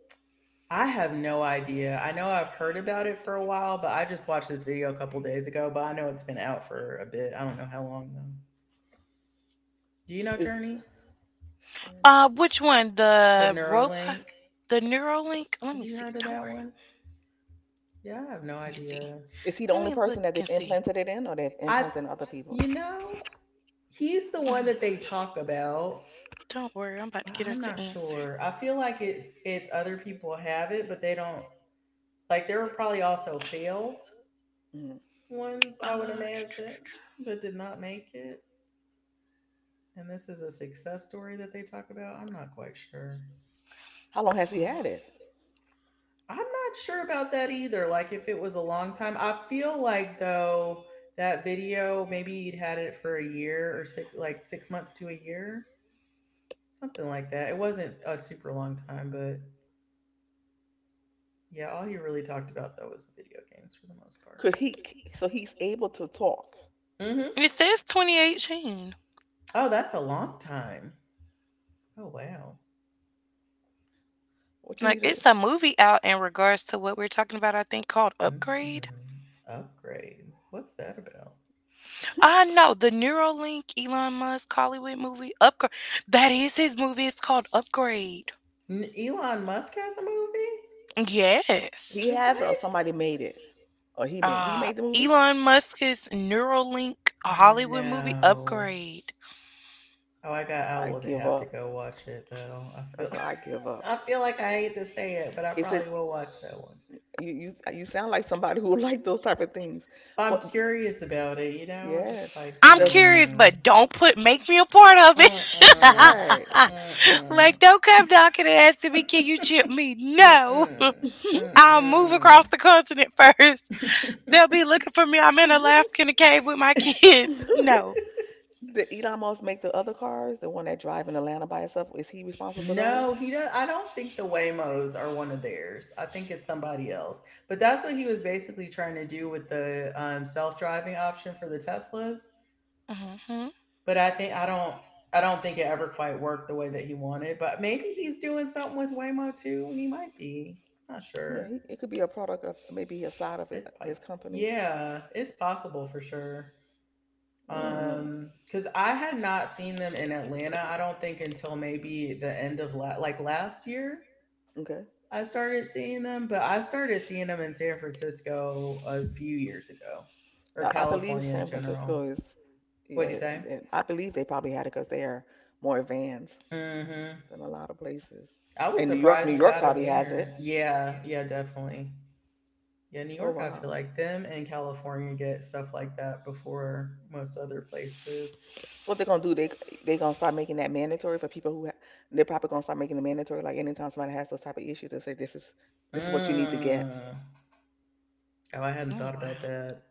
A: I have no idea. I know I've heard about it for a while, but I just watched this video a couple days ago. But I know it's been out for a bit. I don't know how long though. Do you know
C: Is
A: Journey?
B: Which one?
A: The
B: The robot?
A: Neuralink.
B: The Neuralink? Let
A: Have
B: me
A: you
B: see.
A: heard of
B: Don't
A: that
B: worry.
A: one? Yeah, I have no
B: Let me see.
A: idea.
C: Is he the
B: Let
C: only
B: me look
C: person
B: and
C: that they've
B: see.
C: implanted it in, or they've
A: I,
C: implanted in other people?
A: you know, he's the
B: Mm,
A: one that they talk about,
B: Don't worry, I'm about to
A: but
B: get us
A: I'm
B: the
A: not
B: answer.
A: sure. I feel like it. It's other people have it, but they don't. Like there were probably also failed
C: Mm.
A: ones, I would
B: Uh, <tsk>
A: imagine, that did not make it. And this is a success story that they talk about. I'm not quite sure.
C: How long has he had it?
B: hmm.
A: I'm not sure about that either. Like if it was a long time, I feel like though that video maybe he'd had it for a year or six, like 6 months to a year, something like that. It wasn't a super long time, but yeah, all he really talked about though was video games for the most part.
C: Could he? So he's able to talk.
A: Mm-hmm.
B: It says 2018.
A: Oh, that's a long time. Oh wow.
C: What you need
B: Like
C: to?
B: it's a movie out in regards to what we're talking about. I think called Upgrade.
A: Mhm. Upgrade. What's that about?
B: I
C: <laughs>
B: know the Neuralink Elon Musk Hollywood movie Upgrade. That is his movie. It's called Upgrade.
A: Elon Musk has a movie?
B: Yes.
C: He has, or
A: What?
C: somebody made it, or he made. He made the movie.
B: Elon Musk's Neuralink Hollywood movie
A: No.
B: Upgrade.
A: Oh, I got. I
C: I
A: will
C: give
A: have to
C: up.
A: go watch it though. I
C: That's
A: feel.
C: all. I give
A: <laughs>
C: up.
A: I feel like I hate to say it, but I
C: Is it?
A: probably will watch that one.
C: You sound like somebody who <laughs> like those type of things.
A: I'm
C: What?
A: curious about it. You know,
C: Yes.
A: just like
B: I'm
C: Does
B: curious,
A: hmm.
B: but don't put make me a part of
A: Mm mm.
C: right.
B: it.
A: Mm
B: <laughs> Like,
A: mm.
B: don't come knocking and asking me, can you chip me?
A: Mm
B: No.
A: mm. Mm
B: I'll move across
A: mm.
B: the continent <laughs> first. They'll be looking for me. I'm in Alaska in a cave with my <laughs> kids.
C: <laughs>
B: No.
C: Did Elon Musk make the other cars, the one that drive in Atlanta by itself? Is he responsible for those?
A: No, he does. I don't think the Waymos are one of theirs. I think it's somebody else. But that's what he was basically trying to do with the self-driving option for the Teslas.
B: Mm-hmm.
A: But I think I don't. I don't think it ever quite worked the way that he wanted. But maybe he's doing something with Waymo too. He might be. I'm not
C: Yeah,
A: sure.
C: it could be a product of maybe a side of his,
A: It's
C: his
A: pipe.
C: company.
A: Yeah, it's possible for sure.
C: Mm, no.
A: Because I had not seen them in Atlanta. I don't think until maybe the end of like last year.
C: Okay.
A: I started seeing them, but I started seeing them in San Francisco a few years ago, or
C: I believe
A: California in
C: San
A: general.
C: Francisco is, yeah,
A: What'd you say?
C: I believe they probably had it because they are more advanced
A: Mm-hmm.
C: than a lot of places.
A: I was
C: And New York, New
A: surprised we
C: York
A: got them
C: probably has it.
A: here. Yeah, yeah, definitely. Yeah, New
C: Oh
A: York, I feel
C: wow.
A: like them and California get stuff like that before most other places.
C: So what they're gonna do? They gonna start making that mandatory for people they're probably gonna start making it mandatory. Like anytime somebody has those type of issues, they say this is what you need to get.
A: Mm. Oh, I hadn't
B: Oh,
A: thought about
B: wow.
A: that.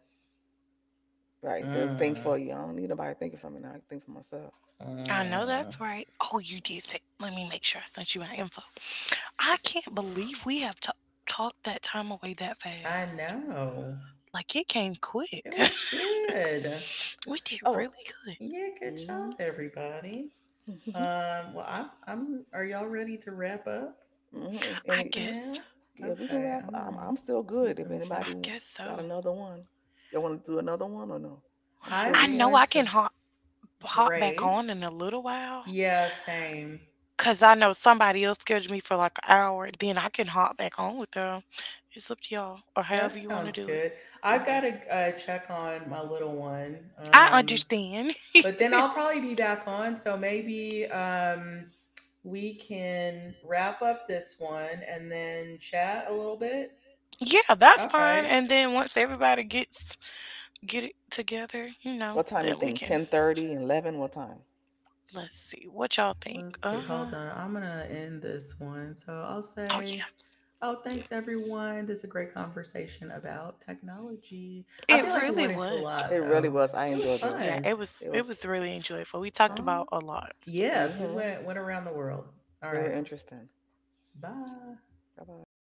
C: Right. They'll think
A: Mm.
C: for you. I don't need nobody thinking for me now. I can think for myself.
B: I know
A: Mm.
B: that's right. Oh, you did say. Let me make sure I sent you my info. I can't believe we have talked that time away that
A: I
B: fast.
A: know.
B: Like, it came
A: It
B: quick.
A: was good.
B: <laughs> We did
C: Oh.
B: really good.
A: Yeah, good job,
C: Mm-hmm.
A: everybody.
C: <laughs> Mm-hmm.
A: Well, I'm. Are y'all ready to wrap up
C: And, and
B: I
C: it,
A: for
B: guess.
A: now?
C: yeah, we can
A: Okay,
C: wrap.
A: I'm
C: I'm
A: gonna
C: I'm still
A: do
C: good. If
A: some
C: anybody
B: I
A: checks.
B: guess
C: got
B: so.
C: another one, y'all want to do another one or no? I'm still
A: I'm
B: I
C: good.
B: know
A: going
B: I can
A: to
B: hop back
A: break.
B: on in a little while
A: Yeah, same.
B: because I know somebody else scheduled me for like an hour. Then I can hop back on with them. It's up to y'all or
A: That
B: however you want to
A: sounds
B: do it.
A: good. I've
C: Okay.
A: got to check on my little one.
B: I understand.
A: But then I'll probably be back on. So maybe we can wrap up this one and then chat a little bit.
B: <laughs> Yeah, that's
A: All
B: fine.
A: right.
B: And then once everybody get it together,
C: What time you
B: then we
C: think?
B: can.
C: 10:30, 11. What time?
B: Let's see what y'all think.
A: Let's see.
B: Uh
A: Hold
B: huh.
A: on. I'm going to end this one. So I'll
B: Oh yeah,
A: say, oh, thanks, everyone. This is a great conversation about technology. I feel
B: it
A: like we
B: really
A: went into a
B: was.
C: It
A: lot,
C: really
A: though.
C: was. I
A: It was
C: enjoyed this.
B: Yeah,
A: fun.
B: it was.
C: It was.
B: It was really enjoyable. We talked
C: Yeah.
A: Oh,
B: about a lot.
A: yes, we
C: Mm-hmm.
A: went, went around the world. All right.
C: Very interesting.
A: Bye.
C: Bye bye.